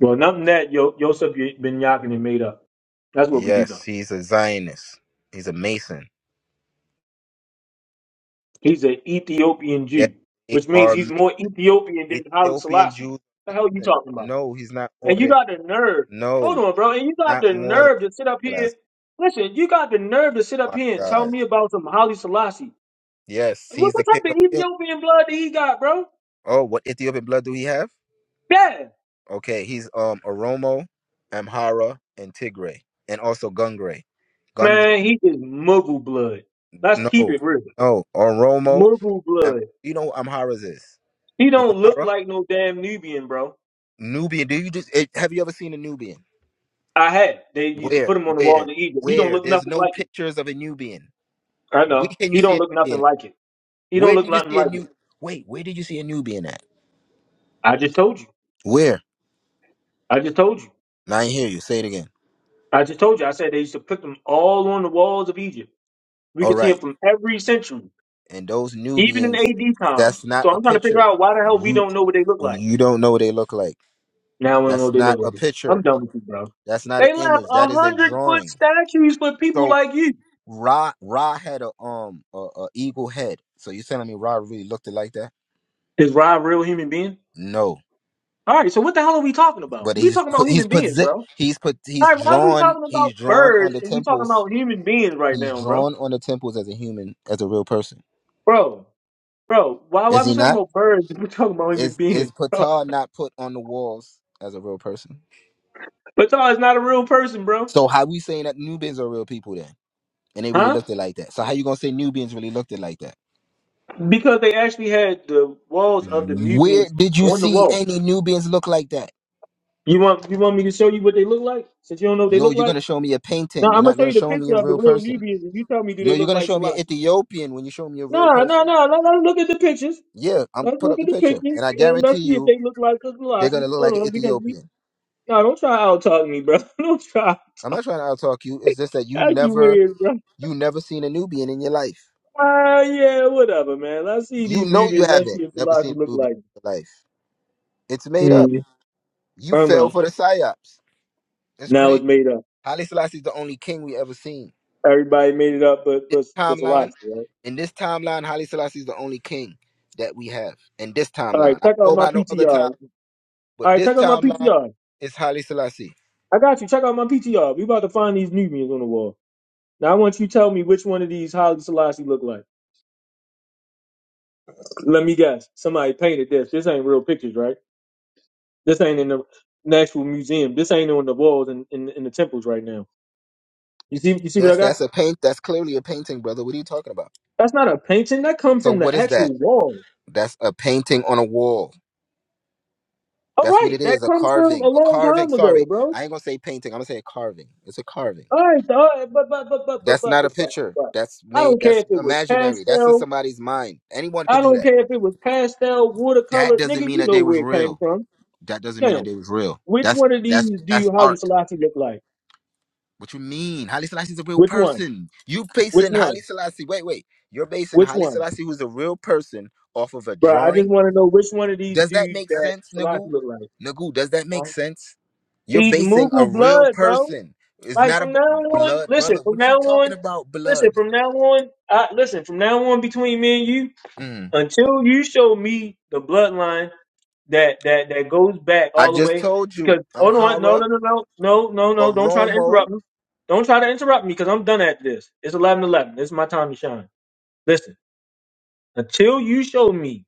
Speaker 5: Well, nothing that Yo- Yosef Ben Yakin made up. That's what we do
Speaker 8: Yes,
Speaker 5: know.
Speaker 8: he's a Zionist. He's a Mason.
Speaker 5: He's an Ethiopian
Speaker 8: Yes,
Speaker 5: Jew,
Speaker 8: they
Speaker 5: which means
Speaker 8: are
Speaker 5: he's more
Speaker 8: Ma-
Speaker 5: Ethiopian than Haile
Speaker 8: Ethiopian
Speaker 5: Selassie.
Speaker 8: Jews.
Speaker 5: The hell you
Speaker 8: Mason.
Speaker 5: talking about?
Speaker 8: No, he's not more
Speaker 5: and you
Speaker 8: than.
Speaker 5: got the nerve.
Speaker 8: No,
Speaker 5: Hold on, bro. And you got
Speaker 8: not
Speaker 5: the
Speaker 8: more
Speaker 5: nerve to sit up
Speaker 8: than.
Speaker 5: here. Listen, you got the nerve to sit up
Speaker 8: My
Speaker 5: here and tell
Speaker 8: God.
Speaker 5: me about some Holly Selassie.
Speaker 8: Yes,
Speaker 5: What,
Speaker 8: he's the
Speaker 5: what
Speaker 8: king of
Speaker 5: type of
Speaker 8: kings.
Speaker 5: Ethiopian blood that he got, bro?
Speaker 8: Oh, what Ethiopian blood do he have?
Speaker 5: Yeah.
Speaker 8: Okay, he's um Oromo, Amhara, and Tigray, and also Gungray. Gun
Speaker 5: Man, he is Muggle blood. Let's keep
Speaker 8: no,
Speaker 5: it real.
Speaker 8: no Oromo.
Speaker 5: Muggle
Speaker 8: Am,
Speaker 5: blood.
Speaker 8: you know what Amhara's is?
Speaker 5: He
Speaker 8: You know
Speaker 5: don't look
Speaker 8: Amhara?
Speaker 5: like no damn Nubian, bro.
Speaker 8: Nubian. Do you just eh, have you ever seen a Nubian?
Speaker 5: I had. They used to
Speaker 8: Where,
Speaker 5: put him on the wall
Speaker 8: where,
Speaker 5: in Egypt. He don't
Speaker 8: where?
Speaker 5: look
Speaker 8: There's
Speaker 5: nothing
Speaker 8: no
Speaker 5: like it.
Speaker 8: pictures of a Nubian.
Speaker 5: I
Speaker 8: Where
Speaker 5: know.
Speaker 8: can you
Speaker 5: He
Speaker 8: see
Speaker 5: don't
Speaker 8: a
Speaker 5: look nothing
Speaker 8: Nubian? At?
Speaker 5: like it. He don't
Speaker 8: Where
Speaker 5: look
Speaker 8: did you
Speaker 5: nothing
Speaker 8: see a
Speaker 5: like it.
Speaker 8: new? Wait, where did you see a Nubian at?
Speaker 5: I just told you.
Speaker 8: Where?
Speaker 5: I just told you.
Speaker 8: Now I hear you. Say it again.
Speaker 5: I just told you. I said they used to put them all on the walls of Egypt. We
Speaker 8: All
Speaker 5: can see
Speaker 8: right.
Speaker 5: them from every century,
Speaker 8: And those
Speaker 5: even in
Speaker 8: Nubians,
Speaker 5: AD times.
Speaker 8: that's not
Speaker 5: So
Speaker 8: a
Speaker 5: I'm trying to figure
Speaker 8: picture.
Speaker 5: out why the hell we
Speaker 8: You
Speaker 5: don't know what they look like.
Speaker 8: you don't know what they look like.
Speaker 5: Now we don't know what
Speaker 8: That's
Speaker 5: they
Speaker 8: not
Speaker 5: look like.
Speaker 8: a
Speaker 5: I'm
Speaker 8: picture.
Speaker 5: done with you, bro.
Speaker 8: That's not an
Speaker 5: They left
Speaker 8: image. That
Speaker 5: a
Speaker 8: is a
Speaker 5: hundred foot
Speaker 8: drawing.
Speaker 5: statues for people
Speaker 8: So
Speaker 5: like you.
Speaker 8: Ra Ra had a um a, a eagle head. So you telling me Ra really looked it like that?
Speaker 5: Is Rob a real human being?
Speaker 8: No,
Speaker 5: All right, so what the hell are we talking about?
Speaker 8: but
Speaker 5: We
Speaker 8: he's
Speaker 5: talking about
Speaker 8: put he's
Speaker 5: human
Speaker 8: put
Speaker 5: beings,
Speaker 8: zi-
Speaker 5: bro.
Speaker 8: he's put
Speaker 5: All
Speaker 8: he's
Speaker 5: right, why are we
Speaker 8: drawn
Speaker 5: talking
Speaker 8: he's
Speaker 5: about
Speaker 8: drawn on
Speaker 5: birds
Speaker 8: the
Speaker 5: and we talking
Speaker 8: temples.
Speaker 5: about human beings right
Speaker 8: He's
Speaker 5: now, bro?
Speaker 8: drawn on the temples as a human, as a real person.
Speaker 5: Bro, bro, why
Speaker 8: Is
Speaker 5: why we
Speaker 8: he
Speaker 5: talking
Speaker 8: not?
Speaker 5: about birds and we talking about human
Speaker 8: Is is
Speaker 5: beings, bro?
Speaker 8: Ptah not put on the walls as a real person?
Speaker 5: But y'all is not a real person, bro.
Speaker 8: So how we saying that Nubians are real people then, and they really
Speaker 5: Huh?
Speaker 8: looked it like that? So how you gonna say Nubians really looked it like that?
Speaker 5: Because they actually had the walls of the
Speaker 8: Where
Speaker 5: Nubians
Speaker 8: did you
Speaker 5: on the
Speaker 8: see
Speaker 5: wall.
Speaker 8: any Nubians look like that?
Speaker 5: You want you want me to show you what they look like? Since you don't know what they
Speaker 8: No,
Speaker 5: look
Speaker 8: you're
Speaker 5: like?
Speaker 8: gonna show me a
Speaker 5: No,
Speaker 8: painting. You're
Speaker 5: I'm gonna
Speaker 8: not
Speaker 5: show
Speaker 8: gonna
Speaker 5: you the
Speaker 8: show me a
Speaker 5: picture of the
Speaker 8: real
Speaker 5: real
Speaker 8: person.
Speaker 5: Nubians and you tell me do
Speaker 8: No,
Speaker 5: they
Speaker 8: you're
Speaker 5: look
Speaker 8: gonna
Speaker 5: like
Speaker 8: show me an
Speaker 5: Salah.
Speaker 8: Ethiopian when you show me a real
Speaker 5: No, no,
Speaker 8: person.
Speaker 5: no, let, let's look at the pictures.
Speaker 8: Yeah, I'm
Speaker 5: Let's
Speaker 8: put
Speaker 5: look
Speaker 8: up the
Speaker 5: at the
Speaker 8: picture,
Speaker 5: pictures
Speaker 8: and I
Speaker 5: and
Speaker 8: guarantee
Speaker 5: let's see if
Speaker 8: you
Speaker 5: they look like a
Speaker 8: they're gonna
Speaker 5: Selassie.
Speaker 8: look
Speaker 5: Hold
Speaker 8: like an
Speaker 5: on, because we
Speaker 8: Ethiopian.
Speaker 5: no, don't try out talk me, bro. Don't try.
Speaker 8: I'm not trying to outtalk you. It's just that you
Speaker 5: That's you
Speaker 8: never,
Speaker 5: weird, bro.
Speaker 8: you never seen a Nubian in your life.
Speaker 5: Ah, yeah, whatever, man. Let's see
Speaker 8: You
Speaker 5: these
Speaker 8: know you
Speaker 5: Nubians. Let's
Speaker 8: haven't
Speaker 5: see if
Speaker 8: never seen
Speaker 5: Selassie
Speaker 8: a
Speaker 5: look
Speaker 8: Nubian
Speaker 5: like.
Speaker 8: in your life. It's made
Speaker 5: Hmm.
Speaker 8: up. You
Speaker 5: I don't
Speaker 8: fell
Speaker 5: know.
Speaker 8: for the psyops. It's
Speaker 5: Now it's
Speaker 8: crazy.
Speaker 5: made up.
Speaker 8: Haile Selassie's the only king we ever seen.
Speaker 5: Everybody made it up, but
Speaker 8: this
Speaker 5: but but
Speaker 8: timeline,
Speaker 5: Selassie, right?
Speaker 8: in this timeline, Haile Selassie is the only king that we have. In this
Speaker 5: All
Speaker 8: timeline,
Speaker 5: right,
Speaker 8: I don't
Speaker 5: check
Speaker 8: know
Speaker 5: out my
Speaker 8: about no other time,
Speaker 5: PTR. All
Speaker 8: but
Speaker 5: right,
Speaker 8: this
Speaker 5: check out my
Speaker 8: timeline
Speaker 5: PTR.
Speaker 8: is Haile Selassie.
Speaker 5: I got you. Check out my PTR. We about to find these Nubians on the wall. Now I want you to tell me which one of these Haile Selassie look like. Let me guess. Somebody painted this. This ain't real pictures, right? This ain't in the National Museum. This ain't on the walls in, in, in the temples right now. You see you see what I
Speaker 8: Yes,
Speaker 5: got?
Speaker 8: that's a paint. That's clearly a painting, brother. What are you talking about?
Speaker 5: That's not a painting. That come
Speaker 8: So
Speaker 5: from
Speaker 8: what
Speaker 5: the
Speaker 8: is that?
Speaker 5: actual wall.
Speaker 8: That's a painting on a wall.
Speaker 5: All
Speaker 8: That's what
Speaker 5: right,
Speaker 8: it
Speaker 5: that
Speaker 8: is. A
Speaker 5: comes from a
Speaker 8: carving. A
Speaker 5: long
Speaker 8: carving.
Speaker 5: time ago,
Speaker 8: Sorry,
Speaker 5: bro.
Speaker 8: I ain't gonna say painting. I'm gonna say a carving. It's a carving.
Speaker 5: All right, so, all right, but but but but but
Speaker 8: That's
Speaker 5: but
Speaker 8: not a
Speaker 5: but but
Speaker 8: picture.
Speaker 5: but
Speaker 8: That's
Speaker 5: I
Speaker 8: made.
Speaker 5: don't care
Speaker 8: That's
Speaker 5: if it was
Speaker 8: imaginary. That's in
Speaker 5: pastel.
Speaker 8: somebody's mind. Anyone could
Speaker 5: I
Speaker 8: do
Speaker 5: don't
Speaker 8: that.
Speaker 5: care if it was pastel,
Speaker 8: That
Speaker 5: watercolor,
Speaker 8: doesn't
Speaker 5: nigga.
Speaker 8: mean
Speaker 5: You
Speaker 8: that
Speaker 5: know
Speaker 8: they was
Speaker 5: where it came
Speaker 8: real.
Speaker 5: from.
Speaker 8: That doesn't mean
Speaker 5: Now,
Speaker 8: that they was real.
Speaker 5: which
Speaker 8: That's
Speaker 5: one of these
Speaker 8: that's
Speaker 5: do
Speaker 8: that's
Speaker 5: you Holly
Speaker 8: art.
Speaker 5: Selassie look like?
Speaker 8: What you mean? Haile Selassie is a real
Speaker 5: Which one?
Speaker 8: person. You
Speaker 5: Which
Speaker 8: basing
Speaker 5: one?
Speaker 8: Haile Selassie. Wait, wait. You're basing
Speaker 5: Which
Speaker 8: Haile
Speaker 5: one,
Speaker 8: Selassie, who's a real person, off of a
Speaker 5: bro? I just
Speaker 8: drawing.
Speaker 5: want to know which one of these
Speaker 8: Does that
Speaker 5: dudes
Speaker 8: make
Speaker 5: that
Speaker 8: sense, Nagu?
Speaker 5: Selassie look like.
Speaker 8: Nagu, does that make
Speaker 5: Huh?
Speaker 8: sense? You're
Speaker 5: Eat
Speaker 8: basing a
Speaker 5: Mughal
Speaker 8: real
Speaker 5: blood, bro.
Speaker 8: person. It's
Speaker 5: Like
Speaker 8: not a
Speaker 5: from now on,
Speaker 8: blood,
Speaker 5: listen.
Speaker 8: brother.
Speaker 5: From
Speaker 8: What
Speaker 5: now
Speaker 8: you talking
Speaker 5: on,
Speaker 8: about,
Speaker 5: listen.
Speaker 8: blood?
Speaker 5: From now on, I, listen. From now on, between me and you,
Speaker 8: Mm.
Speaker 5: until you show me the bloodline. that that that goes back
Speaker 8: I
Speaker 5: all the
Speaker 8: just
Speaker 5: way
Speaker 8: told
Speaker 5: because
Speaker 8: you, I'm
Speaker 5: hold on no
Speaker 8: Hara
Speaker 5: no no no no no
Speaker 8: or
Speaker 5: no don't try to
Speaker 8: Romo.
Speaker 5: interrupt me don't try to interrupt me because i'm done at this it's eleven eleven 11 this is my time to shine listen until you show me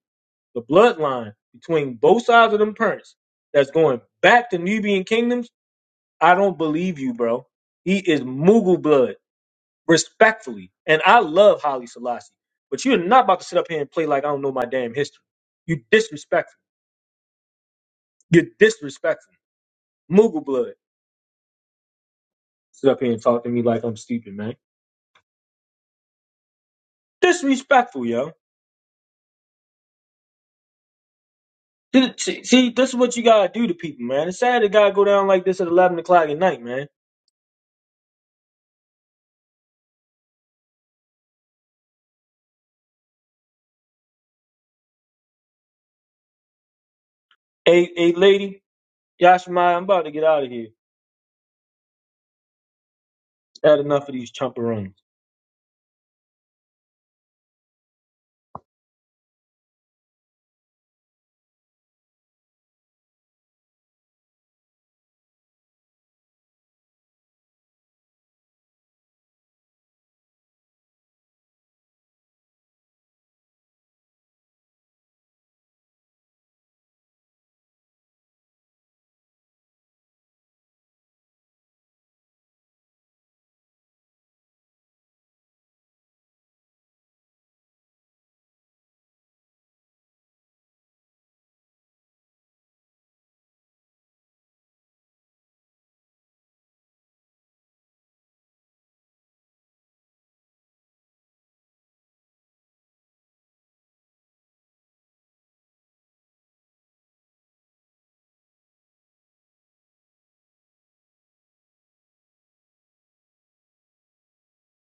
Speaker 5: the bloodline between both sides of them parents that's going back to nubian kingdoms i don't believe you bro he is mughal blood respectfully and i love holly selassie but you're not about to sit up here and play like i don't know my damn history you disrespectful you're disrespectful mughal blood sit up here and talk to me like I'm stupid, man. Disrespectful, yo. See, see, this is what you gotta do to people, man. It's sad to gotta go down like this at 11 o'clock at night, man. Hey, hey, lady, Yashima, I'm about to get out of here. I Had enough of these chumperoons.